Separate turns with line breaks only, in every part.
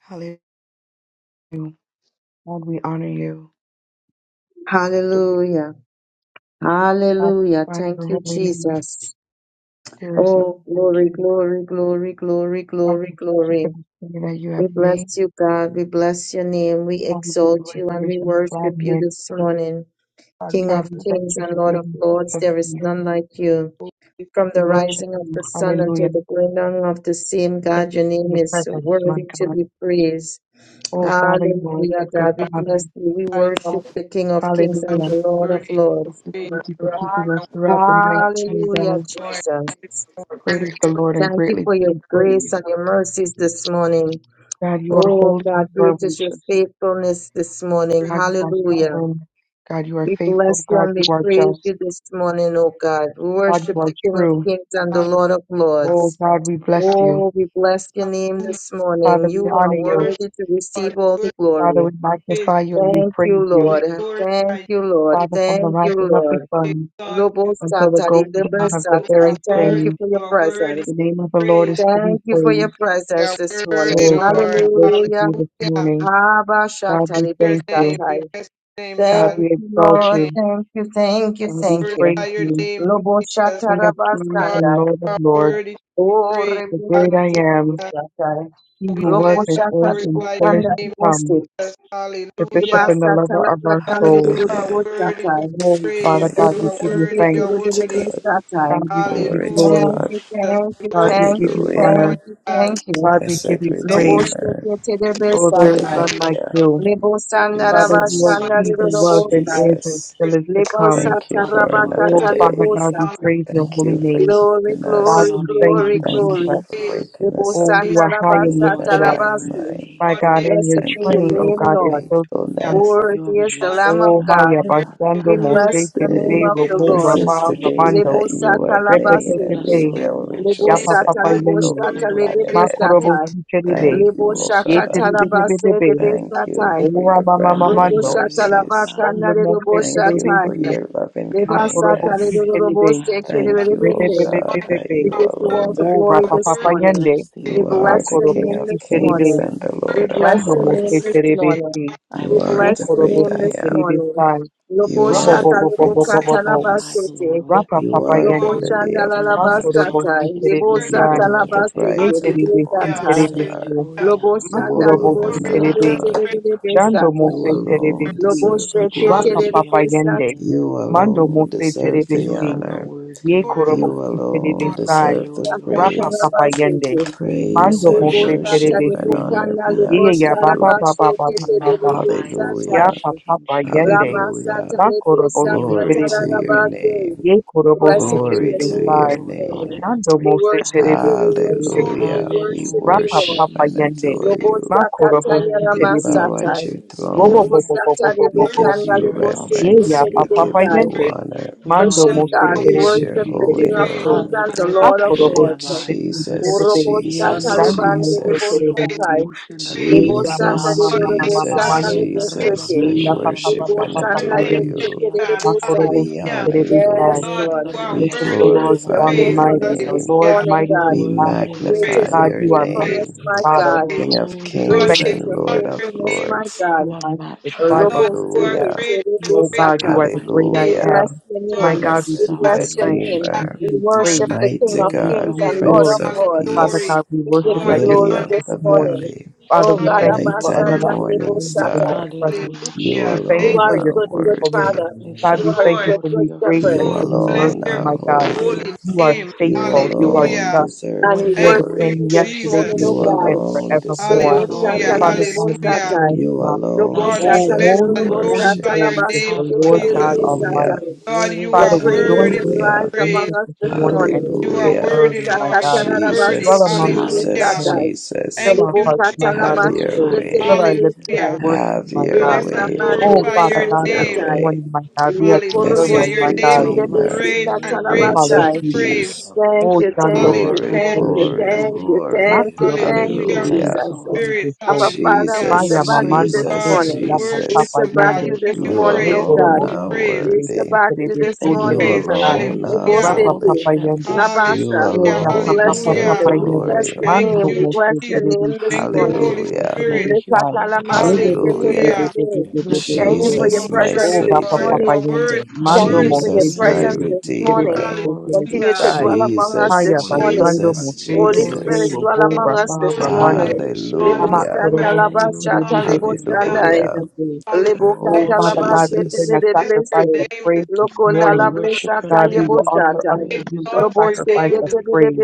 Hallelujah. God, we honor you. God, we
Hallelujah. Hallelujah.
magnify
Thank
your
you,
holy name.
Jesus.
There is no
Oh,
one like
glory,
you.
glory, glory, glory,
God,
glory,
we thank you for
glory.
the day that you
We
have
bless
made.
you, God. We bless your name. We
God, we give you
exalt you and
restoration
we
and
worship you
gladness.
this morning. King
Alumnus
God,
of
we
de
thank
kings
you
and
for
Lord of
being the Prince
lords,
of
there is
peace.
none like you. From
We
the
Fresnel
worship
rising of
you.
the sun until
Hallelujah.
the going down of the same,
Thank
God, your
you for
name
your
is
presence, my
worthy to be
God.
praised.
Oh, Father, you are a
Hallelujah,
good, good
God. We
Alvarado
Father.
bless you. We worship the King of kings and
Hallelujah.
the Lord
ayudó
of lords.
We
de
thank you for keeping us throughout the night, my
Hallelujah,
God.
autor en
Jesus.
una
Great is the Lord and
Thank you
greatly
for
to
your
be
grace
praised.
and your mercies this morning.
God, you are
Oh,
holy and
God,
you are
great is your
righteous.
faithfulness this morning.
God, you are
Hallelujah.
sovereign. God, you are
We
faithful.
bless you
God,
and we
you are
praise
just.
you this morning, oh God. We
God,
worship
you are
the King of
true.
Kings and the
escuela
Lord of
Oh,
Lords.
God, we bless you.
Oh, we bless your name
Alumnus
this
Father,
morning. You
we honor
de
are
you.
Fresnel
worthy to receive all the
ayudó
Father,
glory.
we
de
magnify you and we
Thank
praise
you,
you.
Lord. Thank you, Lord.
Father, from the
Thank you,
rising of the
Lord.
sun
God,
until the
Lobosata,
going down
but
of
Libesata,
the
you
I
are
very
Thank
worthy,
you
same,
for your
you are worthy,
presence.
the name of the Lord
praise.
is to be
Thank you for your
praised.
You
presence
are
this morning.
worthy,
Oh, God,
Lord.
we worship
Hallelujah.
you this
Hallelujah.
morning.
Haba
God,
Shata,
we
Your
thank
name,
you.
we
Libosata.
bless your name,
Thank
God,
God.
we
you,
We bless
exalt
Lord.
your name,
you.
Thank you, thank you,
God,
thank
we
you.
praise
glorify your
you.
name,
Lobo
Jesus.
Lobosata,
King of kings
God,
and
Rabasanda.
Lord of
you are
lords,
worthy to be
Oh, lobo
praised.
the great I
Rebukati,
am.
Hallelujah.
Libosata.
He
We
who was
bless
and
and
is
Lobosata,
and
glorify
still
your
is
Libokanda,
name.
to come,
Libosi.
the bishop
Hallelujah.
and the
Libasata,
lover of our
God,
Labakanda,
you
soul.
are
Hallelujah.
worthy to be
Libosata.
Oh, Father
praised.
God,
You
we
are
give
Hallelujah.
you
worthy. You
thanks.
are
Libosata,
Glory to
worthy.
God.
Libosata.
God, we give
Hallelujah.
you
Glory to
glory.
Thank
God.
you,
Jesus.
thank
We
you,
God,
worship
we
thank
give
you,
you,
you
Hallelujah.
Lord
thank
honor.
you,
God.
thank you.
God, we give
Blessed
you
Bless
Lobo
your
praise.
name,
Redeemer.
shake te de
bless your name,
Oh, there is
God.
besantai.
none
We
like
Hallelujah.
you.
Lebo
Father,
sandaraba
you
Hallelujah,
are
Jesus,
Lord. We
he who
shandarido
bless your
was
Jesus,
lobo
and
sai.
name.
is and
Jesus.
still
worship
is to
Lebo
you, God.
come.
Thank you
Father,
for
sataraba
another
Oh,
glorify you and
Father
we
day.
katalebo
give
God,
you
we
God.
sata.
praise your
praise.
Thank
holy
you for
Hallelujah.
name.
Glory,
keeping
We
God,
us.
glory,
we
honor your
thank
God,
glory,
name,
you,
King
Jesus.
Thank you
glory.
for
praise,
Jesus.
waking
Lebo
us
Oh,
up
you
this
are high
sandaraba
and
morning in
Lord,
our
lifted
you
up.
praise,
are
right
satalabasu.
mind.
worthy,
My
God,
God,
praise,
and your
Blessed
worthy,
Thank
be
you
your
train,
for
oh
worthy.
your
name,
God, it
Lord.
fills the
God.
faithfulness.
temple.
You are
Worthy is the
God,
Lamb
majestic
of
and
Oh,
God.
haya
holy,
praise,
Father
bashando
We
word,
God.
praise,
mose
bless
this
the name
terebe
day.
of
You
the
are
robo
This
God,
Lord.
is
righteous,
raba
the
Lord
day
Jesus.
rabando
Lebo
that you
sata
have
laba
made, and
seke.
Bless
we
the
repepepepe
praise,
Lord, O
will
my
Lebo
praise,
yapa
rejoice
soul,
sata
and
papa
God.
we
lebo
will
yende
be
sata
and all
Glorify
glad
that
your
in
is
lebe
name,
it.
within me.
praise,
makorobo
satai.
si
Thank
terebe
you,
Lebo
O
Bless his
ye
God.
holy
shakata
terebe
laba
name.
bebe
se lebe
bebe
Thank you
satai.
for
ora
your
mama
brand new
Lebo
mamando
Hallelujah,
shata
praise,
Lord
laba
mercies.
God.
kana
shando
lebo
mose
Thank you
terebe
satai.
for
praise,
si
your loving
Leba
God.
Let
makorobo
sata
si
lebo
kindness.
everything
lebo
terebe
that has
seke
God, you
lebe
breath
are
Thank you,
rebe
O
lebe.
praise the
bebe
God,
bebe
Lord.
that you
We
bebe
give you all
alone
the
are
o
glory
rapa
God.
this
papa
I
worthy,
will
morning.
yende
bless thee, O
We
You are
Lord.
bless
the
your
makorobo
King
name
si
of
this
kings
terebe
morning.
and the
We
Lord
With a
of
God.
bless
shando
heart
your
of
name
mose
lords.
this
terebe
praise,
thanksgiving,
morning.
si
I
You
will
We
are
ye
the
bless
bless
your
thee,
great
korobo
name
O
I
si
this
Lord.
am.
terebe
morning.
sai
Lobo
You
robo
God.
are
bo
shata
the
bo bo
lobo
bo
O
Prince
bo bo
of
kata
bo
laba
magnify
peace.
the Lord with
rapa
me,
You
papa
are
You
the
Lobo
are
yende
lily
chanda
of
la
and
the
let
laba
us
valley.
Makorobo
sata.
exalt
si
his
terebe
worthy.
name
You
sata
san,
are
laba
the
together.
ye
seke.
bright and the
terebe si
Hallelujah.
morning
sata.
terebe
star.
so,
Hallelujah.
Lobo
Hallelujah.
You
shanda
makorobo
lebo
si
alone
Glory,
are
and
God,
seke
we
honor,
terebe,
God.
tere
give you
lebe
shando
sata.
mo
You
se
praise.
terebe
alone
si,
Lobo
deserve the
Lord
sheke
rapa
tere
Jesus,
glory.
we
papa
lebe
honor your
yende,
sata.
name.
You
mando mo
alone
se
deserve
terebe
You
the
si,
alone are
honor.
worthy,
ye
Lord
glory
You
korobo
God.
si
for
terebe
alone
sai,
deserve the
Hallelujah, Lord
our
Sata
rapa
praise.
Jesus.
laba
papa yende,
We
Praise
mando mo
and
God.
worship
se
and
Rebosata
terebe
worship
adore
and
you,
si,
Father
honor
rebokana
be
God.
ye
unto
ya
rebosara
baba
you.
basho
baba
We
baba
kete
baba,
magnify and
rebosata.
exalt
ya
Hallelujah.
you,
papa
King
papa
Jesus.
yende,
Ramasata
Hallelujah.
makorobo
You
si
rebosaka
Glory
alone are
terebe
to
si,
your
worthy.
tararabake.
name.
Ye korobo
You are
Blessed
Glory,
si
be
Glory
worthy
your
terebe
of
to
all
name
your
sai.
this
glory,
name.
honor,
morning.
and
Shando mo
We
praise,
se
God.
worship you,
terebe
we
si
worship
terebe
glory,
you,
si.
we
Hallelujah. We
worship
Hallelujah,
you,
Rapa
worship
Lord.
papa
and
yende.
Jesus.
adore
glory! worship,
Ma
you.
Robosaka
korobo
taya
si
We
terebe
Hallelujah,
bow
si.
at
ramasata.
your
blessed
Robo bo
throne.
Savior.
bo bo
Rebosata
bo bo
We
bo bo.
give
rebokana
you
Spirit of the
Ye
rebosete
reverence.
ya
living
pa
We give
papa
God,
rebosai.
you
praise
yende.
honor.
we
Mando
honor
Worship
We
God.
mo
you.
se
God,
Our
we
word,
praise
terebe
your
worship
si
the
holy
King
terebe
of
praise,
so.
Kings
name.
and
our
the
word,
Ha
Lord of
korobo
Oh,
Lords.
si terebe si
Jesus,
terebe. si.
Urobosha
Jesus,
Shando mo
Talibande de
se
Jesus.
terebe
praise,
si.
Bosatai,
praise
Ye ya
Lebosata
mama
Jesus,
de
mama
God.
mama ma ma
All
Jesus,
Robosata
mando.
praise
Jesus.
Ye
Lebeshake,
We
ya papa papa
worship and
papa pa
and
Lebosana
name
adore
yende.
of
you.
Yekete de
God.
Ma
Besai.
korobo
We
si
Hallelujah.
honor
terebe sai.
Yes,
you.
Lord,
Lord.
you
We
are
We
worship
worthy,
the
Great
Lord
is your
glorify
strong and
praise.
your
mighty,
faithfulness
the
this
name.
Lord
Hallelujah.
morning,
You
mighty
are
God.
in
We
worthy,
battle.
Great
Praise,
worthy,
magnify
is your
God,
your
you
worthy.
are mighty
praise,
name.
faithfulness,
in
my
battle.
You
God.
praise.
are
King of
holy,
God,
Great
kings
Strength
is
holy,
you
and
your
exalt
Lord
holy.
of
your
faithfulness,
name.
my
lords.
God.
You are
line of the
matchless,
tribe of
Lord,
Lobo
God.
you are
Judah.
seke
Hallelujah.
great and
You
terebe
are
Oh
great
God, you
sata.
great,
are the
my
great I
We
King.
praise.
Hallelujah.
am.
bless your
You are
My
name.
You
from
God,
are
we
We
Blessed
give you
us,
the
sovereign,
bless your
Lord
thanks.
name.
We
Redeemer,
Jesus.
give
We
you
Lord,
praise.
worship
and
the King
mighty
You
of
We
alone
give
are
Kings
God,
you
praise.
and Lord
worthy,
Prince
of
glory.
of
Lords.
Father.
Father
Hallelujah.
Peace,
God, we
We give
worship
you
Lord,
at
we
your
Lily
glory
honor
feet
of
you,
this
Hallelujah.
the
this morning.
morning.
Valley,
Father,
Oh
We
honor
we
God,
you,
honor
thank you
you,
Bright
for
Lord
worship
and
another
Abasata
God.
you.
Nebo
Morning
opportunity in
Sata.
your
Star,
presence.
Hallelujah,
you
Hallelujah.
We thank
Jesus.
You
Thank
you
alone
are
for
a
your
are
good, good
faithfulness.
worthy.
Father.
We
God,
You
you,
we
thank
are a
you,
thank you
Lord.
good,
Lord,
for
for
good
new
your
grace
Shepherd.
You
and
Oh,
for
faithfulness.
new
bless
mercy,
alone
Great
your
are
my God.
holy.
holy
is
You are
thy
name.
You
faithful.
faithfulness.
You are
alone
Hallelujah.
just.
deserve
And
the
we
Morning
You
by
are
Thank
the
worship
you,
morning,
glory.
same
you
new
this
mercies
yesterday,
Jesus.
we
morning,
You
oh
see.
today,
God.
and
alone deserve
Lobo
forevermore.
Father,
the
all that
Sata
Hallelujah.
we
Father
have
praise.
Nebo
God, you
Hallelujah.
needed,
Sata.
change
You
not.
Lobo
thy
alone
Lord, we
Sata
Oh,
hands,
bless
deserve the
O
and
holy,
Nebo
God,
holy,
Sata
glorify
worship.
your
holy is
name,
the
have
Labasete
Lord
Jesus.
God
Terebe
provided.
Hallelujah.
Sata.
Almighty.
Lord,
Great
you
is
Let
Father,
thy
are
we join
worthy to
praises
faithfulness,
in with the
Hallelujah.
praise.
rise among
angels
us
this
dear
this
morning
Lord,
and
morning.
unto
we
You are
say
me.
Hallelujah.
Libo
worthy,
early, my
Lord. You
God,
are
sakatarabase
worthy.
dwell
Jesus,
among us
kerebe
this
Hallelujah.
Jesus,
Hallelujah.
sakai.
morning.
Jesus.
Fill
Thank
our
Libo
you,
hearts, my
Jesus.
God,
Have
with
katalamashi
your
Glorify
praise.
you,
Fill
way.
our
keterebe
lips
Jesus.
with
Hallelujah.
sai.
worship,
Have
my
your
O
God.
Bless
We
and
way,
lift
ramande
you
Oh,
Lord.
glorify
up,
rebe
Father
your
Have
God, this
sovereign
your
name.
sakai.
King.
way.
morning, my God, we
Ye
are
Hallelujah.
Blessed
determined,
Your
korobose
my
God
name is
God,
keterebe
Redeemer,
Almighty,
great
you are
and
to
great to
Prince
follow
worthy.
of
sikatalabashai.
be
Jesus.
praised.
Peace.
Thank
Oh,
you,
Shando
thank you,
Mose
Glory,
Hallelujah,
thank you,
glory,
Jesus.
Andarabakashaya
Terebesi.
thank you,
Mama.
thank
glory.
you,
We
thank
Makurobosi
give
you,
you
Hallelujah,
Hallelujah.
thanks,
Terebesi
Jesus.
Lord.
Spirit.
Terebeso.
Abba Father,
We
we
Hallelujah.
give
shall
Jesus,
Maya
you
back you
praise,
Mamando
this
Father.
God,
Jesus,
Sete
we
morning.
Yapa
We
worship
Jesus.
Papa
shall
you,
We
back
God.
you
Yende.
thank
Give
you,
this
you
Lord
You
God,
morning,
praise.
for
oh
who
God.
alone
you
Give you
are
Yekorobosi
are.
praise.
We shall
worthy.
Terebesi
back you
We
Give
this
you
Terebeso
thank
You
you,
morning.
praise.
Lord
Terebesai.
alone are
Lebo
Jesus,
Hallelujah.
for
Rapa
all
holy.
that
Papa
City,
you have
Yende.
done.
You
Labasa.
Oh,
Hallelujah.
We
Yapa
We
alone
bless
thank
Papa
your
you,
deserve
Lord
Hallelujah.
Papa
the
name.
God,
We
for what
bless
Yende.
you're
glory.
your
Thank
name.
Mando
about
you,
We
to
bless
Mose
your
Jesus.
do.
name this
Terebesi
Thank you,
morning.
Holy
Terebeso
We
Hallelujah.
Spirit.
thank you,
Terebesai.
Father
Lekatalamasi
God.
Rebe Bebe
Hallelujah.
Bebe
Hallelujah.
Bebe
ketererebe.
Bebe
Bless
Bebe
your
Thank
Oh,
you
you
holy
for
Bebe.
your
Jesus,
are
name,
my
presence
worthy,
Oh,
this
Jesus.
Rapa
Lord.
Savior.
You
Papa
morning.
are worthy. You
Yende.
are
Thank
Mando
worthy.
you for your
Mose
of
Jesus,
Hallelujah.
my
Praise.
presence this
Terebesi
morning.
Redeemer.
Terebeso
Glory be
Continue
to
Hallelujah.
to
Terebesai.
dwell
God.
among us
Jesus,
this
Haya
Praise
morning.
Bashando
Jesus,
Mose
Holy
Glory
Terebe
Spirit,
Jesus.
be
dwell
to the
Robo
among
Lamb
us
of
Rama
this
God.
glorify
Ramando.
morning. Libo
Ama
Hallelujah.
sanda
Hallelujah.
Korobo
laba
Si
Hallelujah,
Terebe
shata
Hallelujah.
Be
libo
Be
Jesus.
Be Be Be
sandai.
Be Be
Hallelujah.
Be.
Hallelujah.
Libo
Oh
Oh,
Lord,
kata
we
Father
laba
honor
God, we
you.
sete
bring
Jesus.
a
lede
Bless your
sacrifice
blese.
of
name this
praise this
morning.
Lokonda
Father, we
la
morning.
worship your
blesata
God, we
Hallelujah.
name
yebo
and
will
we give you
offer up
satai.
to you
praise.
a
Exalt
Lobo
your
sete
sacrifice
name
of
this
lede
praise,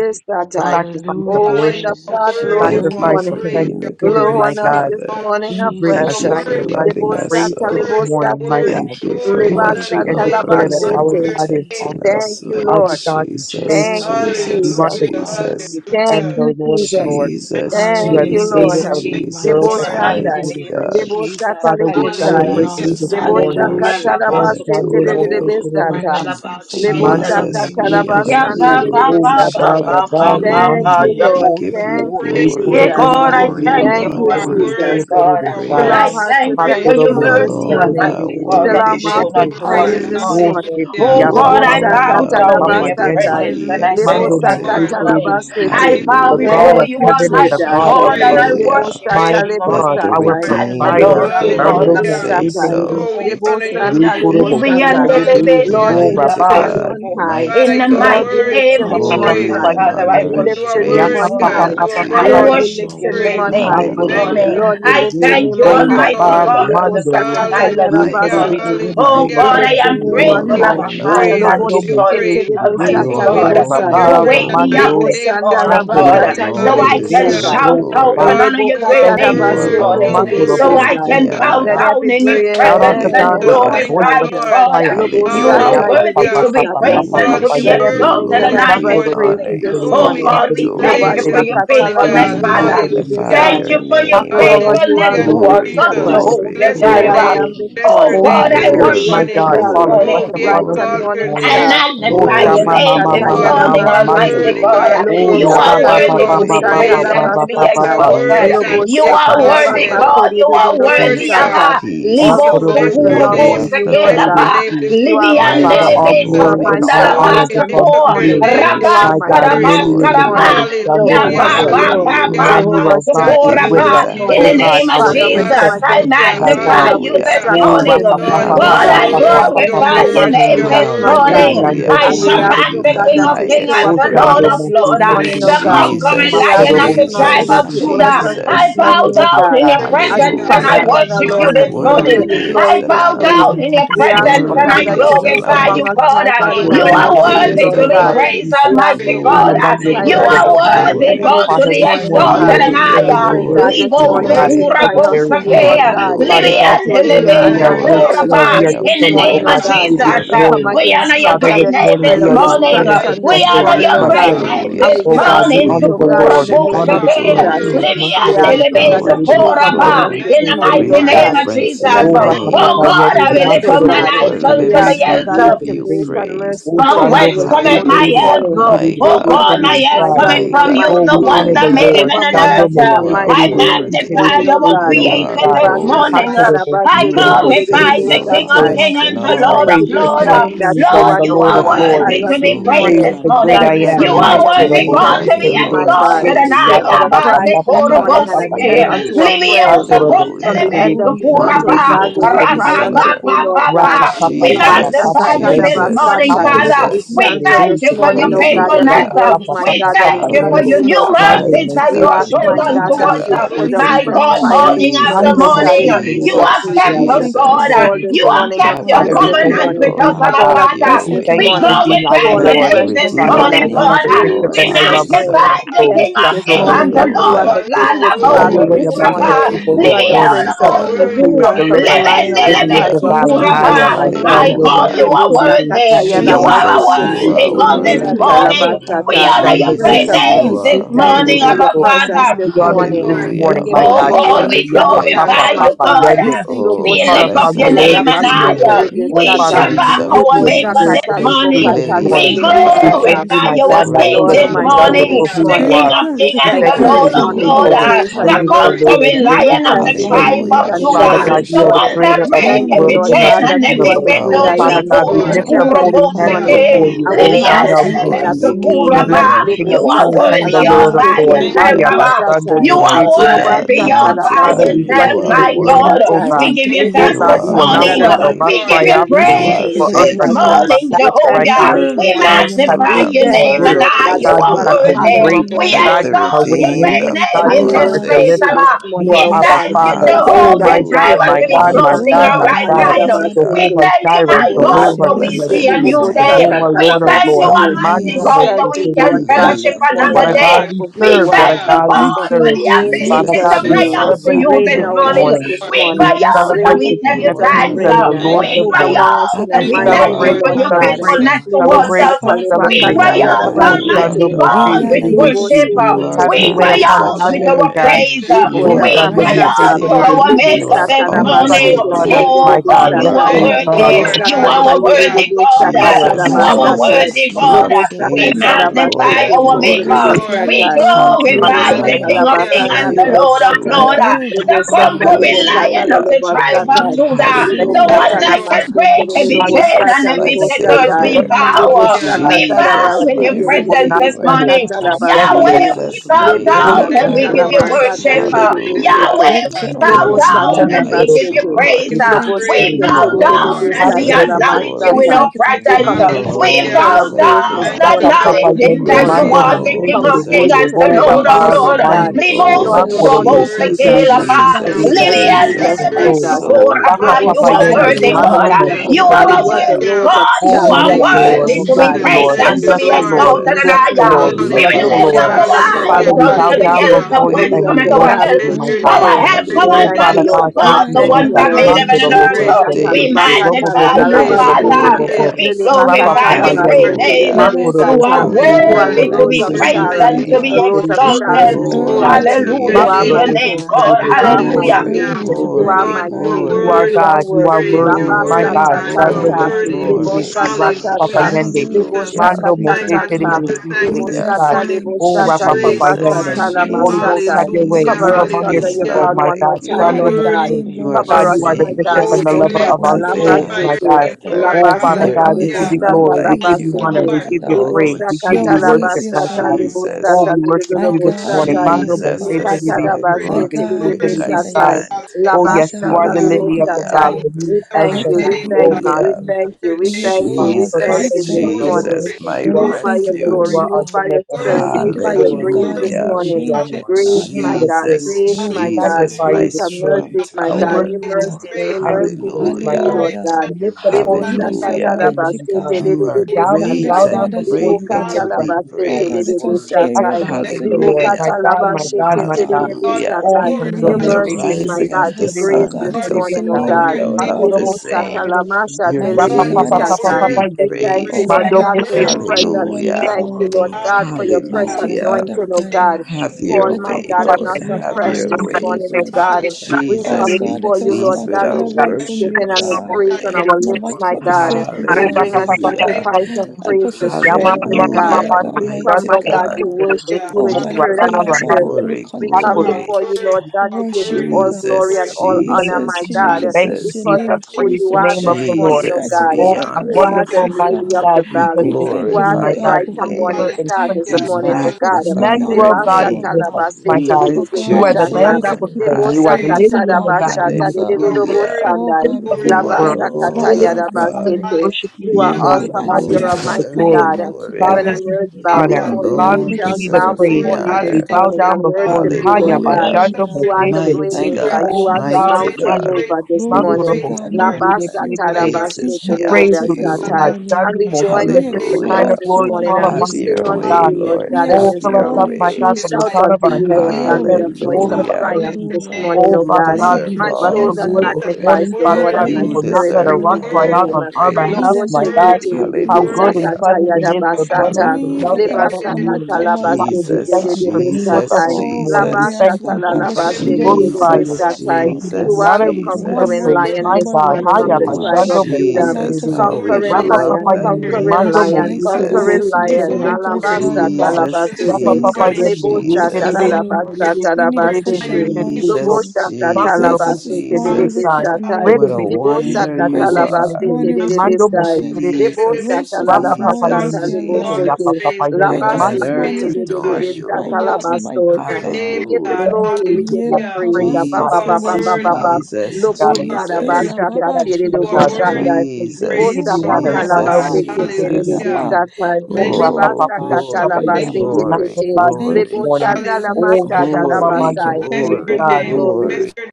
a sacrifice of
Hallelujah,
Oh,
Father.
wind
You
of
worship,
are
God,
Jesus.
a
You're
blow
worthy of
this
Thank
all
you
sacrifice
morning.
of
for
worthy.
praise.
being
You're
a good,
thanksgiving,
worthy
Blow
to
good
my
on
be
us
God.
this
Father.
exalted.
morning
We bring a
Thank
afresh.
Jesus,
You're
you
you're
for
worthy,
sacrifice of
loving
Libo
God. You
worthy.
are
us
praise
sata
this
so.
libo
Worthy, you're
morning, my
sate.
worthy.
God.
Thank you for
Glory
We
and
Holy
decree
watching
and
praise
God,
over
is
declare
you
that
us
unto
are
and
our
Libasatalabasete.
your
God is
worthy.
name.
protecting
awesome.
Thank
us.
you,
Jesus.
Oh,
Our
Lord.
God is
Jesus,
Thank
faithful.
Jehovah
you,
You
Jireh,
Jesus,
are
Jesus.
the
Hallelujah.
you are
King of
Jesus,
Kings
worthy.
Thank
and
Hallelujah.
you,
the Lord of
Jesus.
Lords.
Jesus,
You
Thank
are the
you,
daily
Hallelujah.
Lord.
basis
creator
Jesus,
of
Great
this
Thank
and
again
you,
world
in
mighty
and
Jesus,
the
Lord.
are
of
you,
this
mighty
Libosandai.
Lord.
mighty
name
universe.
of
God.
Jesus.
Father, we
Hallelujah.
Holy
Libosatalibosai.
Hallelujah.
and
celebrate you this
awesome
Jesus,
You're
are
we
you,
morning.
Hallelujah.
Father.
worship
Oh,
and
Labasoku,
Liboshakatalabasete
Sando
adore
so
Mose
you.
labosoku,
good,
lelebesata.
Terebesi.
Righteous and
Father.
faithful
nalabasikin,
are you,
Mando
Jesus,
Mose
nalabe.
King
we
Ya
honor
Libosakatalabasanda
Jesus.
Terebesi.
ba ba
you.
Rebo
ba
We
lelebesata.
ba
First,
Baba
ba
shabak
Baba
ba
you.
ba
Thank
ba
you,
Ramando.
ya
first
Hallelujah.
We
Lord.
give
Thank
you
bosoku.
you,
praise
Ye
Yeah,
Let
you
glory.
the
Jesus.
We
God,
Korobosi
I
give
glory of
you
thank
the
you
Thank
Terebesi
for
you,
a
are
honor.
new
We
Lord
day,
give
worthy.
Terebeso
Jesus.
you
God.
You are
Fill
Terebesi.
worthy.
our
I
of
praise.
rise
hearts
thank
with
you
among
Praise.
for your
You
us.
Hakorobo
thanksgiving this
mercy,
Kikere
alone
morning.
are
Bebe
Almighty
Bebe
God,
Fill
that
Bebe
you
our
worthy
Thank
to
Bebe
mouths
shown
with
be
you,
Bebe
unto us
Lord.
praise
this
this
praised.
Hallelujah.
Oh
morning.
morning.
Shepe
Hallelujah.
Oh
You
Yapa
God,
Libo
I
Papa
alone
saka
bow
Papa
are
down in
Papa
Thank, you,
your
worthy to
Yende
tarabasatai.
presence
be
and I
Hallelujah.
tell
thank you,
Libo
you
Mando
thanks
Lord,
saka
exalted.
we
Mose
this
Lord.
honor
morning.
Terebe
you.
Si
I
Give
bow
the
praise.
God
Hallelujah.
before
of
Thank
you,
you,
We
heaven
Give
and the
bless you,
Almighty
God
Jesus.
of
God, and
praise.
I
earth,
Jesus.
Libo
Hallelujah.
worship the
my
saka
Praise,
King of
libo
God,
Let the
Kings
our
satai.
Lord.
and
We
the
redeemed
Libo
provider,
of
Lord of
the
glorify
seke
your
Lords.
Shando
Lord
libo
Mose
name,
Hallelujah.
say
my
satai.
Laboshaku,
God.
Terebe
so.
Oh,
Si
we
Libo
honor you
Labosake,
this
Ye
sanda libo
Korobo
You
morning.
Hallelujah.
satai.
Libyande,
Kikere
alone are
Bebe,
Lord,
Hallelujah,
Robo
we
Lebesaku,
lift
Mighty
worthy.
your
Jesus.
name
Rabbi
God,
on
Labasako.
high.
Father,
mighty
In the
you are
Lord,
God,
we
mighty
Yes,
worthy
lift
name
to
your
You are
Lord.
of
be
Papa
name
Papa
worthy
on
of
praised.
Jesus,
glory
all
Papa
high.
the
and
Father, I
honor
We
Yende
glory.
and
You
lift
worship
are
your
you this
name
Yapa
worthy,
praise
on
be
Papa
morning.
God.
high.
You
Papa
unto
are
I
Papa
worthy
Lord,
to
you.
we
You
worship
Yende
lift
are
your
your name
praise.
great
worthy of
on
name
high.
all
this
Makoro
the
Thank
morning.
you,
Hallelujah.
honor.
Lord, we
I
lift
Bukiterebe
your
Jesus.
thank
name
you,
Bibo
Thank
on
you,
high.
Almighty
Baba
Lord.
God, for
Libo
Hallelujah.
the breath
Ramando
in my
sakata
lungs this
Hallelujah.
My
Hallelujah.
morning.
God,
Oh
my
We
Hallelujah.
God, I
lift
God,
your
am
you
name
Yeterebebebebebebebebebe
on
grateful,
We
Thank
high.
you,
our
alone are
O
Father,
praise
Jesus.
that
Lobo
you
Mando
you,
worthy.
saw it
sekete
fit,
praise.
debe
Museterebe
You
Almighty
Thank
sata
Oh,
you,
we
God
Robo
libo
Lord.
lift up
alone
your
to
are
Baba
sandai.
great
wake
and
me up
holy.
mighty
Ramando
this
name this
morning,
Thank you,
Makoro
You
God,
morning.
Lord.
so
alone
I can
Bukiterebe
deserve
Hallelujah.
the
shout
Robo
out and
Baba
glory.
God,
honor your
you
great
are
Thank you,
name
You
this
worthy.
Jesus.
you
morning,
are
alone
Makoro
so
worthy.
I
deserve
Lebokatarabaseketerebesai.
the
can
Jesus.
Bukiterebe
bow
Let
honor.
Shout
down
every
in your
Thank
prayer
you,
shout unto
presence and
God
Jesus.
with a
Hallelujah.
Thank
voice
glorify
you,
Elabasai.
of
you,
Lord.
God.
triumph.
You are
Lobosata
Yapa
Hallelujah.
worthy
papa
to
Hallelujah.
be
papa
We
Yerebesatai.
praised
papa
and
God,
to
papa
we
be
Let
worship
yende.
you,
worship
everything
exalted
you
that
and
this
I've
Lord.
I
brought
We
this
Makoro
morning.
praise
honor
you
morning.
this
you.
Bukiterebe
Oh,
Oh
we
We
give
morning.
you
God, we
Kiterebe
adore
thank
praise
you for
this
Lobashta
you.
Kiterebe
your
morning,
We
Kiterebe
faithfulness,
God.
Father.
Soterebe
magnify
Hallelujah.
Katalabaseketerebesai.
Thank
your
you for your
The
name.
Lord,
Hakorobo
you
faithfulness
are
Hallelujah,
the
Siterebe
great
towards
Glory,
us,
Jesus.
shepherd,
Siterebe
glory,
the
Jehovah
Bless
great
your
Siterebe
I
Thank
Jireh.
name.
So.
you,
am
glory.
this
Bless your
Oh
Jesus.
morning,
Holy
name
God,
this
I
the
Spirit,
lily of
my
worship
Glory,
the
morning.
you
God,
this
fall
valley,
glory,
morning.
afresh
Oh,
the
we
upon
bright
us
and
this
exalt
glory.
Thank
your
morning
morning.
I
name.
star.
Oh
magnify your
Shama
Glory,
name
Mama
this
Lebosakata
Mama
Lord, you
glory.
morning,
Mama
are
Mando.
Yaramasete.
Almighty
worthy,
God.
Hallelujah.
God. You
Oh
are
You
Yaba
are
worthy
Loboshata
of
Baba
worthy
all
Baba
to be
Baba
praised
praise.
Baba
and
Hallelujah.
to be
Baba
You are
Lebosandalabasatai.
Baba
All
exalted.
worthy,
the
God, to
Wonderful
You
be
are worthy,
exalted.
counselor,
God. You
You are
are
worthy,
worthy,
Prince of
God.
Abba.
Peace,
We
Libo
Makorobo
glory
bless your
sukuro
belongs
Lily
bo
name.
to
Siterebe
of
you,
the
Lord
Bless
sekela
your
God.
Siterebe
ba.
Valley,
name this
Si.
You are my
morning,
Libiande
Father,
Bright
rock.
all
and
lebe
You
Jesus.
are
glory
my
Morning
and
sakunda
all
la
Oh,
honor
ba
Star.
we
salvation
lift
this
belongs
up
sako.
to
your
We
morning.
you.
name,
You
Holy
Rabas
are
My
worship
my
and
God,
Spirit.
peace
karabas
Lily
this
adore
in the
morning.
karaba.
you.
valley, Shando
Ya
Jehovah
ba
We
Hallelujah,
Mose.
honor
ba
Shalom.
ba
you.
hallelujah.
ba ba
Jehovah
Emmanuel,
We
God
Thank
is
give
sukora
you,
Sitkenu
with
you
this
ba.
us.
the
In
Oh
the
morning.
Jesus.
God,
name
Glory
highest
of
to
our
Father,
God.
we
Jesus,
Prince
come
of
praise.
I
Peace,
against
Hallelujah,
any
Hallelujah.
my
spirit
God.
magnify
of
you this
Hallelujah.
hallelujah.
Oh,
distraction
morning.
this
rapa
Hallelujah.
pa
We
Lord,
morning,
pa
you
oh
pa
God,
are
pa pa
worship
God.
I
you,
pa pa
worthy,
God.
Hallelujah.
We
In
you
pa
the
are
glorify
pa
name
pa
praise
your
of
worthy,
you.
you
name
are
yende.
this
Jesus, my
We
Oh,
worthy.
morning.
God.
shando
Hallelujah.
I
mo
And
We
glorify
we
se
your
ask,
give
shabbat
Hallelujah.
name,
you
oh
the
God.
God,
the
We
King
that
terebisi.
of
you
Kings
show
and
highest
up
magnify
Oh,
the
in
you.
our
Lord
shando
of
midst
praise.
mo
this
se
Lords,
We
uh,
morning, oh
the
terebisi.
God.
exalt your name,
conquering
We
Jesus,
ask
lion
Makoro
of
Praise
this
mo
the
si
Jesus. We
God.
morning
tribe
that
Jesus,
of
shall
you
back
terebisi
you
Judah.
bless
this
us this
I
Jesus.
morning.
bow
morning,
terebisi
O
down
God,
in your
your
We
name,
as we
thank
presence
you
come
and
God.
this
I
We
Hallelujah.
morning
together,
for
worship
exalt
you
Lord,
another
to,
this
day,
you,
to
Lord.
morning.
another
give
terebisi.
you
Worthy
day
is
glory
I
the
this
bow
Hallelujah.
that
Lamb.
the
morning.
down
Hallelujah,
in your
Lord
God,
We
has made.
ask,
presence
We're
O
and
going
God,
to
I
Worthy
that
is
you
the
move
in
rejoice
glorify
and be
among
you,
Lamb.
us,
God.
glad.
my
Uh,
God, in
Lord,
a
You
the
We
your
are
mighty
bless
Worthy
way,
word,
is
your
worthy
Lord
the
your
to
name
name,
be
of
God.
word
Lamb.
praised,
We
Jesus.
ask,
Jesus.
Almighty
is
O
Move
God,
God.
that
Glory,
Uh,
you
among
We
your
the
You
people,
silence,
word
glory,
O
my
are
glorify
God,
is
God.
your
the
worthy
enemy
name,
glory,
God to
this
Father,
be
this
Lord.
Jesus.
morning, O
We
morning we
exalted
honor
God.
are
and
your name,
glory,
Hallelujah.
We
determined
I
to
God.
pray, God,
glory,
worship
this
you,
Libo
my
morning
We
God,
as
Thank
we
glory.
you,
until
Sukura
cry
the
out to
very
glorify
you,
your
Jesus.
end.
Lord
Bosakea
God,
almighty
Father
Bless
that
God.
and
God,
Hallelujah.
Libian
you
We
this
will
bless
hear
morning
your
Libe
and
glorify
we are
your
name.
wor-
answer
Glory
name,
our
to
Sukura
the
uh,
Lord.
Ba
we
King
are
prayers
We
of
this
in the
shall
determined,
Kings
oh
morning,
name
back
and
O
of
God,
to
Hallelujah.
to
you
the
God.
Jesus.
give
this
you the
Lord
We
of
uh,
come
glory.
morning,
We
against,
Lords.
honor
God.
your
my
Father,
Thank,
God,
great
this
any
name
morning
We
this
spirit
we
of
are
morning.
exalt
determined
uh,
Hallelujah.
Hallelujah.
thank
your
to
you,
distraction
press
We
this
name,
in,
honor
God.
we
morning,
Lord.
O
your
We
press
God
great
in.
thank
name
you
and
Yes,
this
Hallelujah.
we
Oh
this
Lord.
Hallelujah.
God,
cancel
we
morning.
morning,
it,
We
honor
oh
the
God,
God,
Sukura
in
Lord,
the
we
worship
for
You
name
and
honor
of
the
your
are
King
adore
of
Bosakea
worthy,
Jesus.
worthy. You
Kings.
you.
We
are
Jesus. You're
We
ask,
Makorobo,
Libian
oh
Libe
worthy.
God,
bow
that
worthy,
Sisere,
at
you
you're
your
move
Sukura
among
worthy,
Ba
us
Sisere,
throne.
you're
Thank
this
in
you,
the
worthy,
morning,
We
Sisere,
mighty
oh
Lord.
God.
God.
name
God,
of
reverence
Jesus.
in
your
the
Yes,
O
uh,
Lord.
Thank
Rapa
mighty
name.
Oh
name
Papa
of
God, I
Yende,
you,
will
With
Jesus,
the
lift
Hallelujah.
oh
thank
up
you
fruit
my
Makorobo,
God.
of
Si
our
Holy
eyes
We
unto
Spirit.
Terebe,
lips,
ask,
the
oh
we
hills.
Hallelujah.
God,
Terebe,
uh,
that
We
give
your
you
bless
grace
Terebe.
you,
and
God.
praise.
O
mercies, oh
from
Hallelujah.
God,
Shando,
whence
will
We
Mose,
cometh
flow this
Terebe,
bless
my
you,
Hallelujah.
Si
morning.
God.
help?
We
My
Terebe,
bow
Move
Oh
So
God,
God,
among
before
my
us,
Terebe,
you
help
my
this
Sai.
God,
cometh
my
in a
from
morning.
Thank
you,
God,
Oh,
you,
mighty
the
we
Lord.
way.
one
honor
my
the
that
We
made
honor
Move
God.
Lord.
you,
heaven and
Hallelujah.
among
Shando,
us
Almighty
Mose,
in a
You
earth.
God.
are
mighty
I
Oh,
Terebe,
way this
Si
worthy.
We
yes.
morning,
Terebe,
magnify
oh
So
our
God.
You
glorify
Terebe,
your
Thank
are
creator
We
Sai.
name,
this
holy.
morning.
Jesus.
Hakorobo,
I
Si
You
For
are
you
Terebe,
are
Si
glorify the
worthy,
Terebe,
faithful
King
and
God.
of
So.
You
Kings
are
just in
and the
worthy.
all
Lord
You
thank
of
are
of
Yes,
you
Praise the
your
this
King
worthy,
Lord.
of
morning
Lords.
Lord
that
ways.
Kings
you
Lord,
and
are
the
you
Jesus.
Lord
are
of
Jehovah
Lords.
There
worthy
Jireh
to
is
this
be
none
praised
Praise
Hallelujah.
like
morning.
this
your
the
God.
great
morning.
God,
There
I
you
is
Hallelujah.
Let
You
am.
the
none
My
provide
are
to
and you
worthy,
meet
Korobo,
redeemed
compare
God,
every
Si
of
to
to your
be
the
need, my
Terebe,
mighty
Lord
God.
exalted.
say
And
God.
Yete,
Hear
Yapa,
so.
our
I,
Papa,
cries
We
Hallelujah.
this
Papa,
honor you
Papa,
morning and
this
Yabase,
Papa,
attend
Hallelujah.
morning,
Yende.
unto our
Livio
Jesus.
prayers.
Hakorobo,
From
We
Si
the
Hallelujah.
Hallelujah.
Sokondele
end of
Terebe,
the
Si
glorify
earth,
your
O
Sokuraba
Terebe,
name,
Wonderful
God,
So
will
God.
we
We
cry
Terebe,
Raba
Sai.
thank
unto
you
Ba
counselor.
Ba
for
thee, Lord
another
Ba
God.
day.
Rapa
Ba.
papa
We
We thank
papa
you for
Jesus,
the
papa
magnify you
fresh
this
yende.
breath that
Jesus,
You
morning,
we
alone
Libasakatarabasatai.
are
breathe
Father.
Akerebo
We
worthy.
this
Jesus.
si
We
cancel
morning.
kerebe
thank
this
you for your
morning,
We
kerebe
O God,
thank you,
shete.
every
faithfulness.
God,
Rapa
Hallelujah.
for
uh.
voice,
the
papa
my
We
papa
God,
sense
that
papa
is
thank
of
you
not
for
for
of
your
yende.
you,
new
Lord
Hallelujah.
senses, five
God.
Mando
mercies
mo
Mighty
that
senses,
We
you
se
have
God,
ask,
shown
Almighty
kerebe
my
si
unto
God,
God.
mighty
that
us.
kerebe
you
uh.
God.
so
pour
We
down
thank
My
you,
kerebe
fresh
Lord
God,
sai.
God,
fire this
that
morning
we
after
can
morning,
Mando
O
mo
talk,
Jesus,
God,
we
in
morning,
se
uh,
the
can
name
you
walk.
of
kerebe
have
si
Jesus,
kept
We
Jesus.
us,
kerebe
thank you,
si
God.
Lord
Jesus.
uh.
God,
Fall
kerebe
for
this
the
You
so.
have
morning,
fruits of
kept
Have
our
your
Father,
afresh
we
lips,
your
this
thank
way,
covenant
you
Almighty
for
with
morning.
us,
being
Lord.
our
God.
our
Fall
God.
Have
Father.
We
afresh
your
We
this
thank you,
thank
way.
We
Lord
you
morning
for
God, that
being
we
our
glorify
can
fall
your
call
Let
Lord.
the
afresh
name
upon
this
thy
this
Father
great
morning,
God,
redeemed
morning.
you
of
name,
are
God.
the
the
Uh,
Reign,
bishop
Lord
We
and
Jehovah.
the
say
Jesus,
lover of
reign.
magnify
our
so.
the
souls.
Thank
King
you
of
this
Sando
Kings
mo
and
morning
the
se
that you are
Hallelujah.
kerebe
Lord
Hallelujah.
of
the
si.
good,
La
good
La Bo
Have your
Father
way
Glory
Glory
this
to
to
Sukura
amongst
God.
your
morning.
Pa.
God.
people
Yela
You
this
are the
baba
Glory
Libia
morning.
to
Prince
Bo
Touch,
of
sete
God.
na
Peace, the
Suku.
heal,
mama.
deliver.
conquering Lion of
Lebende
the
Lily
Ye
of
Lebe
tribe
the
Hallelujah.
of
kela
Valley,
Sukura
high
Jesus,
baba
up
Pa.
by
my God.
sheke
My
na
Shando
God,
Mose
you
Hallelujah.
City,
mama.
Lebo
are
City,
sakata
worthy.
ya
City,
You
Yela
raba
are a
Jesus,
baba
you
City,
worthy
are
sete
God
lebe
na
this
City,
mama
sata
worthy.
Sky,
laba
morning.
kela
Hallelujah.
ba.
O
We honor
Shando
your
Mose
Prince
great
of
Jesus,
City,
you
Unama
name
Peace, we
this
are
Thank
sete
thank
la
you,
you
morning,
for
City,
ba
Lord.
your
holy.
Abba
So
kela
presence
Father.
ma.
this
we honor
you,
you
morning.
this
Lord.
We
Yela
Hallelujah.
morning,
give
my
you
baba
Oh
My
God.
ba
glory
God,
Shippe,
and we
God,
we
sheke
give you
Yapa,
la
my
Hallelujah.
baba.
thanks,
Papa,
glorify
God.
my
you,
Papa,
God.
We
Hallelujah.
Yende.
God.
thank you,
Lobo
We
Oh,
We
Lord
call
lift
Your
up
God.
upon
We
the
shakata
your
blessed
ya
Lord
name
word,
this
thank
and
raba
your
you.
morning.
higher.
word,
Redeemer,
lebe
We
Oh,
We shall
bless
Father,
sata.
you,
we
praise.
Prince
back
of
worship
our
you
Lebo
Almighty
in
Maker
spirit
God.
Peace,
this
and
shakata
in
lebo
truth
morning.
this
Hallelujah.
kata
There
Lily
is
lele
of
We
morning.
none
the
lebe
Thank
like you,
We
you,
thank
sata.
Valley,
you,
Lord.
glorify
my
Jesus.
your
God,
Bless the
not for
King
bright
Lord,
what
O
this
you
and
my
have done,
soul,
but
Hallelujah.
morning
morning,
this
for
Hallelujah.
who
the
you
morning.
There
King
is
are.
star.
of
none
King
We
to
We
and
Your
the
thank
thank
you
you
compare
for
Lord
this
word,
to
your
you,
of
morning for
Lord,
your
Hallelujah.
your word,
faithfulness.
Almighty
uh,
grace
Yes,
and
Great
the
your
God.
is
Lord.
the
praise.
Lord
mercies.
and
conquering
We
Your word,
greatly
Lion
to
of
Thank
the
be
you
glorify
for
praised.
thank
your
tribe
peace
name,
of
Hallelujah.
and
you,
Yes,
We
Judah,
joy
Father God,
this
Lord.
Jesus.
you
the
are
worship
the
one
morning.
and
that
creator of
We
adore
this
Thank
honor
break
you,
your
world
every
you.
Lord
chain
and of
name,
God,
this
that
and
you
We
every
are
Almighty
universe.
the
bow
great
fetter,
God.
I
Thank you,
at your
Father
am, the
God,
Libo
we
great
We
Lord.
lift
throne.
up
shepherd
sukuro
this
holy
bo
glorify
We
hands
you,
Hallelujah.
seke,
morning.
give
before
you
God.
you,
And
O
we have
We
God
and the
reverence,
thank you
everything
Thank
Lord.
lebe
that
Almighty.
this
we
We give
need.
We
sukura
you
ba.
bless
morning.
the
Hallelujah.
King
Lebo
You
of
We
reverence.
are
Kings
thank
shakata
and
you,
the
worthy
laba
all
Lord
God,
of
that
by
sete
we
Lords.
are
Thank you,
lele
yourself,
Haya
Hallelujah.
here.
lebe
Lord.
Abba.
sata.
bashando
We
You
mose
are
thank you,
Mighty
God, that
Loba
we
God,
worthy
are
terebesi.
shata
all
above
mighty
laba
by
Father,
God,
ground.
we
sete
press
you
yourself,
in
lele
are
this
my
lebe
morning,
God.
O
worthy.
sata.
We
We
God.
thank
give
you
Thank you,
you
for your
O
thanks
You
God,
this
we
are
will
Hallelujah.
not
awesomeness,
morning.
let
God.
a
holy.
rock
We
Lord.
give
cry
you
out
We
for
You
thank
you,
you
are
for
praise
for
your
us,
this
on
faithful.
our
morning,
goodness.
We
behalf, my
thank
We
you
Bless
Jehovah.
you,
God.
this
We
Jesus.
Worthy
glorify
God,
morning.
your
you
is the
have
name,
magnify
been
We
your
Lamb.
too
thank
name
you,
Jesus.
and
good.
Lord
Worthy
I,
God,
you
is
that
God,
the
you
are
you
are
We
have
the
Lamb.
been
bless
Father
you,
of
great.
worthy. We
Jesus.
all
Let
Hallelujah.
God,
glory
the
you
this
are
exalt
way
your
redeemed
morning.
great
maker.
of
Glory
the
to
God,
name
And
in
you
we
Lord
are
this
a
God.
say
worship
place,
deliverer.
you
Hallelujah.
this
so.
Abba.
You
We
morning,
are
We
O
Abba
bless
God,
you,
thank you,
Father.
in
Oh
spirit
Jesus.
and
my
Jehovah
in
God,
truth,
We
Jireh,
Hallelujah.
O
my
to
thank
be
God.
God,
We
you,
my
lebo
Mighty
closing
God,
Lord.
our
saka
my
God,
glorify you,
God.
right mind.
mighty
God.
God.
We
Jehovah
thank you,
Jireh,
We
my God,
bless
Oh,
your
Jehovah
so
We
name,
King
we
of
see
blessed
a
Kings,
new
glorify you,
Jesus.
day.
Jehovah
Redeemer,
God.
We
Lord of
thank
Prince
you,
Lords.
of
Almighty
We
Mando
Hallelujah.
Peace,
God,
Thank thank
so
thank you,
we can
Lord
you,
Mose
God,
Lily
Lord. Thank
fellowship
this
of the
you,
morning,
what
another
a
and
God
day.
Valley.
God,
Lord.
for
we
who
We
you
serve.
are,
What a
thank
Hallelujah.
you,
God
Jesus.
Hallelujah.
we
God,
Thank you,
for
serve.
the
Lord.
Reign,
ability
Father
Thank you,
Jesus,
to
Jesus,
God,
you
we
cry
reign.
are
out
Jesus.
to
the
celebrate
you
Abba,
you
bridge
Reign
this
in
this
Glorify
over
our
you,
thank
Father.
you,
morning.
midst
morning.
troubled
this
Lord.
We
Jesus.
We
cry
We
morning.
water.
bless
out
you.
and
celebrate
Abba,
we
the
Reign,
tell
King
you
You
of
Father. We
Jesus,
are
Kings
thanks.
the
and
uh,
reign.
the
glorify
Thank
great
Lord
We
you.
of
I
Move
cry
Lords.
am.
among us in
out
a
Abba,
and
We
thank
we
mighty
you,
You
Father.
thank
way,
you
celebrate,
We
are
Lord.
for
we
the
Lord
your
honor
Thank
God.
you.
you,
Prince
celebrate,
Hallelujah.
of
faithfulness
we
Lord.
Lebo
towards
Abba,
celebrate,
Peace.
we
us.
sata
Father,
leba
we
We
celebrate.
You
kata
cry
are the
out,
magnify
yaraba
Oh,
you.
lily of
Shando
Almighty
the
sete.
Mose
We
God,
Hallelujah.
with
valley.
honor you
Lobo
this
worship.
Terebesi.
uh,
You
sheke
are
morning,
Have
the
tete
your
We
God.
way
cry
lebe
rose
upon,
of
out
have
with
sata.
your way,
our
We
Sharon.
Thank
God.
We
praise.
bless you,
uh,
You
you,
Oh,
are
Jesus.
Jesus.
We
glorify
Shando
you
cry
Thank
Mose
you,
this
Yekorabasata,
out to
mighty.
Lord.
morning.
our
We
Terebesi.
You
Maker
bless
are
Libosata
this
you,
Breathe fresh
We
morning.
Almighty
upon
Rabashekete
us,
almighty.
God.
worship you,
Oh
my
God,
God.
You
Lord.
you
are
Rebesata,
are
Yesterday
Thank
is
all
Glory
you,
to
gone.
worthy.
Lord.
God.
You
powerful.
Libosakata
are a
Hallelujah.
worthy
Hallelujah.
God.
Our,
uh,
Yerebesakata
Jesus,
You are a
Ramasata,
Hallelujah,
Jesus,
worthy
King
God.
of
uh,
Andarabakashayaba.
Jesus. You're
Thank
We
kings
Lobosakata
you,
worthy.
and Lord
magnify
of
our
Rabashekete
You're
Maker.
lords,
worthy.
Lord.
You're
We
Rebesata,
worthy.
Yandarekeshitatatai.
You're
Father,
conquering
we
glorify the
thank
worthy,
Libosata
lion
you
King
of
of
the
for
Hallelujah.
Kings
today.
Jesus.
Labakana
and
tribe
the
of
Lord of
for
We
Libosata,
peace.
Lords,
Judah.
uh,
We thank you
the
for
glorify your
Libosata
Yandarabakashayababa.
conquering
name,
anointing our
Libokata
God.
lion of
Hallelujah.
the
Thank you,
tribe
healing. God,
of
Lebosata,
We
Judah,
we
bless your
thank
the
you for
name,
thank
one
Libosata
you,
Hallelujah.
keeping
that
us
Lord.
on
Jesus.
can
the
Lamasete
Yandarobokushototoraba.
wall.
break every
God, we
Hallelujah.
chain and
Jesus,
Rebosata
understand
my
every
that there is
fetters.
a
Lebosata,
We
work
Savior.
for
Hallelujah.
bow,
us
Hallelujah,
to
uh,
do,
Hallelujah.
God.
Hallelujah.
we
Lobosakata
Jesus.
bow
Jesus,
Father
in
God,
your
my
We
and
Rabashekete
we will
thank you
presence
not
for
this
be
who
Redeemer.
you
Rebesata
moved,
morning.
are
God.
this
Yes,
We
morning,
Thank
Lord.
Yahweh,
Rabashekete,
thank
God.
God.
we
Jesus,
you,
bow
my
Lebe
Lord.
you,
Stand
Great
down
thank
and
stand
God,
we
you,
sakata
in
healer.
give
we
la
the
you
Lord. We
preaching
worship
masata
of
worship.
worship
the
you.
lebe
uh,
you
lebe
this
Papa
Hallelujah.
sete.
Yahweh,
Papa
Great
we
God.
Yendo.
We
bow
There
Lobo
Jehovah,
honor
is
you,
we
shata
One
down
honor
none
la
and we
after
you.
like
give
over,
you,
Jesus.
you
basete.
two for
praise.
Lord.
Give
We
uh,
living,
Lobo
thank
two
you
for
for
praise,
we
sheke
who
living,
You
te
bow
you are
you,
lebe
two.
alone
this
lebe
Lord.
down and we
After
sata
deserve
morning.
la
the
over,
acknowledge you
We
in
glory.
masata.
our
thank you that
We
you're
presence.
come
You
God and
before
Hallelujah,
your
that
We
you
alone
Lord
throne
Hallelujah.
bow
of
change
God.
it
deserve
grace
the
this
Thank
not.
down,
you,
Rapa
morning
honor.
to
Lord.
Papa
give you
We
acknowledging
We
Yende,
that
You
you
bless
glory.
your
praise
Mando
are the
name,
We
Mose
alone
King
come
of
God.
before
King
Terebe,
deserve
you
the
and
to
the
Robo
lift
you,
up
We
Lord of
your
God,
praise.
Raba
bless
you,
Lord.
Hallelujah.
name,
your
Lord.
God.
name,
Ramando,
Libo
Oh,
Your
You
name
are
Jesus.
Makorobo
only,
sukurabo
Si
worthy.
Jesus,
We
Jesus.
Terebe,
bless you,
sekelaba.
Si
God,
You are
We
that
Jesus,
we
Terebe,
Jesus,
can
Si
worthy.
bless you,
come
You
Jesus,
are
Lord.
Jesus,
Terebe,
together
my
So,
Libiandelebe
as
worthy.
Jesus.
one.
soul
sukuraba.
Rapa
Lobo
You
Papa
cries
We
are
Thank
thank
shata,
you
Yende,
out.
you,
you
worthy,
for
are the
this
God.
Mando
lily of
Jesus.
the
Mose
You
platform,
Hallelujah.
are
valley.
a
You
Terebe,
are
Almighty
Si.
Hallelujah.
the
God.
worthy
Hallelujah.
rose of
God. You
Oh, we
We
are
Sharon
bless
Thank
this
thank you,
the
you,
Lord
Thank
morning,
Lord,
worthy
you,
God,
oh
we
to
Jesus,
that
bless
be
God.
you
the
Jesus.
wake
praised
Lord,
Jesus.
us
Thank
we
up
And
and to
we
you,
Jesus,
bless
be
bless
the
Lord.
your
early.
Lord,
exalted
we
name
and
Jesus,
this
bless the
higher.
morning.
Lord,
Have
we
said
We
bless
will
Hallelujah.
lover
the
early
of
shall
lift
Lord.
up
we
my
our
rise to
Hallelujah.
Father,
soul.
wa-
we
eyes unto
bow
the
down
praise
Lobosakatalabasete,
hills
Hallelujah.
you.
from
before you
whence
Lily
and
of
we
cometh
We
the
Oh,
our
we
Hallelujah.
worship
rise
We
valley
help.
you,
bless
this
my
your
worship
early
you,
to
God.
name.
Our
morning.
Lord.
We
help
bless
worship
We
your
cometh
you.
Oh,
thank
name,
from
you,
Father
you,
Hallelujah.
Lord
God,
We
thank
God.
Jesus.
God,
you,
the
rise
You
Thank
are
one
you,
that
Jesus.
the
early
Lord,
Lord.
made
we
to
heaven and
give you
ancient
Makoroboti
praise.
of
magnify
earth.
Lobosa
your
We give you
We
name.
terebesi,
days.
praise. We give
Kalibakata
magnify
you
We
you,
praise.
rise
We
We
give you
Father.
early
Lalabasete,
to
praise.
robobobobobobobobobobo,
glorify
Hallelujah.
you,
We
Lily
bless your
God.
Rapa
name,
Lord,
glorify
Papa
you
your
Jesus.
great
are
yende,
Libosakatalibakatalalabasete, Lily
name.
excellent
We
Hallelujah.
in
rise
all of
You
Lilibosata.
are
your
makoroboti
early
Oh,
to
ways,
You
tell
are
God.
you
the
terebesi,
worthy to
glory
rose
We
be
thanks,
of
to
terebesi,
praised
your
glorify
Almighty
Sharon,
you
and to
this
terebesi,
the
be
God.
name.
rose of
morning.
We
terebeso,
Sharon
rise
exalted.
this
Oh, we
terebesai,
Glory
early
morning.
to
to
lift up your
your
You
Hallelujah
are
to
worship
name
my
your
you,
this
name,
makoroboti
name.
king.
God.
morning.
God.
You
We
terebesi,
are
Hallelujah.
my
rise
Hallelujah.
Glory,
terebesi,
king.
Hallelujah.
early to
You are
glory,
terebesi.
Lord,
my
magnify
you are
your
king.
You
name,
are
glory,
worthy
You
to
are
be
God, you are
Jesus.
worthy.
praised. You are
worthy, my
Rabasta
worthy,
glory,
ta
God.
Glory
God.
to
ta
You are
Shando
God.
ta.
glory,
mose
worthy.
Hallelujah.
glory.
terebesi,
You
Libosata
Rapa
are our
Papa
ta
Hallelujah,
strength.
yende,
Hallelujah,
Jesus.
Hallelujah.
Jesus,
mando
we
My
mose
God,
thank
we
You
ta.
are
you.
give
my
you
terebesi,
thanks
hope.
We
this
Hallelujah.
bless
terebesai.
your
Libosata,
morning.
name,
Oh,
We give you
Libosata,
Rapa
praise,
Jesus.
You
Papa
are my
Jesus,
Lord.
Yebasata,
Yende.
We
future.
Holy Ghost,
glorify
Jesus,
have
Lamasata.
your
your way.
name,
Hallelujah.
Jesus,
Move
Cover us
there
among
We
your
Almighty
under
is
thank
your
Hallelujah.
you,
people,
God.
blood
none
my
Lord,
one more
God.
like
You
We
time,
you.
are
honor
Shando
Lord
your
worthy.
God.
Mose.
for
name,
your
You
Lord
are the
God,
Cover
grace
you
and
us,
are
your
the
my
Jesus.
same
God.
bishop
mercy.
Lord,
and the
For
we
you
lover
are
bless
yesterday,
of
Libosata,
and
our
worthy,
today,
souls,
glorify
God.
and
my
your
Labasete,
We
God.
name,
thank
forever.
Lord.
you,
Oh,
Lord.
You
Father
are
Labasata,
There
God, we give
worthy
is
Hallelujah.
of
you
all
none
Libosata,
glory. We
Thank
like
give
praises,
you
you,
you.
honor.
Labasete.
We
Lord.
Almighty
give you
Hallelujah.
Hallelujah.
God.
Oh,
praise. We give
You are
Libosakata,
you worship,
worthy
Jesus,
of
my
Hallelujah.
Labasata,
all
God.
honor.
Jesus,
Oh,
Lord,
Libosata,
we
you
worship
My
are
you this
God,
worthy.
morning.
we
Libosata,
God.
Mando
Hallelujah.
Mose,
Jesus,
glorify
the
Worthy
you.
Nikata,
Terebe,
solid
of
Si,
praise.
My
Labasete,
Terebe,
rock on
Su,
God, we
Worthy
which I
Terebe,
yada
Sai.
Libosata,
you.
of
stand.
Oh,
My
exaltation.
yes, you
God,
are
Labasata,
we
the
Hallelujah.
lily of the
magnify
Hallelujah,
Libosata.
Oh, we
valley,
lift
you.
and you
We
up
are El
My
thank
your
you, we
God,
Shaddai.
name,
we
Oh,
thank
bless
God.
you,
God,
we
hallelujah.
Jesus.
you.
thank you,
Your
we
We
name.
thank
You are
you,
Holy
we
our
exalt you.
thank
Spirit.
We
provider.
you
Jesus,
You
this
are our
thank
Holy
you.
morning.
Jesus,
Spirit.
waymaker.
my
You are
We
Move
our
Worship,
by
thank you
your
healer.
for who
glory,
You
refuge.
are
you
our
move by
are.
your
deliverer.
We
worship,
We
spirit,
give
thank
move
you
you
the
by
God.
your
that you
glory.
grace
God
worship.
and
this
We
you
give
Hallelujah.
you
morning.
the
change
honor.
it
Hallelujah.
We
Grace,
not.
give
my
you the
God,
praise.
Jesus,
grace,
Hallelujah.
my
We
Glory to
God,
Jesus,
magnify
God.
my
you
grace
We
this
and
strong
morning.
mercies,
give
my
We
you the
God,
tower.
new
worship
highest
you
Hallelujah.
in
mercies,
spirit
praise.
new
and in
mercies
truth,
we
my
Hallelujah.
see,
God.
Lord
Glory
Hallelujah.
God.
and
We lift up
praise
Lebo
holy
unto
Lead
hands
us,
your name,
Hallelujah.
before you,
Almighty
my God.
sakatarabasete,
God.
You
We
are
Holy
lelelebe
bow, we
Lead
great
Spirit.
us,
bow
satai.
and
God,
down
as we
before
Lebo
you
greatly
in your
to
follow.
Hallelujah.
be
presence,
Oh
God.
katalabasete,
God, let
praised.
lelelebe
We
us
say,
hear your
satai.
Excellent
voice
is
and
the
your
Lebo
name.
Lord,
voice
my
Hallelujah.
only,
God, my
Almighty
God, my
katalabashekete,
God.
God.
lelelebe
Lord, we
Hallelujah.
Oh,
satai.
In the
glorify
Sando
New
From
name
Mose,
the
of
you.
mercies, my
Terebe,
rising
Jesus.
God,
of
Si,
the
new
Oh
Terebe,
grace
sun
So,
God,
this
let
until
us
Terebe,
the
morning, oh
lift
Sai.
lean
up
going
God.
your
upon
down
you
name
of the
Hakorobo,
Lebo
always,
Si,
on.
God.
same,
Terebe, Si.
satalamasha,
your
Mighty
Rapa
God,
lelelebe
papa
God
you
name
Thank
of
are
is
papa
to
satai.
you.
worthy.
papa
of
be
Daniel.
We
yende.
thank you,
praise.
Oh
praised.
Lord
God,
Mando
let
Your
God, for
us
mose
your
word.
look to you
presence.
and
We
tere
you
Hallelujah.
thank you,
Hallelujah.
Lord
only.
God,
Hallelujah.
for your fresh
Mighty God
Hallelujah.
of
anointing, oh
Thank
Daniel.
God.
Have
Fall,
your
Let
my
our
papa
way,
God,
papa
on
focus
Lord.
us
be
yende.
you,
Have
upon
afresh
Lord.
your
you,
Mando
this
mose
way.
morning, oh
Jesus.
tere
God.
Hallelujah.
besa.
We
Oh
Jesus,
come
Yeko
God,
be
before
let
you,
us
Lord
pleased
not
Oh,
with
God,
turn
we
our
with
besa.
away from
worship
you,
thanksgiving and with
Achiro
this
God,
praise
mose
bless
on
morning.
your
tere
our
no
lips,
matter
my
what the
besa.
God.
Ore
We bring
papa
circumstances
a
papa
is,
papa
Hallelujah.
name,
God.
sacrifice
papa
of
Help
yende.
praise
us to
this
Jesus.
Yama
Thank
strengthen
you,
morning, oh
our
mama mama
one
mama.
God.
Lord.
Hallelujah,
another,
mando.
We come,
Almighty
mighty
Dando
my God,
mose
to
God.
God.
tere
worship
Hallelujah.
besa.
you
Oh
in
God,
Hallelujah.
Mando
I
spirit
rapa
pray,
and in
Glory,
Lord
rapa
God,
truth.
that
yende.
we'll
glory,
We
You
come
Hakoro.
continue
are
glory.
before
worthy. You
you, Lord
are
to
God, to give you
worthy.
worship you,
all
God.
glory
Jesus,
and
Worthy.
all
We
We'll
Thank
honor,
you,
my
Jesus,
continue
Jesus.
God,
Hallelujah.
to
Thank you,
bless your
Jesus,
because
Thank
of
Jesus.
name,
you,
who
Praise
you
the
are
Jesus,
name of
Lord.
this
the
in
morning,
Lord.
oh
spite
Jesus,
of the
God.
Oh,
we
my
honor
You are the
wonderful,
Hallelujah.
you.
circumstances,
Oh,
mighty
lily of
God.
the
God,
We
Jesus
We
valley.
is to
You
thank
me,
you,
are
Lord
glorify
my
the
God,
God,
your
bright
for who
and
you
name.
morning
counselor
are,
and
star
prince
this
of
in
We
Hallelujah.
peace.
morning,
spite
O
Hallelujah.
of what
God.
is
magnify
going on
your
in
Emmanuel,
this
God
Lebasa
is
world,
name.
with
God.
us,
talabase
my
We
hallelujah,
God.
But
You
lift
tedededebe
You
your
God,
are
you
are
the
said
worthy.
shata.
lamb
name
there's
of
a
that was
on
people to
slain. You
high.
are
Lebosa
pray,
the
Praise.
there's a
lily in the
God
kataraba
Hallelujah.
to
valley, my
shata
God.
answer.
You
You
are
Jesus.
take
dededodobo
away
worthy.
Hallelujah.
of
Oh
the
shandai.
God,
sin
we
of
pray,
You
this
Oh,
Lord
Glorified.
world.
God,
Labasa
that this
alone
morning
Holy
glorious
are
as
Son,
we
God,
katayarabase
God.
we
pray,
te.
Hallelujah.
worship
worship
you
You
this
are
You
you,
that you
morning.
will
awesome
God,
and
we
answer
alone
you're a
us
Lord,
Hallelujah.
give you
by
the
mighty
deserve
fire,
the
glory.
God.
Almighty
in the
God,
glory.
Heaven
we
Bless
God.
and
give you
earth
beauty
the
of
your
bow
name,
You
your
honor.
you.
God.
In
before
the
you.
Bless
God,
name
alone
we
of
your name.
give
holiness,
Angels
you the
bow
deserve
Jesus,
Lord.
praise.
the
before
glory
you
Glorify
God,
your
to
this
we
honor.
name.
bow
God.
morning
down
and
Exalt
before
You
worship
you.
are
your
you, Lord
Haya
worthy of
God.
Hallelujah.
bashando
praise,
Hallelujah.
You
name.
are
mose
the
God.
way
Mighty
terebe
Thank
Your
you,
maker.
God,
You
robo
are the
mama
mighty
great,
Jesus.
mountain
God,
mando.
great,
You
mover
are
this
Glory
worthy
morning.
Makoro
to
of
great
glory
God.
and
mose
We
Lord.
honor.
terebe
honor
bless
and
you.
Father, you
terebe.
are from
We
praises
We
shall
the
be
back
last
praise
you
unto
you,
this
to the
Lord
you.
Ye
Labasatarabasetelelebesatai.
God.
last.
kero
morning.
And
Shando
we
Lord.
mose.
no
join
We
Let
with the
just
Great
the kind
angels
Hallelujah.
of
exalt
this
you,
glory
shikete.
Lord.
morning
fall
and we
Have
among
Almighty
us,
sing
your
my
unto
God.
Ye
way,
you,
God.
Lord
Lord.
rono
We
God, a
Oh,
Have
new
fill us
your
extol
song.
makita
up,
you,
my
way.
We
God,
taro
Hallelujah.
from the
shout
I
Jesus.
crown
boko
of
unto
our
you,
heads
Lord
to
say,
the
God,
shikete.
with
Glory
a
very
to
voice
soles
of
God.
of
God,
Hallelujah.
our
bless
triumph
Ala
feet.
your
this
Hallelujah.
name.
boko
morning,
Oh,
O
You
Father
God.
God,
Hallelujah.
we
Thank
deserve
meheke.
you,
My
will bless
soul
all
the
the
that
Lord
Jesus.
this
Jesus,
Ye
you're
glory.
magnifies
morning.
the
Father
meheki
Have
Lord
God,
your
na
and
worthy.
my
we
You
way
will
na
not
na
this
spirit
na
let a
deserve
na
You're
rock
praises
morning,
your
cry
koro
worthy.
all
of
out
the
name.
God.
on our
Praise.
Lead
behalf,
praise.
and
my God.
Worthy.
direct your
E na
How
people
na
good
Worthy.
ma
this
and
Hallelujah.
pleasant
kote
it is
morning.
for brethren
Loboseketelelebesakatayadabasata.
oriba
to
la
Breathe
dwell
bo
upon
Hallelujah.
together
us
kote,
one
in
more
unity.
time,
Father, we
Almighty
e
thank
la
Jesus,
God.
you for
bababa
being with us
Jesus,
Lebasakatalabasketelelebesatai.
kote,
this
Oh,
morning.
God,
We
we
Jesus.
ilante
ask,
thank you,
Lord God,
Jesus.
ete
that your
We
angel
daru
will
la
sit
glorify
upon
you.
kote.
Jesus,
us,
Amen,
Labashatalabasetelelebesatai.
We
Lord
give you
You
the
God.
Jesus,
are
honor.
the
We give you the
One
conquering
Jesus.
more
praise.
lion
My
time,
this
God.
morning of
Almighty
Haya
the
Oh,
tribe
God.
of
bashando mose
Judah.
Anoint
Jesus,
us
terebe.
how we
afresh
Glorify
Conquering
your
Rapa
this
love
lion,
papa
that
yende.
spirit.
morning.
name,
conquering
Mando
Hallelujah.
mose
lion,
Mighty God,
terebe.
Jesus.
conquering
Si
yesterday's
lion.
Holy
terebe.
anointing
So
is
Spirit,
not
terebe.
Alabasta,
worship
Hallelujah,
God.
enough.
Jesus,
you this
Jesus,
We
Rapa
talabastete.
need a
papa
morning.
Jesus,
fresh
yende.
Lebo
touch
Ye
this
chata,
He
terebe.
Jesus.
told
Si
morning.
her,
alabasta,
terebe.
We
Si
need a
thank
terebe.
fresh
glorify
you,
Si
your
talabastete.
Lord
name
terebe.
this
Jesus,
Lobo
So.
anointing.
Jesus,
shaka,
morning.
Grace
Makurobo
us
Jesus,
si
this
talabastete,
terebe.
morning
Jesus.
with
Sai.
your
lelebistatai.
Rebe,
What a
rebe,
anointing.
Lebo
rebe, rebe,
wonder
saka,
rebe,
Grace
you
us
rebe,
this
are.
talabastete,
rebe.
morning with your
Mando mose
lelebistai.
presence.
terebe.
Lebo
Grace
Jesus,
sata,
us
Rapa
this
Papa
morning
lalabasta,
God,
with
Jesus,
Yende,
your
give
talebo
Sete
all
love.
the
Jesus.
Yapa
sheke.
Papa
praise,
Yende,
give
Grace
Heaven
all
us
the
and
Manda,
this
Labastete,
morning
earth
praise,
with,
we
with
thank
adore
God.
you, we
fresh
lelebistata,
thank you,
you.
fire,
Oh, we
we
lift
thank you,
Almighty
your
God.
we
name,
God.
give you
Ah,
God.
Lord,
Hallelujah.
we
glory. We
praise you,
give
Ye
you
God.
la
We
Hallelujah.
praise.
baba
praise
Ah,
you,
Ba,
God.
You
ba,
are
sete
We
ba,
na
ba,
praise
Jesus,
ba,
you,
worthy,
ba,
God.
ba.
mama.
We praise you,
Jesus,
Jesus,
Lobo
you
God.
Ye
are
shada
Jesus.
ke
ba
We
worthy,
la
give you
shaka
baba
thanks,
tere
my
you
Ah,
are
lobo
sheke
God.
na
We
worthy,
ma.
give
shandai.
you praise. We
Libo
praise,
give
Jesus,
you
you are
saka
Wuku
honor.
la
worthy,
talaba
Shando
God.
Jesus,
baba
Mose
seke
Hallelujah.
tere
sete na
Jesus.
lebe
ma.
Terebesi.
satai.
Oh,
Thank
Ye
Leba
la
Rapa
you,
Oh,
Papa
baba
saka
Papa Papa
glory,
sheke
talaba
thank you,
na
Yende.
Jesus,
We
seke
ma.
glory,
tete.
magnify you this
Thank you,
Lebo
glory,
morning.
shana la ma
Jesus.
Oh,
hallelujah.
shada
Mama
la
Jesus,
Mama
glory,
Thank you,
Mando.
basai.
Bless
for
We
Praise
for
your
give
glory,
the
you
God.
name,
wall
glory.
bless
We
glory.
your name.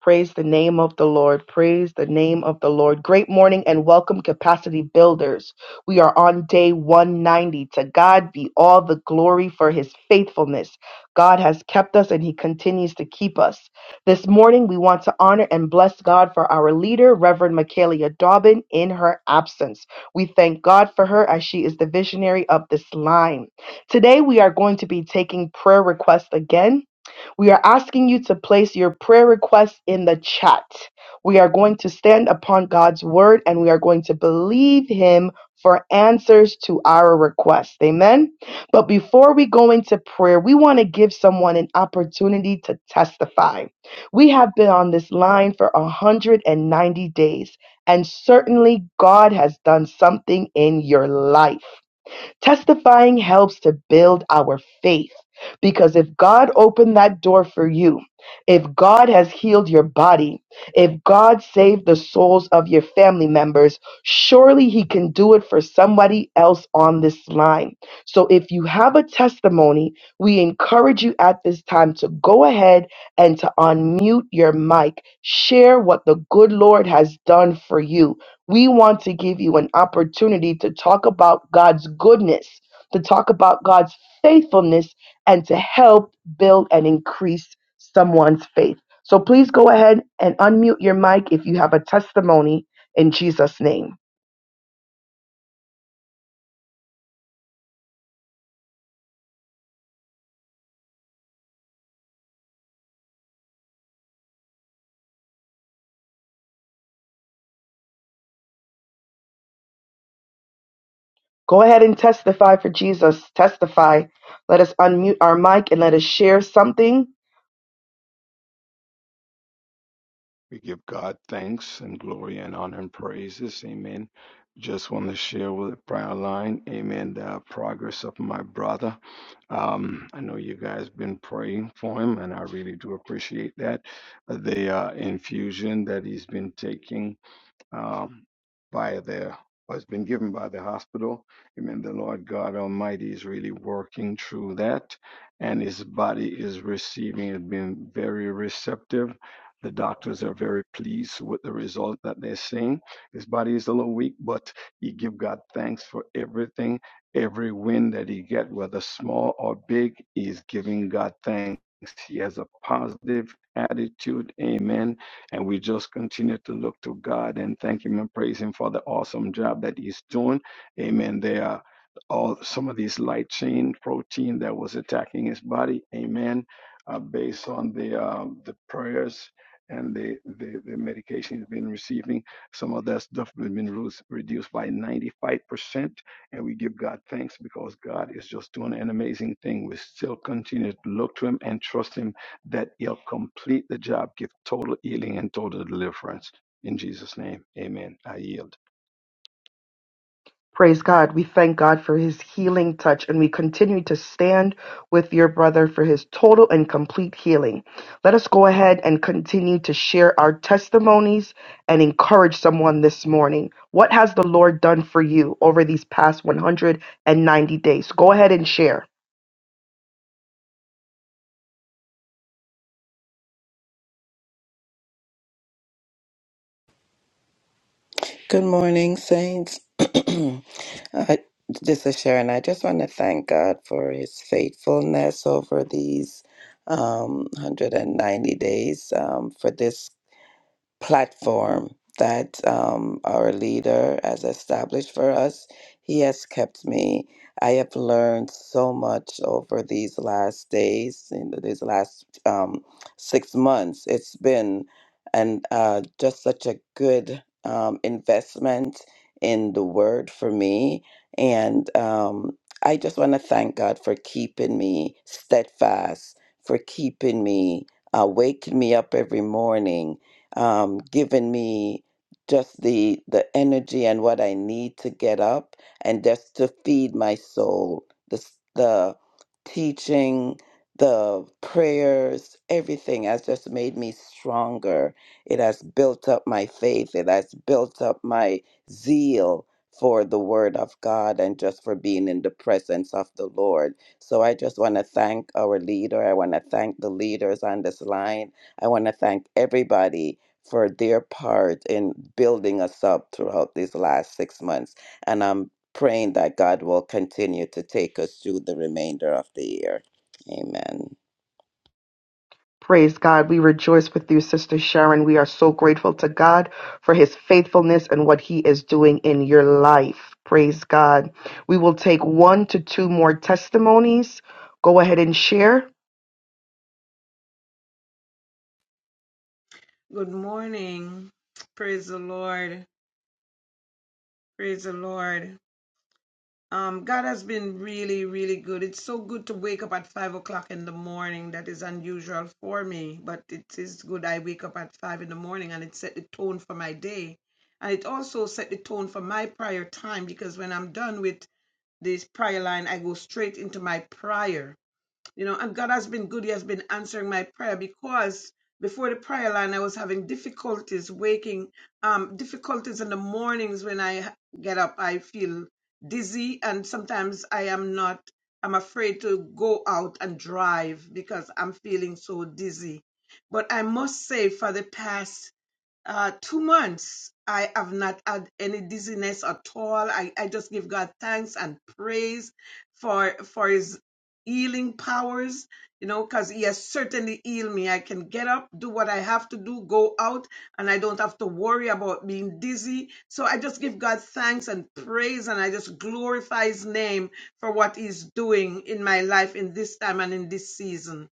Praise the name of the Lord. Praise the name of the Lord. Great morning and welcome, capacity builders. We are on day 190. To God be all the glory for his faithfulness. God has kept us and he continues to keep us. This morning, we want to honor and bless God for our leader, Reverend Michaela Dobbin, in her absence. We thank God for her as she is the visionary of this line. Today, we are going to be taking prayer requests again. We are asking you to place your prayer requests in the chat. We are going to stand upon God's word and we are going to believe Him for answers to our requests. Amen. But before we go into prayer, we want to give someone an opportunity to testify. We have been on this line for 190 days, and certainly God has done something in your life. Testifying helps to build our faith because if God opened that door for you, if God has healed your body, if God saved the souls of your family members, surely He can do it for somebody else on this line. So if you have a testimony, we encourage you at this time to go ahead and to unmute your mic. Share what the good Lord has done for you we want to give you an opportunity to talk about God's goodness, to talk about God's faithfulness, and to help build and increase someone's faith. So please go ahead and unmute your mic if you have a testimony in Jesus' name. Go ahead and testify for Jesus. Testify. Let us unmute our mic and let us share something
that and the dying is but he giving if is giving amen and we to god and thank him and praise him for the awesome job that he's doing amen there are all some of these light chain proteins attacking his body amen uh, based on the um, the prayers and the, the, the medication he's been receiving. Some of that stuff has been reduced by 95%. And we give God thanks because God is just doing an amazing thing. We still continue to look to him that he'll complete the job.
Praise God. We thank God for his healing touch and we continue to stand with your brother for his total and complete healing. Let us go ahead and continue to share our testimonies and encourage someone this morning. What has the Lord done for you over these past 190 days? Go ahead and share.
Good morning, Saints. I, this is Sharon. I just want to thank God for his faithfulness over these um, 190 days um, for this platform that um, our leader has established for us. He has kept me. I have learned so much over these last days, in these last um, six months. It's been and uh, just such a good um, investment in the word for me. And um, I just want to thank God for keeping me steadfast, for keeping me, uh, waking me up every morning, um, given me just the the energy and what I need to get up and just to feed my soul. The s- the teaching, the prayers, everything has just made me stronger. It has built up my faith. It has built up my zeal for the word of God and just for being in the presence of the Lord. So I just want to thank our leader. I want to thank the leaders on this line. I want to thank everybody for their part in building us up throughout these last six months. And I'm praying that God will continue to take us through the remainder of the year. Amen.
Praise God. We rejoice with you, Sister Sharon. We are so grateful to God for his faithfulness and what he is doing in your life. Praise God. We will take one to two more testimonies. Go ahead and share.
Good morning. Praise the Lord, praise the Lord. Um, God has been really, really good. It's so good to wake up at five o'clock in the morning. That is unusual for me, but it is good. I wake up at five in the morning and it set the tone for my day. And it also set the tone for my prayer time because when I'm done with this prayer line, I go straight into my prayer you know and god has been good he has been answering my prayer because before the prayer line i was having difficulties waking um difficulties in the mornings when i h- get up i feel dizzy and sometimes i am not i'm afraid to go out and drive because i'm feeling so dizzy but i must say for the past uh two months i have not had any dizziness at all i i just give god thanks and praise for for his healing powers you know because he has certainly healed me i can get up do what i have to do go out and i don't have to worry about being dizzy so i just give god thanks and praise and i just glorify his name for what he's doing in my life in this time and in this season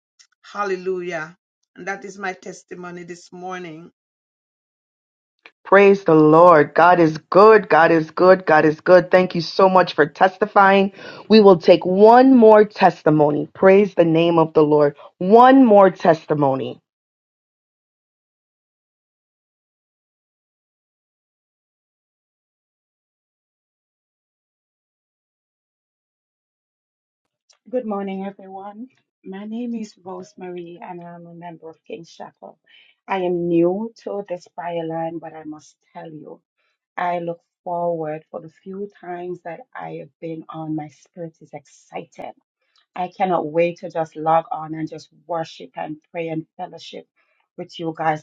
hallelujah and that is my testimony this morning
Praise the Lord. God is good. God is good. God is good. Thank you so much for testifying. We will take one more testimony. Praise the name of the Lord. One more testimony.
cannot wait just guys.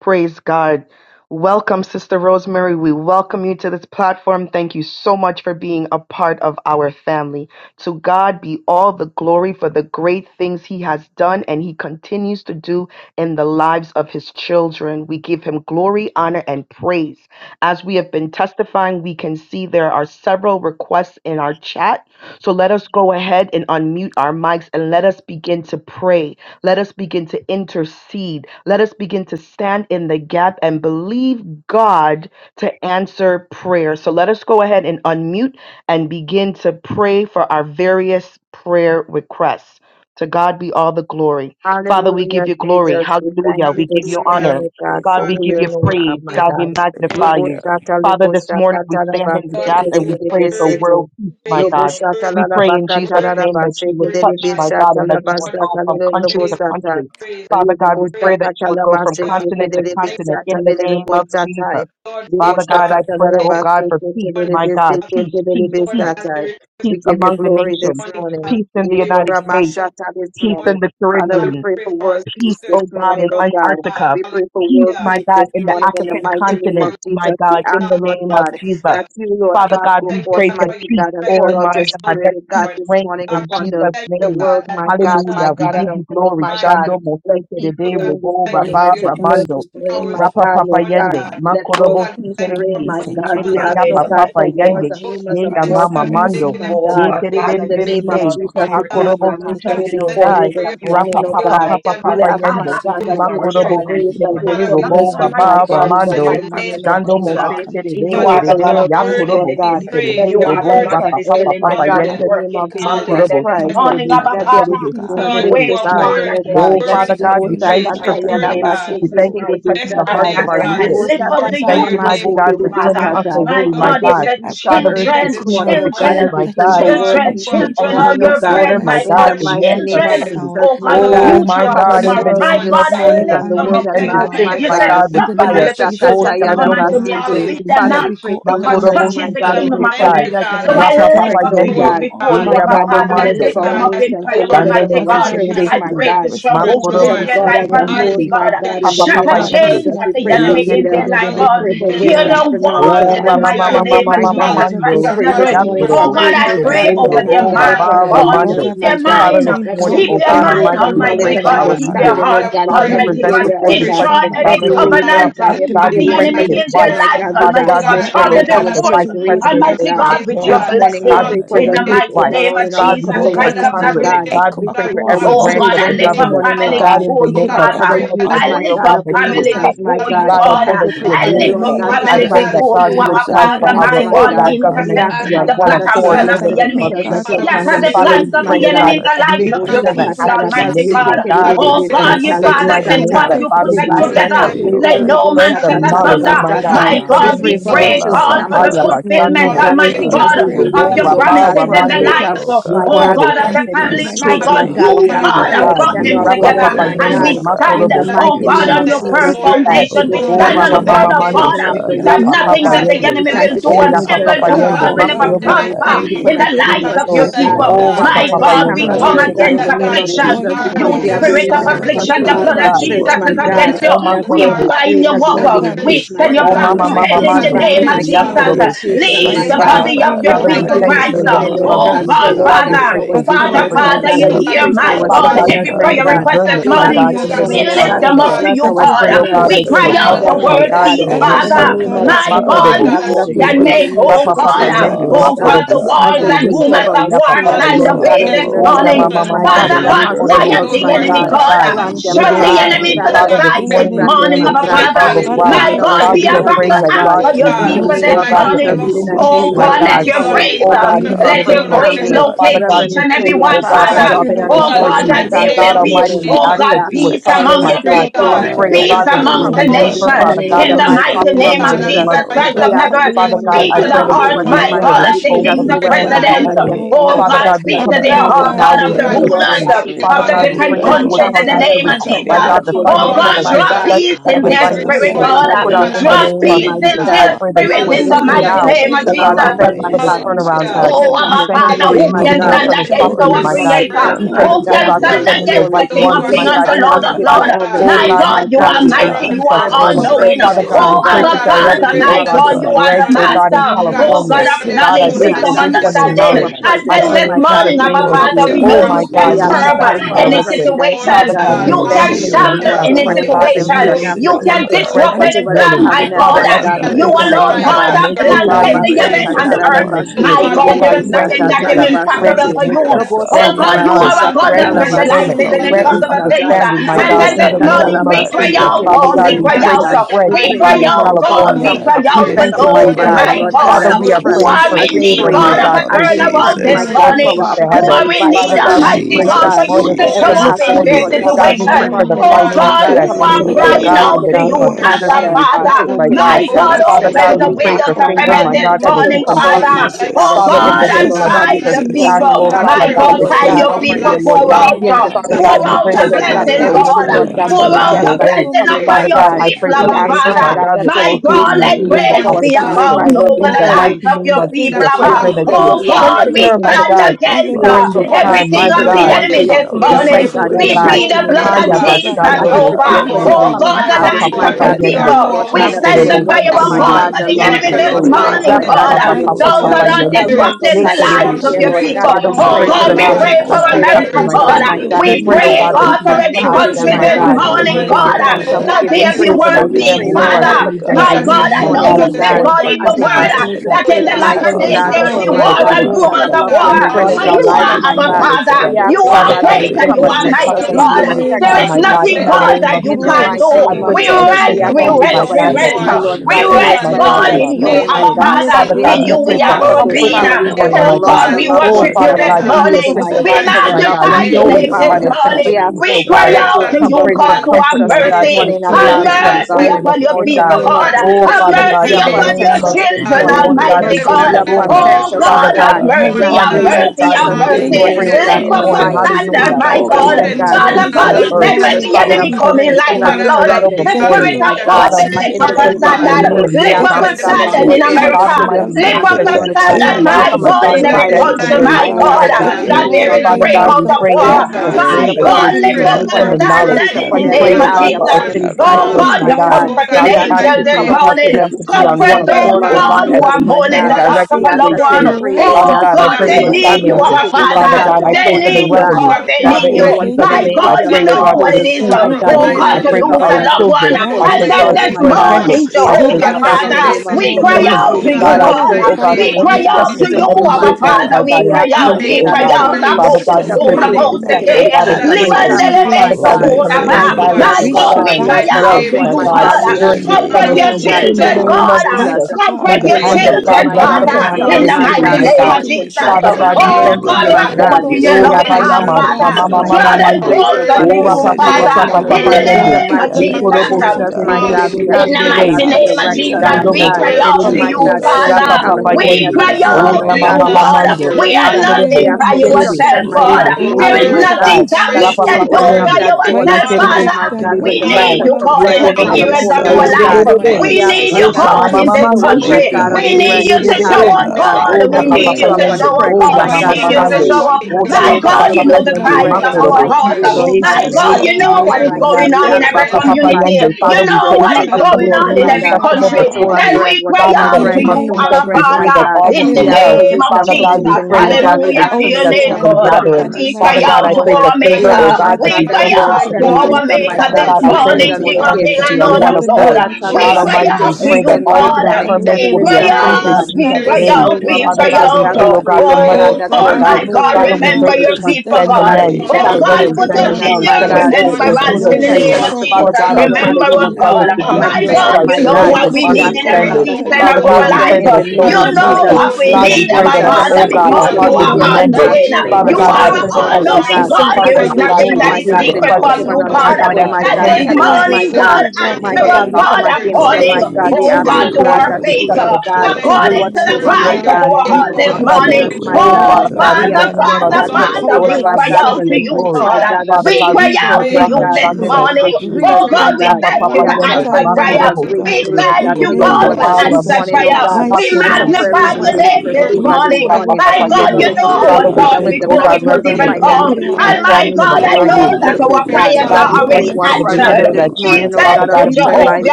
Praise God. Welcome, Sister Rosemary. We welcome you to this platform. Thank you so much for being a part of our family. To God be all the glory for the great things He has done and He continues to do in the lives of His children. We give Him glory, honor, and praise. As we have been testifying, we can see there are several requests in our chat. So let us go ahead and unmute our mics and let us begin to pray let us begin to intercede. Let us begin to stand in the gap and believe God to answer prayer. So let us go ahead and unmute and begin to pray for our various prayer requests. To God be all the glory. Father, we give
Hallelujah,
you glory.
Jesus. We thank
Hallelujah.
you
We give
this
you
Hallelujah.
morning,
honor.
O God,
Jesus,
God,
for
we
Father,
who
give
we
you
you
just
know, oh
praise.
my
praise
God, we
God.
one
magnify
Lobo
you.
hallelujah,
shata
Father,
lobo
this morning we
sakata la
stand in the
God
basete
that
gap
de
and
hallelujah,
you
de
we
de
are
pray for
worthy,
besete.
world peace, my
praise,
Lobo
God.
your
shata
word,
We
la la
pray
God,
in
your
bakata
Jesus'
la
word,
la
name that you
basete
would
de de
touch,
de
glorified.
my God,
shata
and
la
that you would
God,
go
basata le
from
le
country
lobo
praise,
to
sata.
country.
praise,
Le
Father God,
Lobo
we
praise.
pray that
shakata
you would
la
go from
basete
Hallelujah.
de
continent to
de de
Thank
continent
shata
in
le
the
le
you,
name
lobo
Jesus.
of
sata.
Jesus.
Lord,
Lobo
give
Father God,
God
I
shakata la
pray,
la
oh
thanks
God, for
basete de
peace,
de
morning,
de
my God,
Father.
besete
peace,
de de
peace,
de
Lord,
peace,
and as we
sata.
read this
We
peace
give you
among the
glory this
nations,
morning,
morning.
God,
peace
We
in the
give
we pray
you
United
glory
States,
for the
this
peace
morning.
morning,
in the
Father,
God,
we
Caribbean,
we
pray
pray
for
for our
world
Peace,
peace
sisters,
this
oh God,
our
morning,
in
oh
brothers,
God.
God.
Antarctica.
We pray for
Peace,
world
Hallelujah.
my
peace
God,
this
in the
morning in the
African
mighty name of
continent, my
Jesus. We
God,
ask,
in the
Father,
Lord
name of
God,
Jesus.
that you, Lord
Father
we
God,
God,
go
we
thank you,
forth,
pray
God,
for
for
mighty
your
peace,
God, and pour
oh
presence
out your
my
among
God,
spirit,
let
oh
us,
peace
God,
Lord.
this
reign
morning
God,
in
God,
upon the,
Jesus'
thank you,
the
name.
God,
world,
that
my
you are
God,
God
my
Hallelujah. We
God,
and
give
and
you
the world,
glory.
my
right.
God.
Shando
Let
Mosete
peace
Oh,
Debe
God,
reign this
Robo
thank you
morning.
Thank
Rabba
for
you,
Let
your
your
Jesus.
mercy
Ramando.
We
reign,
powers,
my
glorify
Rapa
God,
you,
Papa
Lord
Lord
God.
Yende.
God.
Let
magnify
Oh,
world
Makorobo
God,
you.
peace
thank you
reign,
for
We
Siterebe.
my
morning,
thank
God.
Abba
you,
protection on
We
Epe
this.
God.
ask,
Father,
We
in
oh
Yapa
the
thank
God,
you
mighty
Papa
for
for
name
wars
all
of
Yende.
and
Oh, God,
rumors
Jesus
Ye
the
of
Christ
thank
of
you,
wars
Mama
God,
to
for
Nazareth.
testimonies,
cease,
Mando.
making
my
every
Oh
Almighty
Ye
God.
God,
way
God.
Terebe
Father,
In the
you
straight
name
We
see
of
this
all
Bebe.
the
Jesus,
morning,
prayer
we
overcome by
place
God.
requests,
you
the
Hakorobo
Father.
the
God,
nations
You know
thank
the
before
you
testimony,
Siterebe
you
needs
for
this
of
your
your
Almighty
morning,
Rapa
oh
God.
people,
dose
Papa
of
God.
the
Papa
Almighty God.
Papa
We
Father
And
ask,
anointing,
God, you
my
Yende,
Father,
see
God,
the
Holy
that
you
you
are
will
request
a
of
show
Spirit.
Makorobo
your
covenant
grace, that
keeper.
people.
Terebe,
you will
There
Father,
is
show
we
And
nothing,
Robo
as
lift
mercy,
up
we
and
my
join
Raba
Almighty
God,
God,
in
that
the
glorify
is
forces,
Ramando,
your
mighty
name.
Almighty
name
impossible
of
God,
for
and
Shando
you,
as we
Jesus.
God.
Mose
come
We
You
Terebe,
God,
pray
are
together,
the
for
Terebe,
you
God of
are
world
Father
peace,
worthy to
Lord
God,
Yakorobo
we
be
God.
possibilities.
lift up
Let
praised.
Terebe,
You
You
there
are
are
be
the
Robo
peace
worthy to
God
revival.
that
on
Rapa
is
be
earth,
still
Papa
in
We
the
my
Papa
pray,
God, in
miracle
exalted.
the
Yende,
name
Almighty
working
of
God,
business.
that
Jesus
Hallelujah,
And
this
then
Makorobo
this
Christ.
upcoming
morning,
Terebe,
Abba
Let
Jesus.
revival
there be
Father,
comes,
Terebe,
peace
So
God.
on
we
Lord,
earth
Terebe
you
wage
this
are
war
Sai.
morning,
worthy.
oh
You
against
are
God.
Lord
Oh,
the
worthy to
Father
enemy
Jesus, I
for
God,
your
pray,
we
be
Lord
thank
praised.
you
children
You
Libosakata
for
are
God,
peace
in
that
the
worthy,
you will
name of
God.
we
strengthen
Jesus
thank
those
you for
Christ
of us.
touching
Bless
the
your
of
hearts
yarabaseketerebesatai.
name,
Oh
of our
Nazareth.
God,
Father.
I
leaders.
as
lift up
We
leaders
the
that
Libosakata
Glorify
are
thank
youth
your
you,
going to
name.
mighty
take
before
God,
you,
for
part,
Father.
turning us
Almighty
lamaseketerebesatai.
away,
My
God.
Lord,
my
Let
God,
there
you
be
God.
lift
said,
I
peace
your
on
Father,
pray,
we
earth
name
this
children,
Almighty
this
decree and
morning,
God,
oh
morning.
God,
decree,
as
children,
we
my
that
pray
you
God,
for
will
Lord,
world
bring
a
children,
in
peace
you
peace
are
this
people
children
and
from
are
morning,
the
worthy,
oh
desist
your
east,
God.
the
God.
bread.
order,
You
my
are
My
west,
In
God,
God,
the
worthy to
the
in
mighty
north, and
Jesus'
name
the
be
of
children.
praised.
name.
south.
Jesus,
Oh God,
my
the
Father
Oh, we
God.
Oh,
God, I
future
my
pray
worship
of
for
Cover
God,
the
you
in
this
tomorrow.
the
world
souls
My
to
morning,
name
be
this
of
God,
God.
I
morning
saved,
Jesus,
and
lift
the
them
Lord,
peace
world
we
up
at
to
and
Almighty
thank you
you.
large,
for
desist,
my
God.
You
every
my
said,
God.
God,
answered
with
In the
suffer the
name
libo
fire.
of
prayer
little
this
saka
Jesus,
Oh,
I
children to
pray,
taya
morning.
come
da
Shando
Lord
unto me
God,
Mose
and forbid
that
them
Father,
Hallelujah.
as
Terebesi,
not,
we
we
pray
go
for
out
because
one
leaders,
by
such
my
is
Makorobosi
one,
the
two
God.
God,
We
we
kingdom
by
pray
of
for
thank
Terebesi,
two,
heaven.
you,
leaders in
God,
So
as
every
mighty
we
Rapa
I lift
Papa
God,
aspect,
up
that
oh
the
we
go
will
Yende,
out,
youth
God.
go out
before
to
God.
you,
Ye
My
Abba
reap
God,
the
the
Father.
Yamama
Thank
I
leaders
you,
harvest,
of
lift
our
them
God,
up
that
Almighty
in
nations,
you
the
prayer,
God.
are
leaders
Shando
of
Almighty
our
Father
Mose
God.
concerned,
God, you
God,
churches,
about
I
said
my
the
Terebesi,
your
break
God.
the
harvest
The
children,
with
strongholds
church
in
of
Makorobo
Lord.
their
laborers
God
are
si
life,
as a
few,
whole,
Almighty
Almighty
Terebesi,
my
God.
God.
Hallelujah,
God, in the
Papa
Oh
name
Papa
Shatter
Jesus.
of
God, you
Yende,
chains
still
Jesus,
of
have
we
the
pray for
Ye
Hallelujah.
enemy
laborers, oh
in
leaders.
their
God, that
life,
are
We
God.
pray
willing
for
to
Hallelujah,
Tear
Terebebebebebebebe,
work,
wisdom,
Jesus.
for
down
Almighty
knowledge,
walls
and
in
O
God.
the
Rama
mighty
Hallelujah.
Mama
We
understanding,
name
Mama
my
of
pray, Lord
Mama
Jesus
God,
God.
that
We
Christ
hallelujah.
this
Mando,
Hallelujah.
of
pray
Father,
this
Nazareth.
revival
we
will
morning
want to
be
for
Oh
a
one
Yakorobo
of
pray
God,
great
the
for
I
our
Terebe
pray
best
revival,
over
and
their
my
their
revival
oh
Robo
God,
God.
ever.
upon
mind,
Raba
our
God.
Father,
Lord
leaders,
Ramando.
Keep
God,
we
my
their
that you
God,
will
Father,
mind.
come
this
uh,
rain
that
Jesus,
you
before
morning,
you
will
down
Keep
O
give
their
this
upon
God
them
your
mind,
Almighty,
morning,
wisdom,
people,
we
God,
knowledge,
pray
my
Almighty
and
for
Almighty
God.
our
God.
Keep
God,
their
leaders.
understanding,
heart,
oh
Father,
that
we
God,
God,
in
we
pray,
healing
every
will
Almighty
Holy
present
God.
take
area,
before
oh
dear
you
Spirit.
God,
place,
Destroy
President
every
Almighty
every
Donald
Oh
J.
way,
God,
God,
my
Trump.
covenant
you
uh,
God,
will
that
every
God,
of
lead
we
the
and
area
deliverance
pray
of
will
for
guide
enemy
his
us,
take
in
leadership,
their
wife.
place,
my
Father.
lives,
God.
God,
We
Father
Oh
Almighty
ask,
God,
God,
God.
we
oh
I
that,
pray,
God,
pray,
Charter
oh
Lord
that
their
you
God,
God,
will
that
God,
for
show
that
Vice
course,
your word
grace,
will
President,
my
your
go
O
Almighty
forth
God.
God,
face,
God,
with
with
Dan.
your
power
This
God.
Hallelujah.
and
morning we
blessing.
God,
God,
we
pray
I
for
pray
clarity,
In
our
for
pray
the
Hallelujah,
his
youth
Almighty
mighty
wife.
this
name
God.
overall
of
in
city,
our
I
God, we
Oh
Jesus
Oh
pray
bring
for
God,
God,
Christ
that
communities,
of
that
you,
my
the
it
Congress.
will
oh
Nazareth.
God.
name of
Hallelujah.
God,
God,
echo
we
We
pray
God
pray
for
for
across
every
fall
our
the
Oh
God,
upon
branch
God,
I
your
of
I
the
children
nation,
lift
this
name,
up
pray,
government.
Almighty
oh
morning, oh
family
God,
God.
Father.
God,
God.
that
in the
before
It
you,
We
Oh
you
will
name
God, we
of
would
cover
Father.
our
just
pray
Jesus,
echo
God
youth,
that
I
on
take
I
the
my
pray,
the
oh
lift
God,
reins
up
God,
of the
that
of
you
the
would
family
man
nations,
touch.
this
my
and
before
Hallelujah.
city.
you,
God
Father
God, I
God.
man,
God
pray
as
that
they
you would
God.
I
in
God,
prepare,
the
lift
I
Lord
up
minister.
name
God,
Oh
of
pray
to
I
go
family
that
God,
pray
back
as
to
you
that
Jesus.
before
would
God,
school,
you,
you
my
take
would
Abba
So,
the
God,
cause
God,
for
Father.
coming
we
up,
reins.
our,
My
I
my
thank
oh
you
God,
Hallelujah.
God.
pray
right
God,
for
now,
We
government
intercept
to
Father
as
ask,
be
my
on
the
God.
one
God,
plot
that you
and
peace,
will
accord
We
plan
oh
of
God,
in
bless
the
the
the
thank you,
God,
name of
enemy.
Lord
teachers, that
God,
peace
you
Jesus.
will
for
Father, we
over
this
grant
Scatter
them
the
this
pray
city
Father,
God
grace,
that
plans
we
of
city,
we
for
my
pray,
the
oh
oh
live
enemy
God,
in
God.
in.
for
God.
the
every
lives
We
the
of
knowledge
I
your
pray
Bless
decision
for
pray
that
the
you,
people,
has
for
city
to
of
Jesus.
be
of
Almighty
peace
made,
something.
Springfield.
my
We
God.
pray
God,
God,
for
we
the
Oh
pray
over
city
that
of
in
God,
this
your
you give
Jesus'
Hartford.
Father
city,
mighty
said,
oh
faith.
We
name,
What
that
pray
God.
you
for the
Father,
put
you
like
city
would
God,
of
I
we
grant
pray
together,
them
that
Bloomfield.
pray,
We
oh
you
let
give
wisdom,
pray
God,
no
for the
grant
man
city
set
of
them
compassion.
you
knowledge,
asunder.
Windsor.
will
my
Oh
God,
God,
We
in
My
not
the
in the
pray
We
God,
for
pray
we
the
name
for
name
Hallelujah.
of
our
city
of
of
pray,
church
Jesus.
God,
allow
for
Rutherford,
the
the
campus
Haya
Jesus.
this
Almighty
morning,
bashando
oh
fulfillment,
God, we
mose
God.
God,
oh
pray
as we
Almighty
God,
We
God that
trust
terebe
God,
the,
and
pray,
the
of
believe
robo
the
you,
your
Almighty
Lord
enemy
raba
body,
to
God,
God,
we
promises
for a
that
and the
you
ramando.
triumph,
will
pray
greater,
lives,
that
oh
oh
my
God,
the
oh
heart,
but
God
Yekorobo
God, of
Lord.
si
that
the family
people,
terebe
And
families,
peace
si
my
church,
will
Almighty
God,
God.
my
terebe
God.
reign,
God.
oh
so
We
You,
Hallelujah.
God,
ask
as
that
terebe
God,
but
my
have
we'll
Oh
that
sai.
God,
brought
we
you
extend
them
our
back
Rapa
back
will
together.
borders,
every
papa
my
concern
reign,
And
yende
we
forces
oh
God.
of
God.
stand,
In
Thank
the
makorobo
darkness
God,
Thank
you,
si
oh
you,
mighty
even
God,
name
Lord.
now,
terebe
on
of
si
your
God.
firm
Jesus,
Jesus,
terebe
we
Lord.
thank
sai.
for
you
Mighty
foundation.
this
We
what
Oh
God,
O
you're
God,
stand
morning,
in
on
after
the
rama
oh
the
and
mighty
God,
mama
every
word
doing,
of
for
name of
mando
oh
God
opening
cancel
up the
shete
every
God, in
that
ways,
the
yapa
attack
my
nothing
papa
upon
lives
that
God,
your
of
God.
the
thank
your
yende.
We
people,
enemy
you,
thank
will
you
do
for
O
Almighty
the
and
new
believers,
yapa
God.
oh
ever
papa
Lord,
God.
do,
I
God.
yende
geographical
God,
Oh
will
pray,
ever
oh
God,
In
we
the
makorobo
God,
location. We
mighty
si
back
that
thank
back
name
prosper
we
you
of
we
terebe
for
in
will
si
that
make
pray
the
for
everything
lives
that
terebe
God,
that
campus,
of
the
your
so.
my
thank
devil
you,
peace.
God.
wants.
go
people.
Oh,
out
We're
God.
Rapa
and
My
calling it
Papa
Praise
God,
the
we
Yende,
testify.
We
campus,
come
Yin
Lord.
pray,
We
Lord
O
Almighty
will
God,
God,
in
Terebe,
against
the
That
go
for
God.
Si
your
name
God,
out
of
Terebe,
peace
and
affliction.
to
Si
Lord
you
Jesus,
are
God,
at
we
because
You
Terebe,
the
we
reign
ask,
are
helm
Si
in
spirit
Lord
just,
of
of
believing
this
God,
Terebe,
and
that
world.
So
oh
you
everything,
affliction,
trusting
the
you
cover
Terebe,
God.
blood
God,
for
your
our
of
Sai.
do
Jesus
church,
Thank
people
We
what
my
under
is
we
you,
pray,
your
God,
need
God.
against
blood,
to
Father
that
O
Almighty
God,
do
you.
That's
you
for
going to
We
your
are
be
makorobo
God.
at
si
bind
the
great.
you
That's going
peace
helm
terebe
to
of
Oh
to
up.
be
God,
be
everything,
we
huge,
terebe.
We
my
send
shut
Lord
you
O
Father
everywhere
God. And
back
God.
down
that
we
That
mama
we
to
God,
thank
mama
you
hell
go.
in
Satan's
in
you
Father
are
the
mando
advance,
name
kingdom
God,
sipe
great,
I
of
my
this
ya
God,
Jesus.
pray
Father.
for
All
the
for
korobo
morning.
those
si
location,
Leave
terebe
my
Texas,
Say
opposing
the
Mighty
my
how you
God.
sai.
body
God,
look,
of
we
God.
We
your
oh
I
Father,
knock
God,
thank
we
on
and
people,
pray
you
countries,
thank
for
this
you
heaven's
the
Christ.
in
you
the
are
morning,
door,
name
oh
of
Oh
rain,
awesome,
God,
Almighty
for
God,
Jesus.
Father.
Lord
continents,
hold
God,
God.
we
God,
the
Father.
pray
for our
for
Father
rain,
God, we
wisdom
Father,
oh
seniors,
Lord.
for
all
go to
my
the
the
God.
Father,
God,
you
decision
as
So
we
Stop
God,
hear
the
making.
pray
courtrooms of
we
for
opposing
my
ask
our
Father
heaven
God
flooding,
God,
God,
this
oh
leaders,
we
seniors,
every
Father
pray
my
for
morning,
prayer
God,
God.
in
God.
request
God, we
this
discernment,
Father.
We
pray
my
ask
And
for
morning.
Kerrville,
we
God,
this
your
Oh
in
ask,
God,
the
We
morning,
Lord
name
oh
peace
we
Texas,
ask
of
lift
God,
oh
God,
that
them
you
up
Jesus.
God,
God.
to
bless
you,
that
in
our
I
you
the
will
God.
pray,
name
I
oh
help
seniors,
pray
God,
us
that
We
that
for
you
this
you
will
the
cry
would
keep
guide
out
help
morning,
us,
of
for
us,
them,
God.
my
Lord
family
world
God,
of
God.
in
peace,
the
Jesus.
Help
Lord.
name
In
those,
us,
the
of
oh
Lord
Father.
name
Oh
God,
of
my
Jesus.
God,
as
we
My
we
Jesus,
pray,
God,
God,
we
lead
Makorobo
God,
ask
that
si
Father,
you
that you will
who
can
Jesus.
give
terebe.
you
have,
the
make,
who
oh
Rapa
Help
have
nurses
us,
papa
been
Lord
God,
patience,
God,
yende.
in
Lord
oh
lost,
whatever
God,
God,
oh
another
Makorobo
the
si
God,
as
walls
capacity,
they
my
and
take
terebe.
Almighty
care
rumors
of
Lord.
Sipe
God.
God.
of
our
ya
war
papa
seniors,
Help
Hallelujah.
stand
us,
Lord
yende.
Lord
Help
God,
obey
in
God,
them,
the
to
this
oh
go
O
nursing
ya
God.
morning.
homes,
further,
mama
Jesus.
mama
my God,
Almighty
mando.
in
Father
the
Lord,
God.
we
Ye
God,
pray
we
Undergird
for
korobo
Help
quiet
pray
hospitals,
them,
us,
those
si
the
my
for
who
Lord
are
my
sick
our
enemy,
God,
God.
terebe
to
God.
God.
leaders,
sai.
among
shine
us,
God.
Grant
Keep
them,
forth
Shun
them,
the
God.
this
God,
enemy
Father
Re-be-be-be-be.
to
morning
grant
Oh
the
God.
Father,
them
God, we
this
side
peace
in
pray
the
for
this
and
morning
Pray
we
grant
name
for
of
the
them,
stand
morning,
my
healing
with
our
for
leaders
Jesus.
their
Bishop
God,
of
I
the
Father.
Arvo
bodies,
grace
pray,
to
Father
state.
oh
be
Brown.
God.
God,
We
My
with
we
God,
our
God,
pray
pray
God,
be
for
we
that
for
a
are
the
they
seniors,
will
healing,
praying
battle
my
that
be
Pray
God.
axe
for
God
able
for
oh
the
to
to
your
In
God,
the
people
remove,
leaders
Youth
name
in the
this
oh
find
of
mighty
God,
revival
morning.
Jesus,
name
who
and
of
we
the
this
thank you,
vindicate,
ones
Oh
weekend,
that
my
Lord
Jesus.
are
God,
God,
let
God,
Almighty
for
your
Lord,
God.
our
may
missing,
you
grace,
oh
oh
uh,
touch
We
God,
family,
them
him
from
lift
for
in
our
the
let
God,
the
up
your
first
crown
name
of
of
Reverend
my
grace
their
Cherry
family,
heads
Jesus.
to the
God.
before
Father
locate
you,
soles of
God,
each
Reverend
we
and
their
Almighty
feet,
pray,
every
Michaelia,
God.
oh
one,
God,
Pastor
Jesus,
Lord.
We
that
of
Father.
pray,
take
Dobbin,
tenant
Lord
and
Oh
the
God,
Oh
God, in
before
that
control
you
kids,
God,
of
the
America.
will
you.
my
that
the
mighty
there
God,
anoint
name
We
this
will
God
her
of
be,
pray,
Almighty,
morning.
afresh,
we
situation
Jesus.
oh
God,
Lord,
ask
down
We
God,
that
Almighty
in
you
ask
would
peace
God.
this
touch
we
her,
morning
among
I
that
my
Texas.
your
pray,
you'll
God.
pray,
Lord
heal
people,
God,
We
for
God,
them,
the
that you
pray,
God,
oh
give
I
protect
peace
that
God,
her
them,
you
that
come
and
you
pray,
tongues
leaders
would
among
of
oh
the
cover
among
them
remove
us
God,
fire,
this
her,
nation.
that
Father
morning
this
Almighty
in
you
God,
In
of
the
the
from
the
would
God.
morning.
his
mighty
stop
different
mighty
name
property
I
Oh
the
of
name
in
pray,
of
the
God,
nations.
Lord
and
name
God,
rain,
Jesus.
Jesus
of
that
whoever
you'll
oh
is
Jesus.
Christ
put
not
We
of
ask
God.
Nazareth,
fire
this
well
in
in
Father
her
morning
their
God,
that
speak
I
I
to
mouth,
We
you'll
body
the
this
pray
watch
that
pray,
pray,
Almighty
you
heart,
oh
over
would
God.
Father,
morning,
them,
my
my
reveal
God,
and
God,
God
God.
that
As
of
We
the
she
pray
that
you
expose
you
that
would
king,
no
the
lead
every
would
pray,
the
plan
weapon
young
of
God,
hold
the
touch.
that
the
formed
president.
people,
enemy.
against
Lord
them
rain,
you
Oh
will
God.
Father
bless me this
God,
God, we
Father
prosper
I
speak
come
to
this
pray,
morning.
their
God,
against
Lord
it
heart,
morning.
God,
my
That,
We
now
God,
that
of
We
oh
in
they
the
God,
pray,
you
pray,
will
Jesus'
God.
Lord
not
Father,
name.
rulers
take
God,
uh,
that
this
you
away
stray,
of
Father
would
all
morning
the
God,
God.
that
their
we
Help
you'll,
different
pray
touch.
that
And
infirmities,
my
them,
the
you would
countries
oh
in
God,
ones
cause
that
the
guide
him
have
to
and
name
God.
of
gone,
recoup,
that
protect
Help
they
Jesus.
my
them,
will
God.
that
God,
them,
the
you'll
come in,
Oh
Father,
keep
Lord,
Father
finances
Lord
them,
I
God,
that
every
my
God.
he
pray,
knee
drop
God,
God,
Jesus.
shall
that
spent
your
peace
that
and
in
bow
Have
the
you'll
their
Mighty
people will
God,
finances
spirit,
sustain
I
that
mercy
them,
rejoice,
and
God.
he
on
that
cover
Uh,
and
oh
put
you'll
them
every
out
God,
them,
that
in
even
tongue
the
in
Drop
encourage
they
shall
name
school,
them,
of
Father.
peace
confess
mighty
Jesus.
in
Almighty
God.
I
God.
their
Have
God.
pray that
We
you
spirit
pray
I
would
for
in
Hallelujah,
the
the
pray,
touch
mercy
Lord
shield
that
him
of
mighty
God,
now.
that
upon
Jesus
name
there
Jesus,
of
will
Oh
them
protection
be
Christ
God,
in
a
is
we
the
around
thank
them,
Lord.
you
Jesus.
my
for
name
the
witness,
God.
of
Bless their
turnaround,
Almighty
hallelujah.
God.
coming
God,
Jesus.
Oh,
in
in the
and
We
Hallelujah,
their
our
thank
school,
you
you
going
for
Father,
out,
You are
say
who
my
King
can
removing
of
even
Cover
healing
on
God.
her
is
the
stand
from
them,
the
your
job,
kings
In
against
that
the
you
property,
Lord.
will
our
children's
name
my
of
God.
Cover
Creator?
bread,
signal
Jesus,
We
them.
and
them
you
Lord.
thank
Father
Who
out,
you,
are
God,
oh
can
and
God,
Lord
we
of
for
Almighty
God,
stand
give
we
Lord,
you
God.
sending
I
the
lords.
pray
against
for
pray
the
glory.
right
for
those
King
Let
We
of
who
ones,
the
are
them
give
my
Kings
know
you
and
God,
the
suffering,
to
that,
honor and
shooting
Lord
God,
we
of
that
give
they
occupy,
you
oh
are
all
Lords?
the
in,
God.
oh
My
in
praise,
And
God,
different,
For
my
Lord,
his
God,
we
you are
God.
honor
sisters
Almighty
We
property
and
your
ask
in
name
brothers
mighty.
a
God.
Kentucky
You
Jesus'
at
who
are
are
prayer for
that
all
our
Oh
name.
knowing.
God, we
church.
Father
suffering.
president,
God,
my
cover
Oh,
Oh,
we pray
Oh
them,
God.
my
for
God,
Lord
we
In
our
and
the
Jesus.
God,
Father,
direction,
pray
give
We
name
you
oh
my
my
of
for them
praise.
God,
bless
God,
for
you
Jesus,
them.
God.
are
my
this
Greg,
the
oh
morning.
God.
Father
God,
God,
in
Master.
Oh God,
remember
Oh,
our
we
California.
God
pray
Jesus,
for
of
set
them
let
God,
man
I
knowledge,
soul
and
We
pray
ask
and
for
woman
wisdom,
justice
that
of
body
you
be
the
and
wisdom
watch
and
over
house,
understanding.
spirit
served,
our
this
knowledge.
Jesus. Bless
oh
And
Almighty
I
and
then
president,
morning,
pray
God.
this
God.
my
in
praise
God.
you,
God,
Jesus'
in
morning,
the
We
Lord.
name
our
name
that
Oh
of
you
cover
Father,
would,
we
them
God,
oh
know
under
Jesus.
our
your
my
you can
We
God,
whole
blood,
ask
Jesus,
body
to
lead,
curb
have
guide,
pray
Almighty
and
for our
God.
any
direct
this
mercy.
them.
president, my
morning,
Father
situation.
Mighty
God,
God,
in
God,
God.
the
he's
We
I've
You
name
exalt
done
of
can
no
standing
your
Mercy,
in the
name,
O
Jesus.
need
weapon
shamble
Hallelujah.
Watch
of
any
God,
over
form
prayer,
him,
Jesus.
Make
God,
have
them
keep
against
and
them
him
we
situation.
shall
are
feeling
whole
ever
and
mercy,
You
O
morning,
protect
can
interceding
prosper.
for
him.
God.
Holy
Greg
disrupt
I
And
Watch
this
any
every
over the
Spirit.
pray
plan,
morning.
tongue
for
that
my
the
cabinet,
God.
So
Father,
Hallelujah,
my
rises
this
up,
every
God,
God.
time,
God,
this
we
You
We
Thank
decision
families,
that
morning,
he
O
alone,
worship
condemn
oh
has
prayer,
it
God,
you.
to
God.
God,
God.
that
make,
you
oh
are
in
We
the
I
God,
blanket
we
name of
the
pray
pray
in
heaven
labasaka
for
omnipresent.
and the
Jesus
the
Jesus'
earth
name
earth.
Christ.
that
one
So
you
talabasete
would,
My
who
God,
Father
oh
God,
may
God,
there
your
God,
is
we
actually
grant
nothing
thank
dedebesaka
him
you
that
did
for
the
is
vision,
our
presence
family.
grant
impossible
We
rest
him
talabasete.
shooting,
for
thank you
upon
you.
O
for
wisdom,
them
Sister
this
Lobosha
Oh
grant
God.
Jane.
Pray,
him
God,
morning,
you
We
knowledge,
are
Father,
a
for
God.
thank you
the
nalabasaka
God
grant
for
that
her
him
May
leaders
you
of your
Jesus,
rest
specializes
discernment,
healing,
talabasete
in
upon
help
them
house.
grant
this
him
Almighty
them,
impossible
God.
things.
dedebesatai.
Uh,
morning,
understanding,
We
my
God.
thank
And
you,
God,
cover
then
Lord
in
Lobosha
this
the
God,
Pray,
them,
In
that
O
morning
you'll
Father
name of
God,
we
touch
God.
for
her
the
their,
cry
katalabasete
Jesus.
Take
leaders
out,
body
of
Father
God,
this
God,
Southern
we
their
control
we
New
cry
of
pray
bodies
the
morning
out,
England.
for
dedebesatai.
and
uh,
their
Greg,
We
minds,
we
oh
in
pray
the
this
God,
cry
situation,
in
name
out,
O
of
morning for
morning,
our
God,
God.
California.
Holy
Pray,
we
com-
Jesus.
cry
Father
We
out
upcoming
Spirit.
for
God,
Take
thank you,
Mighty
summer
for the
mighty
God,
those,
Whatever
leaders
God.
I've
it is
revival,
control
my
done
in
of
Lord
that.
that
the
God,
God,
there's
Father,
they're
as
uh,
we
we
going
are
much
Tennessee.
prep
more
who
through
for
praying
are
this
her
for
as
situation
to
in
we
in the
do,
need,
morning,
favor,
pray,
my
God, of
God,
name
God,
Almighty
for
a
of
I
as
the
God.
may
we
you
heat
pray,
give
to
prep,
turnaround
be
So
Heavenly
them
this
a
my
we
Jesus.
release
ask,
God,
restored
God,
you,
for
for
Lord
morning
our
God,
of
Sister
that you
who
will
upcoming
your
Heather.
are in need,
Father
extend
revival.
her
We
that
God,
you
we
ask,
life,
would
Almighty
my
place
reign,
presence
God,
this
that
for
God,
you
Jesus,
Almighty
would
you
boiler
God.
for
to
Oh
rule.
God,
every
show
system
and
Jesus,
We
up
pray
cause
in
before
aspect,
for
their
you.
Lord
to reach.
those
God,
that
Jesus.
for
are
God,
every
we
Oh,
situation.
I
I,
pray
pray,
for
mourning,
the
oh
God,
department
that
Lord
Oh
that's,
God,
my
flesh
finances
God,
would
God,
thank
Jesus,
that's
who
coming
you
decrease
are
and
needed,
your
that you
oh
together
will
crying
Holy
to
God,
praise
make
Oh,
in
out
Spirit
it
the
would
to
a,
comfort
name
you,
of
them,
your
God.
increase.
my
Lord
Jesus
God,
Abba
to
name,
God.
a, uh,
replace
to
it,
Father.
Father.
So
make
my
it,
many
God.
my
My
has
I
Oh
God,
God,
pray,
God,
lost the
Father
in
Father
my
loved
open
successful.
God,
the
we
God,
We
one,
pray
name
that
ask,
for
windows
of
of
but
my
favor,
God,
heaven
God,
we
my
you
this
know
will
God, for
that
the
that
help
you'll
morning,
you
different
us,
cover
are
my
God,
it,
companies.
Father.
God,
mighty
thank
God,
Oh
as
Jesus,
we
to
Father, in
our
God,
lead
the
you,
with
prepare,
and
name
Lord
of
Jesus,
God.
shepherd.
God,
find
the
wisdom.
Thank
Jesus,
you,
the
We
we
know,
Jesus.
speakers,
ask,
Lord
my
people.
oh
God,
God,
God. We
that
Father
My
we
pray
prepare,
God,
pull
God,
for
that
Lord
Lord,
Help
you
those
find
us,
would
I
God,
strength
your
who
help
Father
have
from
her,
you
people.
pray
God,
lack
dear
to
Pour
this
Lord
lead
for
with
God.
your
the
out,
morning,
uh,
morning,
God.
grace.
Father
God.
God,
the
entertainment,
pour
we
Oh
out
pray
God,
prepare,
that
a
we
Lord
you
There's
pray,
would
God,
a
Lord
make
blessing,
a
unfruitful
God,
lack
And
God.
way
that
help
they
everything,
us,
where
will
Lord
it
Lord
God,
tenant,
not
morning,
seems
from
to
Pour
give
Jesus,
the
oh
be
up.
to
out
God.
guests
a
no
lead
God.
that
way.
will
So
blessing
come
many
Pray,
in, my
upon
God,
Father
your
that
in
God,
Christians are
your
God.
you
I pray
people,
love.
for
thrown
We
Abba
in
visit,
the
ask,
favor,
my
my
Lord.
Father.
towers.
God,
God,
that
with
your
That
My
those
But
who will
you
God,
meet
place
be
God,
we
this
as
let
we
God,
reviewing
lift
lift
up
the
we
grace
morning,
them
our
up
My
thank
be
you.
summer
God,
this
Father.
application
abound
I
revival
morning,
pray
over
dear
in
the
Oh
the
for
before
the
God,
that
you.
mighty
God,
lives of
name
your
of
that they
tenant,
will
We
people,
that
oh
Jesus. I
put
take
it
a
God,
lack
pray
Abba.
that
at
Lord,
this
before
you
we
you.
would
Oh
Brother
We
360
ask
worship
morning.
God,
you.
that
degree,
Brown's.
strengthen
you'll
we
Provide
her,
Lord
my
for
stand
God,
this
intervene.
God,
For
and they
against
We
will
Brother
ask,
uh,
during
oh
this
come
God,
morning.
back
that
Bones,
time,
to
everything
my
souls
Father
will
of
Oh
you,
be
the
God.
God,
God,
won
God,
for
make
enemy
you
your
a
this
know
way
Lord
the
We
kingdom,
because
when
you
my
there's
morning.
thank you,
said
God,
God.
you
in
oh
the
We
will
God.
marry
plead
No
mighty
situation.
the
back
name
to
You
way,
of
the
blood
We
of
Haya
know
lift
God,
the
up
Jesus.
the
Jesus
youth
As
backslider.
bashando
we
truth,
because you
mose
over,
prepare
are
before
Father
for
you.
the
Mighty
our
God.
oh
terebe.
God
God,
incoming
of
the
I
provider,
Papa
harvest,
Daniel,
lives
my
of
pray,
Lord.
papa
your
O
God,
let
we
You
them
people.
are
God,
ask,
know,
yende.
that
Lord
Lord
our
God,
We
God,
way
that
that
we
send
there's
justice
maker,
We
the
will
Makorobo
will
no
si
lift
fire,
be
up
my
welcome,
the
oh
other
my
young
way
God,
terebe
God.
God,
for
served.
the
si
but
the
lost,
Lord,
your
people
terebe
enemy
you
the
I
way,
are
this
the
lost
before
so.
Lord
pray,
you,
light
O
ones,
morning,
God.
my
God.
in the
Rapa
God,
God,
God.
that
papa
into
dark,
you
your
will
Mighty
papa
Those
kingdom.
Holy
take
papa
that
God of
are
Help
charge
yende.
Spirit.
us,
of
Daniel,
the
oh
disrupting
Ye
the
God,
So,
to
Lord,
lives
we
terebe
We
of
strengthen
prepare,
lift
your
si.
up
situation.
Lord
us,
our
pray
God,
this
people,
Lord
with
Father,
a
God,
we
individual
that
I
oh
spirit
morning,
pray
as
of
for
God,
the
we
we
pray,
love,
God,
go
O
pray
families
for
on,
a
communities,
in
Lord
that
God,
spirit of
we
you
that
Kentucky,
America,
Jesus.
can
my
your
tell
God.
patience,
God.
represent
of
God.
my
your
will
this
God,
We
We
as
be
we
pray, oh
goodness.
wait
pray,
morning,
God,
for the
that
done.
We
God,
you
for
would
that
can
incoming
every
We
you
tell
comfort
of
pray,
Father
harvest,
your
them,
country
my
my
God,
restore
Father
this
this
God,
God.
mercy,
God,
in the
that
morning,
We
you
remove
morning,
give
name
would
Almighty
you
of
God,
pour
uh,
your
God.
thanks
anyone
and
oh
Jesus.
we
spirit
that
God,
that
give
that
you
out
We
there
on
you
needs
Strengthen
be
pray
to
praise,
for
all
us,
be
world
God.
those
We
this
peace,
flesh,
pray,
families
Almighty
who
Lord
are
removed,
God,
morning,
God,
O
Father.
grieved and
protect
Lord,
that
God.
My
we
that
us
and
will
God,
our
you
this
bereaved,
I
my
not
know
sons
morning,
God,
and
oh
deliver
you
lose
this
this
Remove
God
said,
daughters will
hope,
morning
God,
for
morning,
in
as
your
they
comfort
prophesy.
Almighty
any
word,
and
God.
for
uh,
God.
continue to
that
strength.
tenant
Oh
in
search,
that
the
God,
Strengthen
We
is
that
latter
us,
pray
mighty
you
in
days
Lord
God,
there
have
causing
Jesus'
will
your
for
be
God,
Father
name
war
my
that
way
trouble,
God,
that
you
this
God,
would
and
our
those that
touch
Father
morning,
rumors
have
faith
them.
of
will
we
loved
God,
war.
God.
their
I
be
pray,
We pray,
Lord
lost
oh
ask
But
Hallelujah.
God,
you
their
builded,
God,
that
that
you
to
lives,
you
are
would
my
Almighty
our
God.
God.
minister
remove
to
Father.
them.
them,
We
Extend
you
You
our
ask,
bring
oh
the
are
Lord,
Father
faith
God,
let
God,
that
there
children
great
this
we
you
back
pray
and
separate
that
you
to
cover
be
morning.
you
them
are
unity
would help
celestial
from
Texas,
among
mighty,
the
the
them
In the
state
us,
God.
during
of
this
praise.
oh
name
There
of
time,
is
apartment,
Texas,
God.
my
oh
God,
mighty
nothing,
in
Jesus.
Let
the
God.
God.
there be
God,
name
that
Pray,
of
you
In
And
the
I
Heavenly
a
Jesus.
can't
Glory
mighty
to
just
strong
do.
I
Father,
name of
pray
God.
We
pray
for
feeling
our
Jesus,
church
rest,
we
in
ask
that
we
that
our
Hallelujah.
you
you
family,
that
rest,
will
my
you
home,
cover
would
we
God,
that
that
send
touch
Thank
the
rest.
you,
Lord.
city,
needs
uh,
the
to
Lord
right
be
We
God, that
children
Oh
healed,
just
Jesus.
tenant,
rest,
God,
my
in
oh
went
the
God,
through
Yela
God,
God.
mighty
in
that
I
in you,
that
Baba.
pray
Jesus'
storm,
name
are
for
my
of
our
name.
there
God.
peace,
now,
Father.
Father
oh
We
Jesus.
God,
In
ask
God.
we
God.
you
Yekena
that
we
you
pray for
have
Lord,
mama
we
comfort
Oh
our
pray
those
comfort
for
God,
being.
I
this
that
uh,
families
pray
setelaba.
day
that
morning,
that
have
you
work
my
Oh,
would
lost
God.
God,
Thank
their
as
we
you,
turn the
loved
worship
Oh,
you
ones
heart
or
you
Almighty
Father
that
morning,
are
this
around
God,
God,
still
of
be
God.
their
this
waiting,
morning.
Prince
my
as
of
Oh
we
We
God,
God,
Peace,
tenant.
in
for
the
Touch
their
my
continue
mighty
loved
to
God.
magnify
I
We
ones
every
name
your
to
know
be
of
that
pray,
name
praise
you
oh
child,
this
are
you,
found.
the
God,
Prince
that
morning.
as,
We
of
you
ask,
Peace,
would
oh
oh
We
God,
turn
cry
God.
that
her
pray,
you
out
God,
to
heart
We
touch
cover
you,
pray
every
for
God,
as
around.
to
youth.
comfort,
have
Texas
my
this
God,
morning.
Father
for the
mercy.
morning
God,
at
shooting
Have
Oh
draw
large,
her
my
victims.
God,
into
mercy
God.
Almighty,
Oh,
your
yes,
upon your
Lord
In the
people,
kingdom.
God.
name
oh
of
Draw
God.
God,
them
Oh,
Jesus,
send
Have
into
Father
peace
your
God,
be
mercy
in
as
minister
we
the
upon
upon
kingdom.
Father
your
nations,
name of
Texas
continue
oh
God,
this
to
God,
God.
children,
Jesus,
I
give
morning.
them
Lord
pray
glorify
God,
We
we
Almighty
that
lift
your
Mercies
they
give
that
be
you
God.
will
understanding of
name,
God
upon
glory.
who
turn
you
find
God.
Oh,
Texas,
are.
you,
around
my
Father
God,
oh
this
God,
have
God.
we
God,
give you
and
morning,
mercy,
Grant
that
have
honor,
they
grace
God.
to
oh
will
Hallelujah.
mercy,
God, and
have
Texas
turn
Visit
this
we
them,
their
give
mercy.
you
Lord
Thank
morning,
ways
you,
oh
praise
Hallelujah.
Jesus.
this
God,
Lift
in the
up
around.
a
morning.
mighty
Jesus.
name
Pray
standard,
Hallelujah.
of
that
my
that
Oh
will
We
Jesus,
they
God,
oh
God.
thank
Reveal
will
send
we
you for
God.
yourself
peace
Father
turn
to
rise
on
them,
God,
Father,
the
their
you
we
this
O
earth.
pray
said
ways
for
God,
when
alongside,
the
morning
oh
the
city
Father,
God.
of
we
enemy
around,
in
come
place
Father
in
the
faith,
like
city
Springfield
Oh
God.
a
of
and the
God
flood,
believing
Springfield
in the
surrounding
Almighty,
the
that
Oh
before
name
cities,
of
Spirit
you.
every
my
of
God, I
hallelujah,
God
to
God.
God
request
Jesus.
will
just
that
minister,
Almighty,
you
lift
In
we
pray
up
the
have,
a
oh
that
pray
name
for
you
of
God.
Almighty
our
would
standard.
God,
mayor,
Jesus,
work
Mayor
we
Oh
Lift
out
that
ask,
up
God,
it
oh
in
that
a
Dominic
is
the
God, that
mighty
you
standard
Steiner.
in
already
watch
And
name
give
over
you
the
situation.
America.
God
of
answered,
city
Almighty,
of
glory.
we
Lift
And
ask
Almighty
up
with
that
Jesus.
Springfield,
God.
a
oh
you
that
would touch
God.
We
him
standard,
Lord,
tenant,
now
We
my
whatever
with
come
from
rise
the
in
Brother
God,
you
crown
need
in
of
against
faith,
his
on
every
Brown,
head
this
I
violence
to the
and
believing,
line
country,
this
pray,
Lord
very
my
oh
crimes,
God,
soles
God,
God,
my
morning,
of his
that
God,
God,
that
I
in the
feet.
your
you
that
name
are
will
pray
there
the
of
is
that
be
Father
way
Jesus.
God,
done,
breakout
we
maker.
this
of
oh
pray
war.
We
in
We
day,
God.
ask that
Jesus'
you
God.
rise
Your
plead
in
name
the
My
that
Oh
will
blood
you
God,
faith,
of
God,
would
be
give
lift
pray
him
Jesus
up
that
believing,
done.
you
a
upon
wisdom
God,
work
and
every
knowledge.
that
street,
miracles,
standard
you
in
Have
upon
the
We
are
your
pray,
every
name
our
oh
God,
of
this
God,
way,
alley,
Jesus.
for
promise
our
upon
Lord,
morning,
every
city
have
keeper.
side
Oh
your
We
councilors,
roads,
Father.
God,
my
glorify
way.
my
you're
you,
God.
rise
God
in
Oh
Lord.
God,
comforting
God,
we
in
faith,
we
ask
the
ask
angel
that
mighty
that
you
believing,
you
this
would
name,
God,
cover the
cause for
city
morning.
that
of
them
you
to be on
promise
Springfield
one
Comfort
that
under
you'll
the
because
those,
accord,
blood
oh
never
of
God,
Oh
God,
God,
you
leave
who
as
Jesus,
us
they
are
Father
my
lead
the
mourning
and
nor
God.
God,
the
I
author
direct
loss of
We
this
forsake
a
ask
us.
pray
loved
great
that
of
you
We
one.
city.
our
for
pray,
faith.
Lord
rise
Father
in
God,
Oh,
God,
we
I
God,
God,
faith,
pray
pray,
we
for
they
the
Lord God,
Almighty
need
favor
Pray
for
you,
God,
for
the
finances.
your
our
our
city,
that
Lord
you
church,
Father
are
Father.
strength.
God,
the
God.
God,
this
I
Lord,
pray
They
author
for
morning,
We know,
the
and
oh
need
ever
you,
God,
finisher
revenue.
God,
God.
we
They
Pray
that
and
of
for
our
Father,
you
need
your
our
will
in
hiding
you.
watch
faith,
Jesus'
over
people.
place.
My
the
name, I
God,
city of
Almighty
you
favor
pray,
God, we
oh
know
know
God,
for
God.
for
what
Springfield,
you
the
it
the,
is.
know
school
our
uh,
Sister
my
Pray,
In the
God,
system.
Father
the
Oh,
Heather,
God,
name
God,
I
mayor,
of
provider.
to
oh
for
the
pray for
lose
God.
Lord, we know
our
a
governors,
Jesus,
loved
the,
unity.
you
one.
children.
the
Pray
I
know
for
our
mighty
police
pray
And
way
for
then
our
God
force,
this
of
my
maker,
favor
God.
Lord.
for
Daniel.
superintendent.
morning,
We
I
ask,
Sister
We
Oh,
pray
my
Jehovah,
God,
for our
make
God,
Heather,
bless
in
you
a
the
Father,
name
way
this
this
of
police,
we
the
cry
Jesus,
oh
morning.
to
morning,
police.
out
plead
oh,
to
God,
the
We
blood
God,
you,
God,
and
in
Lord,
I
of
we
the
God.
that
pray,
mighty
Jesus
pray
oh
he
glorify
God,
for
name
your
for
upon
of
We
will
the
every
each
be
cry
great
and
city of
out
every
sector,
to
for
you,
name,
Jesus.
every
Springfield,
restored,
my
our
oh
Almighty
ministry
business,
God.
Father.
God.
my
God.
We
God,
We
and
cry
ask,
We
God,
out,
Let
may you
mighty
we
Springfield, oh
God,
represented
he
cry
that
in
God.
glorify
your
your
be
out
strip
your
praise for
Father
rabo
church, God.
God,
this
we
matchless
Kentucky
restored
pray for
sokora
in
the
State,
name,
morning.
the
this is
success,
name
boseke,
Strip
Almighty
oh
of
God, of
victims
God.
that
and their
And
Springfield.
Jesus.
we
limandele
families,
God
my
me
Father
And
is
bless
Lord,
God,
you
God.
we
I
pray,
come
sokora
this
pray
standing,
against
ba.
for
Mighty
morning.
Father,
Lord,
violence
God,
My
the
and
We
ones
God,
shall
that
wisdom,
in
have
we
the
crime
back
and
cry
lost
mighty
a
you,
the
out
for,
drugs,
loved
name.
to
one,
my
you,
for
my
Almighty
God,
fivefold
God,
God.
we
God.
ask
during
ministry
decision
this
this
would
Comfort
Father,
summer
come
we give
morning,
making
your
oh
back,
Glory
season.
God.
God,
you
to
for
in
In
the
the
children,
name
God,
Reverend
name
of
of
this
Jesus,
God.
morning.
Jesus,
mighty
Melissa.
uh,
God
may
Comfort
that
of
the
your
you'll
I
Praise
hand
watch
Pray,
of
pray,
Daniel.
over,
oh
God
Heavenly
children,
my
God,
rest
God,
God,
we
Remember
that
Father,
Father,
upon
you
our
in
exalt
Kentucky,
would
those
the
your
my
give
that
city,
her
are
mighty
God,
my
name,
watch
name
God.
God,
of
godly
over
seeking
Jesus.
Thy
Kentucky
Father
jobs,
wisdom.
your
and
God,
have
flesh
we
would
name.
Almighty
You
Oh,
thank
would
mercies,
God,
you
God.
decrease,
and
give
my
we
wrap
and
Father,
her
your
them
bless
the
up
God.
Holy
So
you.
in your
Oh,
many
We
Spirit
wisdom
have
would
loving
ask,
glorify
that
you,
oh
been
she
arms,
God, for
laid
Rabayama,
increase.
off,
Mama,
needs,
Father.
peace,
Mama,
my
Father
Draw
Mama,
God,
Almighty
God,
and
them
God,
God.
your
Mando.
in
grace
word.
closer
But
upon
making
to
Oh,
Lord
you,
Lord,
Rapa,
God,
be
we
Kentucky
Papa,
this
decision.
Praise
Father,
thank
Papa,
you,
the
morning.
glorified,
in
Papa,
Lord
the
be
Oh,
word
In
God
the
Yende.
is
name
Father
of
mighty
God,
magnified,
that
I
there
be
are
name
thou
exalted.
of
pray,
Yekorobo,
jobs
oh
Jesus.
out
Jesus,
exalted,
God,
there
my
my
that
God,
that you
we
God,
she
will
In
ask,
will
the
oh
Hallelujah.
Kiterebe,
place
God,
mighty
in
for
their
name
ask
Jesus,
of
heart,
you.
in
Jesus,
direction,
You
the
my
Dando
Almighty
will
we
name
God,
God.
cry
Mosi
of
worship
direct
out
For
and
to
her,
you,
my
that you
oh
Terebesi,
Jesus.
you,
will
God,
worship
God.
Greg
send
in
She
them
Rapa
Father.
to
will
the
Papa
not
right
We
California
Yende,
lean
this
cry
on
person,
bless
O
her
morning,
your
Lord,
out
oh
to
we
own
name,
Nama
Almighty
God,
you,
need
we
Mama
God.
you.
God.
God.
ask for
Mando,
understanding
We
In
are
Glorify
the
you,
direction.
Akorobo,
We
name
nothing
ask
of
by
Si
for
but
Lord, we
Terebe,
she
can
yourself,
Si
instruction,
do
will
Jesus.
my
God.
God.
lean
Terebe,
God.
nothing
You
We
are
So
on
There
without
ask,
is
Glory
your
you.
my
Terebe
worthy
to
to be
God
Sai,
nothing
God,
words.
that
She will
that
praised.
we
you
Rapa
Almighty
can
will
Your
Papa
open
do
word
up
God.
is
by
Yende,
that
you,
door
oh
Ye
Mighty
yourself,
that's
God,
God
Terebe,
needed,
of
exalted.
my
Si
Father.
God,
and
Daniel,
Terebe
for
let
you
We
no
will
Sai,
give
need
Hallelujah.
one
direction
you,
on
for
her
God,
this
Ye
Greg
in
in
the
every
platform
Korobo,
Hallelujah.
area
Si
lack
of
California,
our
wisdom
Lord
Terebe,
to
anything,
life.
Bebe,
God.
make
Thank
Bebe,
Almighty
We
We
wise
ask,
God,
need
my
you,
O
you,
God, that
Sama
decision,
God,
because
you
Jesus.
you
in
would
Mama
say
this
show
to
Mando,
up,
no
country.
good
my
Ye
Oh,
make
thing
God,
Terebe,
which
on
bless
We
you
godly
your
Bebe,
need
will
you
Greg's
name.
to
Bebe,
decision,
show
behalf,
oh
withhold
Bless
Bebe,
up,
my
from
your
us
God.
God,
name.
that
O
live
Help
God.
that
her,
We
you
Yapa
Holy
would
oh
need you
Papa
God,
show
upright,
up
God,
to
Hallelujah.
on
Yende,
to
open
show
our
Almighty
up,
make
Greg's,
O
the
God.
God.
my
Lord,
Yama
We
eyes,
God,
you
need
Mama
So
are
you
decisions
let
to
our
we
that
Mando,
show
family,
lack
she
up.
King.
that
O
You
open
needs
are the
you,
King
Yapa
our
to
My
nothing
oh God,
Papa
this
God,
of
make.
hearts,
would
you
Papa
Lord
know
bless
the
Kings
morning,
and
God,
Yende,
In
cries
the
Greg
Lord
the
in
of
of
Almighty
a
our
Makorobo,
name
God.
mighty
of
Si
heart.
Lords.
way,
in
Lord
the
Oh
Terebe,
God,
God,
My
we
name
Jesus,
of
whatever
God,
Terebe,
pray,
Hallelujah.
the
help
you
Lord
know
need
her,
God,
Terebe,
is,
You
what
Jesus.
are the
is
that
my
Lord,
as
Terebe,
going
we
God.
help
We
on in
hold
ask that
her.
every
our
Lion
you
Rapa
of
hand
Papa
up
supply
community.
to
it
Yende.
you,
Father,
God,
You
according to
know
we
your
what
place
you
what
our
is
riches
will
God.
and
going
upcoming
hold it
glory,
on in
up,
Holy
my
community
every
God.
you
Spirit.
Almighty
festival
country,
are
Watch
God.
before
our
over
then
you.
way.
Greg,
we
watch
You
cry
God, in
over
the
out
In
to
Greg,
the
name of
are
watch
you,
name
our
of
over
Jesus,
Abba
Greg,
we
Jesus,
my
pray that
Father,
God.
I
all will
in
pray,
the
be
We
Lord
ask
our
well.
for
God,
name
that
of
we
wisdom
Father
for
God,
Jesus.
continue
we
first
to
making,
pray,
my
oh
hold
one,
up
God,
God.
our
We
for the
Hallelujah
ask
God,
to
for
our
team
the
your
that
set
name,
we've
our
wisdom
man
for
Lord,
been
we
and
God.
woman
pray
God.
for
gathering.
and
decision
our
We
making
cry
Father
Father,
this
Almighty
we
God,
out
I
seniors.
to
We
God.
pray
morning.
pray
glorify
for
our
for
We
our
you
We
favor,
pray,
oh
ask,
senior
Maker.
Lord
this
my
God,
God,
as
that
We
God,
we
we
morning,
that
citizens.
cry
you
canvas
will
continue
the
to
my
out to
extend
lift
God.
them
community.
our
up
wisdom,
in
Pray,
my
because
Maker
Lord
Father
You
God,
are
this
God,
God,
for
prayers,
that
I
mighty,
you
pray that
will
morning,
Almighty
you
decision
would
King
you
lengthen
of
are
God.
cause
their
us
King
making.
to be
and
great.
on
Lord
days.
In
one
of
the
Lord,
Lord.
we
accord.
name of
Pray,
God
We
Father
glorify
cry
Jesus,
you
God,
Almighty,
that
this
Lobosakatalabasete,
out
you
we
to
pray
mighty
morning,
that
Extend
you,
provide for
all
God,
God,
them.
city
wisdom,
God.
because
after we
you are
extend
permits
pray,
With
We
will
Lord
be
cry
all
wisdom,
God,
my
that
Pray,
approved
great.
will
in
out,
God.
Father
we
God,
Jesus'
stand
There's
pray
that
In
cry
for
the
name.
out,
beside
none,
name
them,
of
we
they
Father
know
cry
that
favor,
God,
they
oh
Almighty
Jesus,
we
are
Lord,
God,
we
pray,
we
not
out.
oh
God.
God, I
pray,
God, for
Lord
cry
forgotten
much
Oh
God,
pray
Oh,
out,
that
for
success,
we'll
God,
Lord,
and
God,
that
God.
I
they
my
favor
are
remove
pray,
with
the
God,
the
hear
Father,
every
Lord
us,
apple
we
of
remember
pray
God,
your
that
your
vindictive,
you
eyes.
vendors,
would
people,
that
Lord,
send
as
the
unfruitful,
we
God.
and
men,
Oh,
continue
send
Oh,
Lord,
the
to
favor,
God,
we
oh
women,
cover
calculated
Pray,
put
send
them
us
the
God,
worship
under
Father
tenant,
in
with
your
young,
your
God,
the
you
my
that
this
send the
you
blood,
God,
will
old
morning,
use
whose
in
the
businesses
that
sole
remembrance
as
no
Jesus'
in
we
the
seniors to
name.
name
intention
your
go.
Lord,
is
of
to
witchcraft,
Jesus.
glory,
Father
no
cause
praise,
God,
God
I
trouble
Lord,
God.
evil
pray
I
will
Remember
and
that
do
you
us,
come
would
pray
God.
nigh
cause
evil.
us
We
God.
them,
to
come
be
all
Help them
that
My
Almighty
Jesus
against
to
praise
God,
God.
them,
Christ,
lives
you
my
your
minister
know
will
God.
belongs
We
to
hands
be
what
and
we
cover
others,
We
arms
to
Lord
need
them
ask,
in
saved.
oh
you
going
every
God.
God,
extended.
that
out
season
you
and
alone,
we
will
of
Father
our
oh
remove
cover
God, we
them
God,
I
them
pray
life.
coming.
in
that
the
our
In
We
soul
name
because
the
would
of
You
pray
cover
be
name
know
you
their
that
of
Jesus.
saved.
what
alone,
we
Jesus
household,
God,
Remove
we
lives
need,
pray
those
will
our
Christ.
Almighty
that
I,
that
be
our,
are
God.
not
Father,
oh God,
We
you
our
supposed
saved,
because
put
to
the
you
heart
oh
be
alone, is
would
are
be
blood
there,
all
God.
Lord
upon
mended.
their
God.
great,
knowing.
We
Touch the
pray,
Father
You
my
you
doorposts,
God,
God,
are
I
Lord,
lives
alone,
an
of
pray
this
Almighty
you
that
cause
all
God.
the
are
morning,
as they
oh
rock.
others,
We
knowing
God
touch
oh
the
seniors
send
God.
the
to
as
God.
know
There
those
parking
is
we
that
fire
lot,
of the
who
there's
God,
Touch
nothing
remove,
Holy
they
still
will
are
that
their,
my
work
is
Ghost
feel
for
in
God,
hiding,
your
them
their
draw
secret
to do.
presence.
in
them
from
house,
vindictive and
in,
you,
the
God.
oh
My
Lord.
Almighty
God,
untruthful,
God.
as
God.
my
we
That
Oh
Draw
God,
God,
Hey,
this
canvas
in
we
Even
the
the
when
tenants,
thank
they
my
you
morning,
this
go
God.
God,
to
unsaved,
In
oh
work,
morning.
the
My
name
answer
We
of
even
spread
though
us,
God.
God,
when
the
we
they
exalt
come
go
gospel
Jesus.
of
God,
to
your
the
Jesus
against
name,
Draw
them,
store,
according,
my
Christ
them
God.
even
around.
We
of
into
oh
when
ask,
your
they
God,
oh
to
People
you,
go
name,
God,
would
to
our
be
that
the
Father
you,
faith,
to
Lord
Lord.
God.
uh,
the
receptive in
God,
Draw
Bless,
the
them
job,
name
will
according
of
to
watch
into
the
Jesus.
Almighty
over,
We
glorify
my
Lord
cries
you.
God.
your
God,
of
God,
we
thank
in
our
the
pray
name,
We
heart
you,
for
name
this
good
Holy
of
Lord.
cover
Have
We
them
weather.
your
morning.
thank
Jesus,
under
Spirit.
your
my
way,
Oh,
you.
blood,
oh
God.
Father
Oh,
God,
God,
Almighty
We
in
God.
the
Father,
ask,
God,
Have
name
Lord
of
Father,
your
God,
as we
for
Lord,
Jesus.
way.
cover
Father,
Lord
favor,
worship
we
my
God,
cry
we
God,
give
this
ourselves,
out
for
you
to
the
the
you,
heat,
morning,
Almighty
glory.
my
God.
God.
God.
God, that
Father
will
We
be
Give
God, we
cry
In
give
the
you
restored,
out
the
to
praise,
my
name of
honor.
you
God,
this
in the
Sando
Jesus,
Lord,
mo
name
se
morning.
of
te re
Handarabakashaya
breathe
Jesus,
Oh,
re.
praise,
my
God,
upon
Baba.
we
them
God.
Rapa
thank you
Lord,
Papa
We
you
one
ask
more
for
for a
Yende,
God.
answered
time,
God,
prayer.
financial
Almighty
Makorobo,
we thank
God
We
breakthrough,
Suterebe,
Lord
thank
in
God,
the
you
for
you,
Yendarabakashaya
your
Robo,
name
God,
for
of
our
for
daughter
Baba.
work,
Rabba,
this
answered
Jesus,
Jesus.
morning,
Ramando,
oh
Lord,
prayer.
God.
We
Mighty
Jesus,
As a
Makorobo,
God of
prayer
magnify
Jesus,
God.
your
request
Suterebe,
is
have
Daniel,
name
for
this
Work
your
we
Suterebe,
favor
Yendarabakoshoto.
way.
this
cover
morning.
by
Rapa
our
morning
you,
My
us,
Papa
God,
family,
favor
you
Yende.
with
Have
our
the
Almighty
know
your
work,
our
city,
Father, we
God.
us,
favor
thoughts
way,
place,
with the
oh
We
before
Lord,
God,
it
banks,
was
cover
have
Reverend
favor
them
even
your
wherever
Michaela
formed.
they
financially,
way.
are,
my
Yeshendarabakashatatata.
And
and
God,
my
in
family
the
Almighty
God,
So
name
I
Let
God.
before
of
God,
know
we
your
you.
We
Father
that
Jesus,
just
will
pray,
oh
our
praise
God,
be
God.
for
God,
prayers
God,
those
Father,
we
done,
We
are
that are
pray
thank
already
Lord,
you
not
one
for the
for
let
and
saved,
your
another
answered.
visionary
this
you,
that
will
Almighty
she
be
We
is.
morning,
God.
oh
Lord.
Father
God,
thank
done.
on
you,
the
God,
We
we
prayer
pray
thank
for
line
you,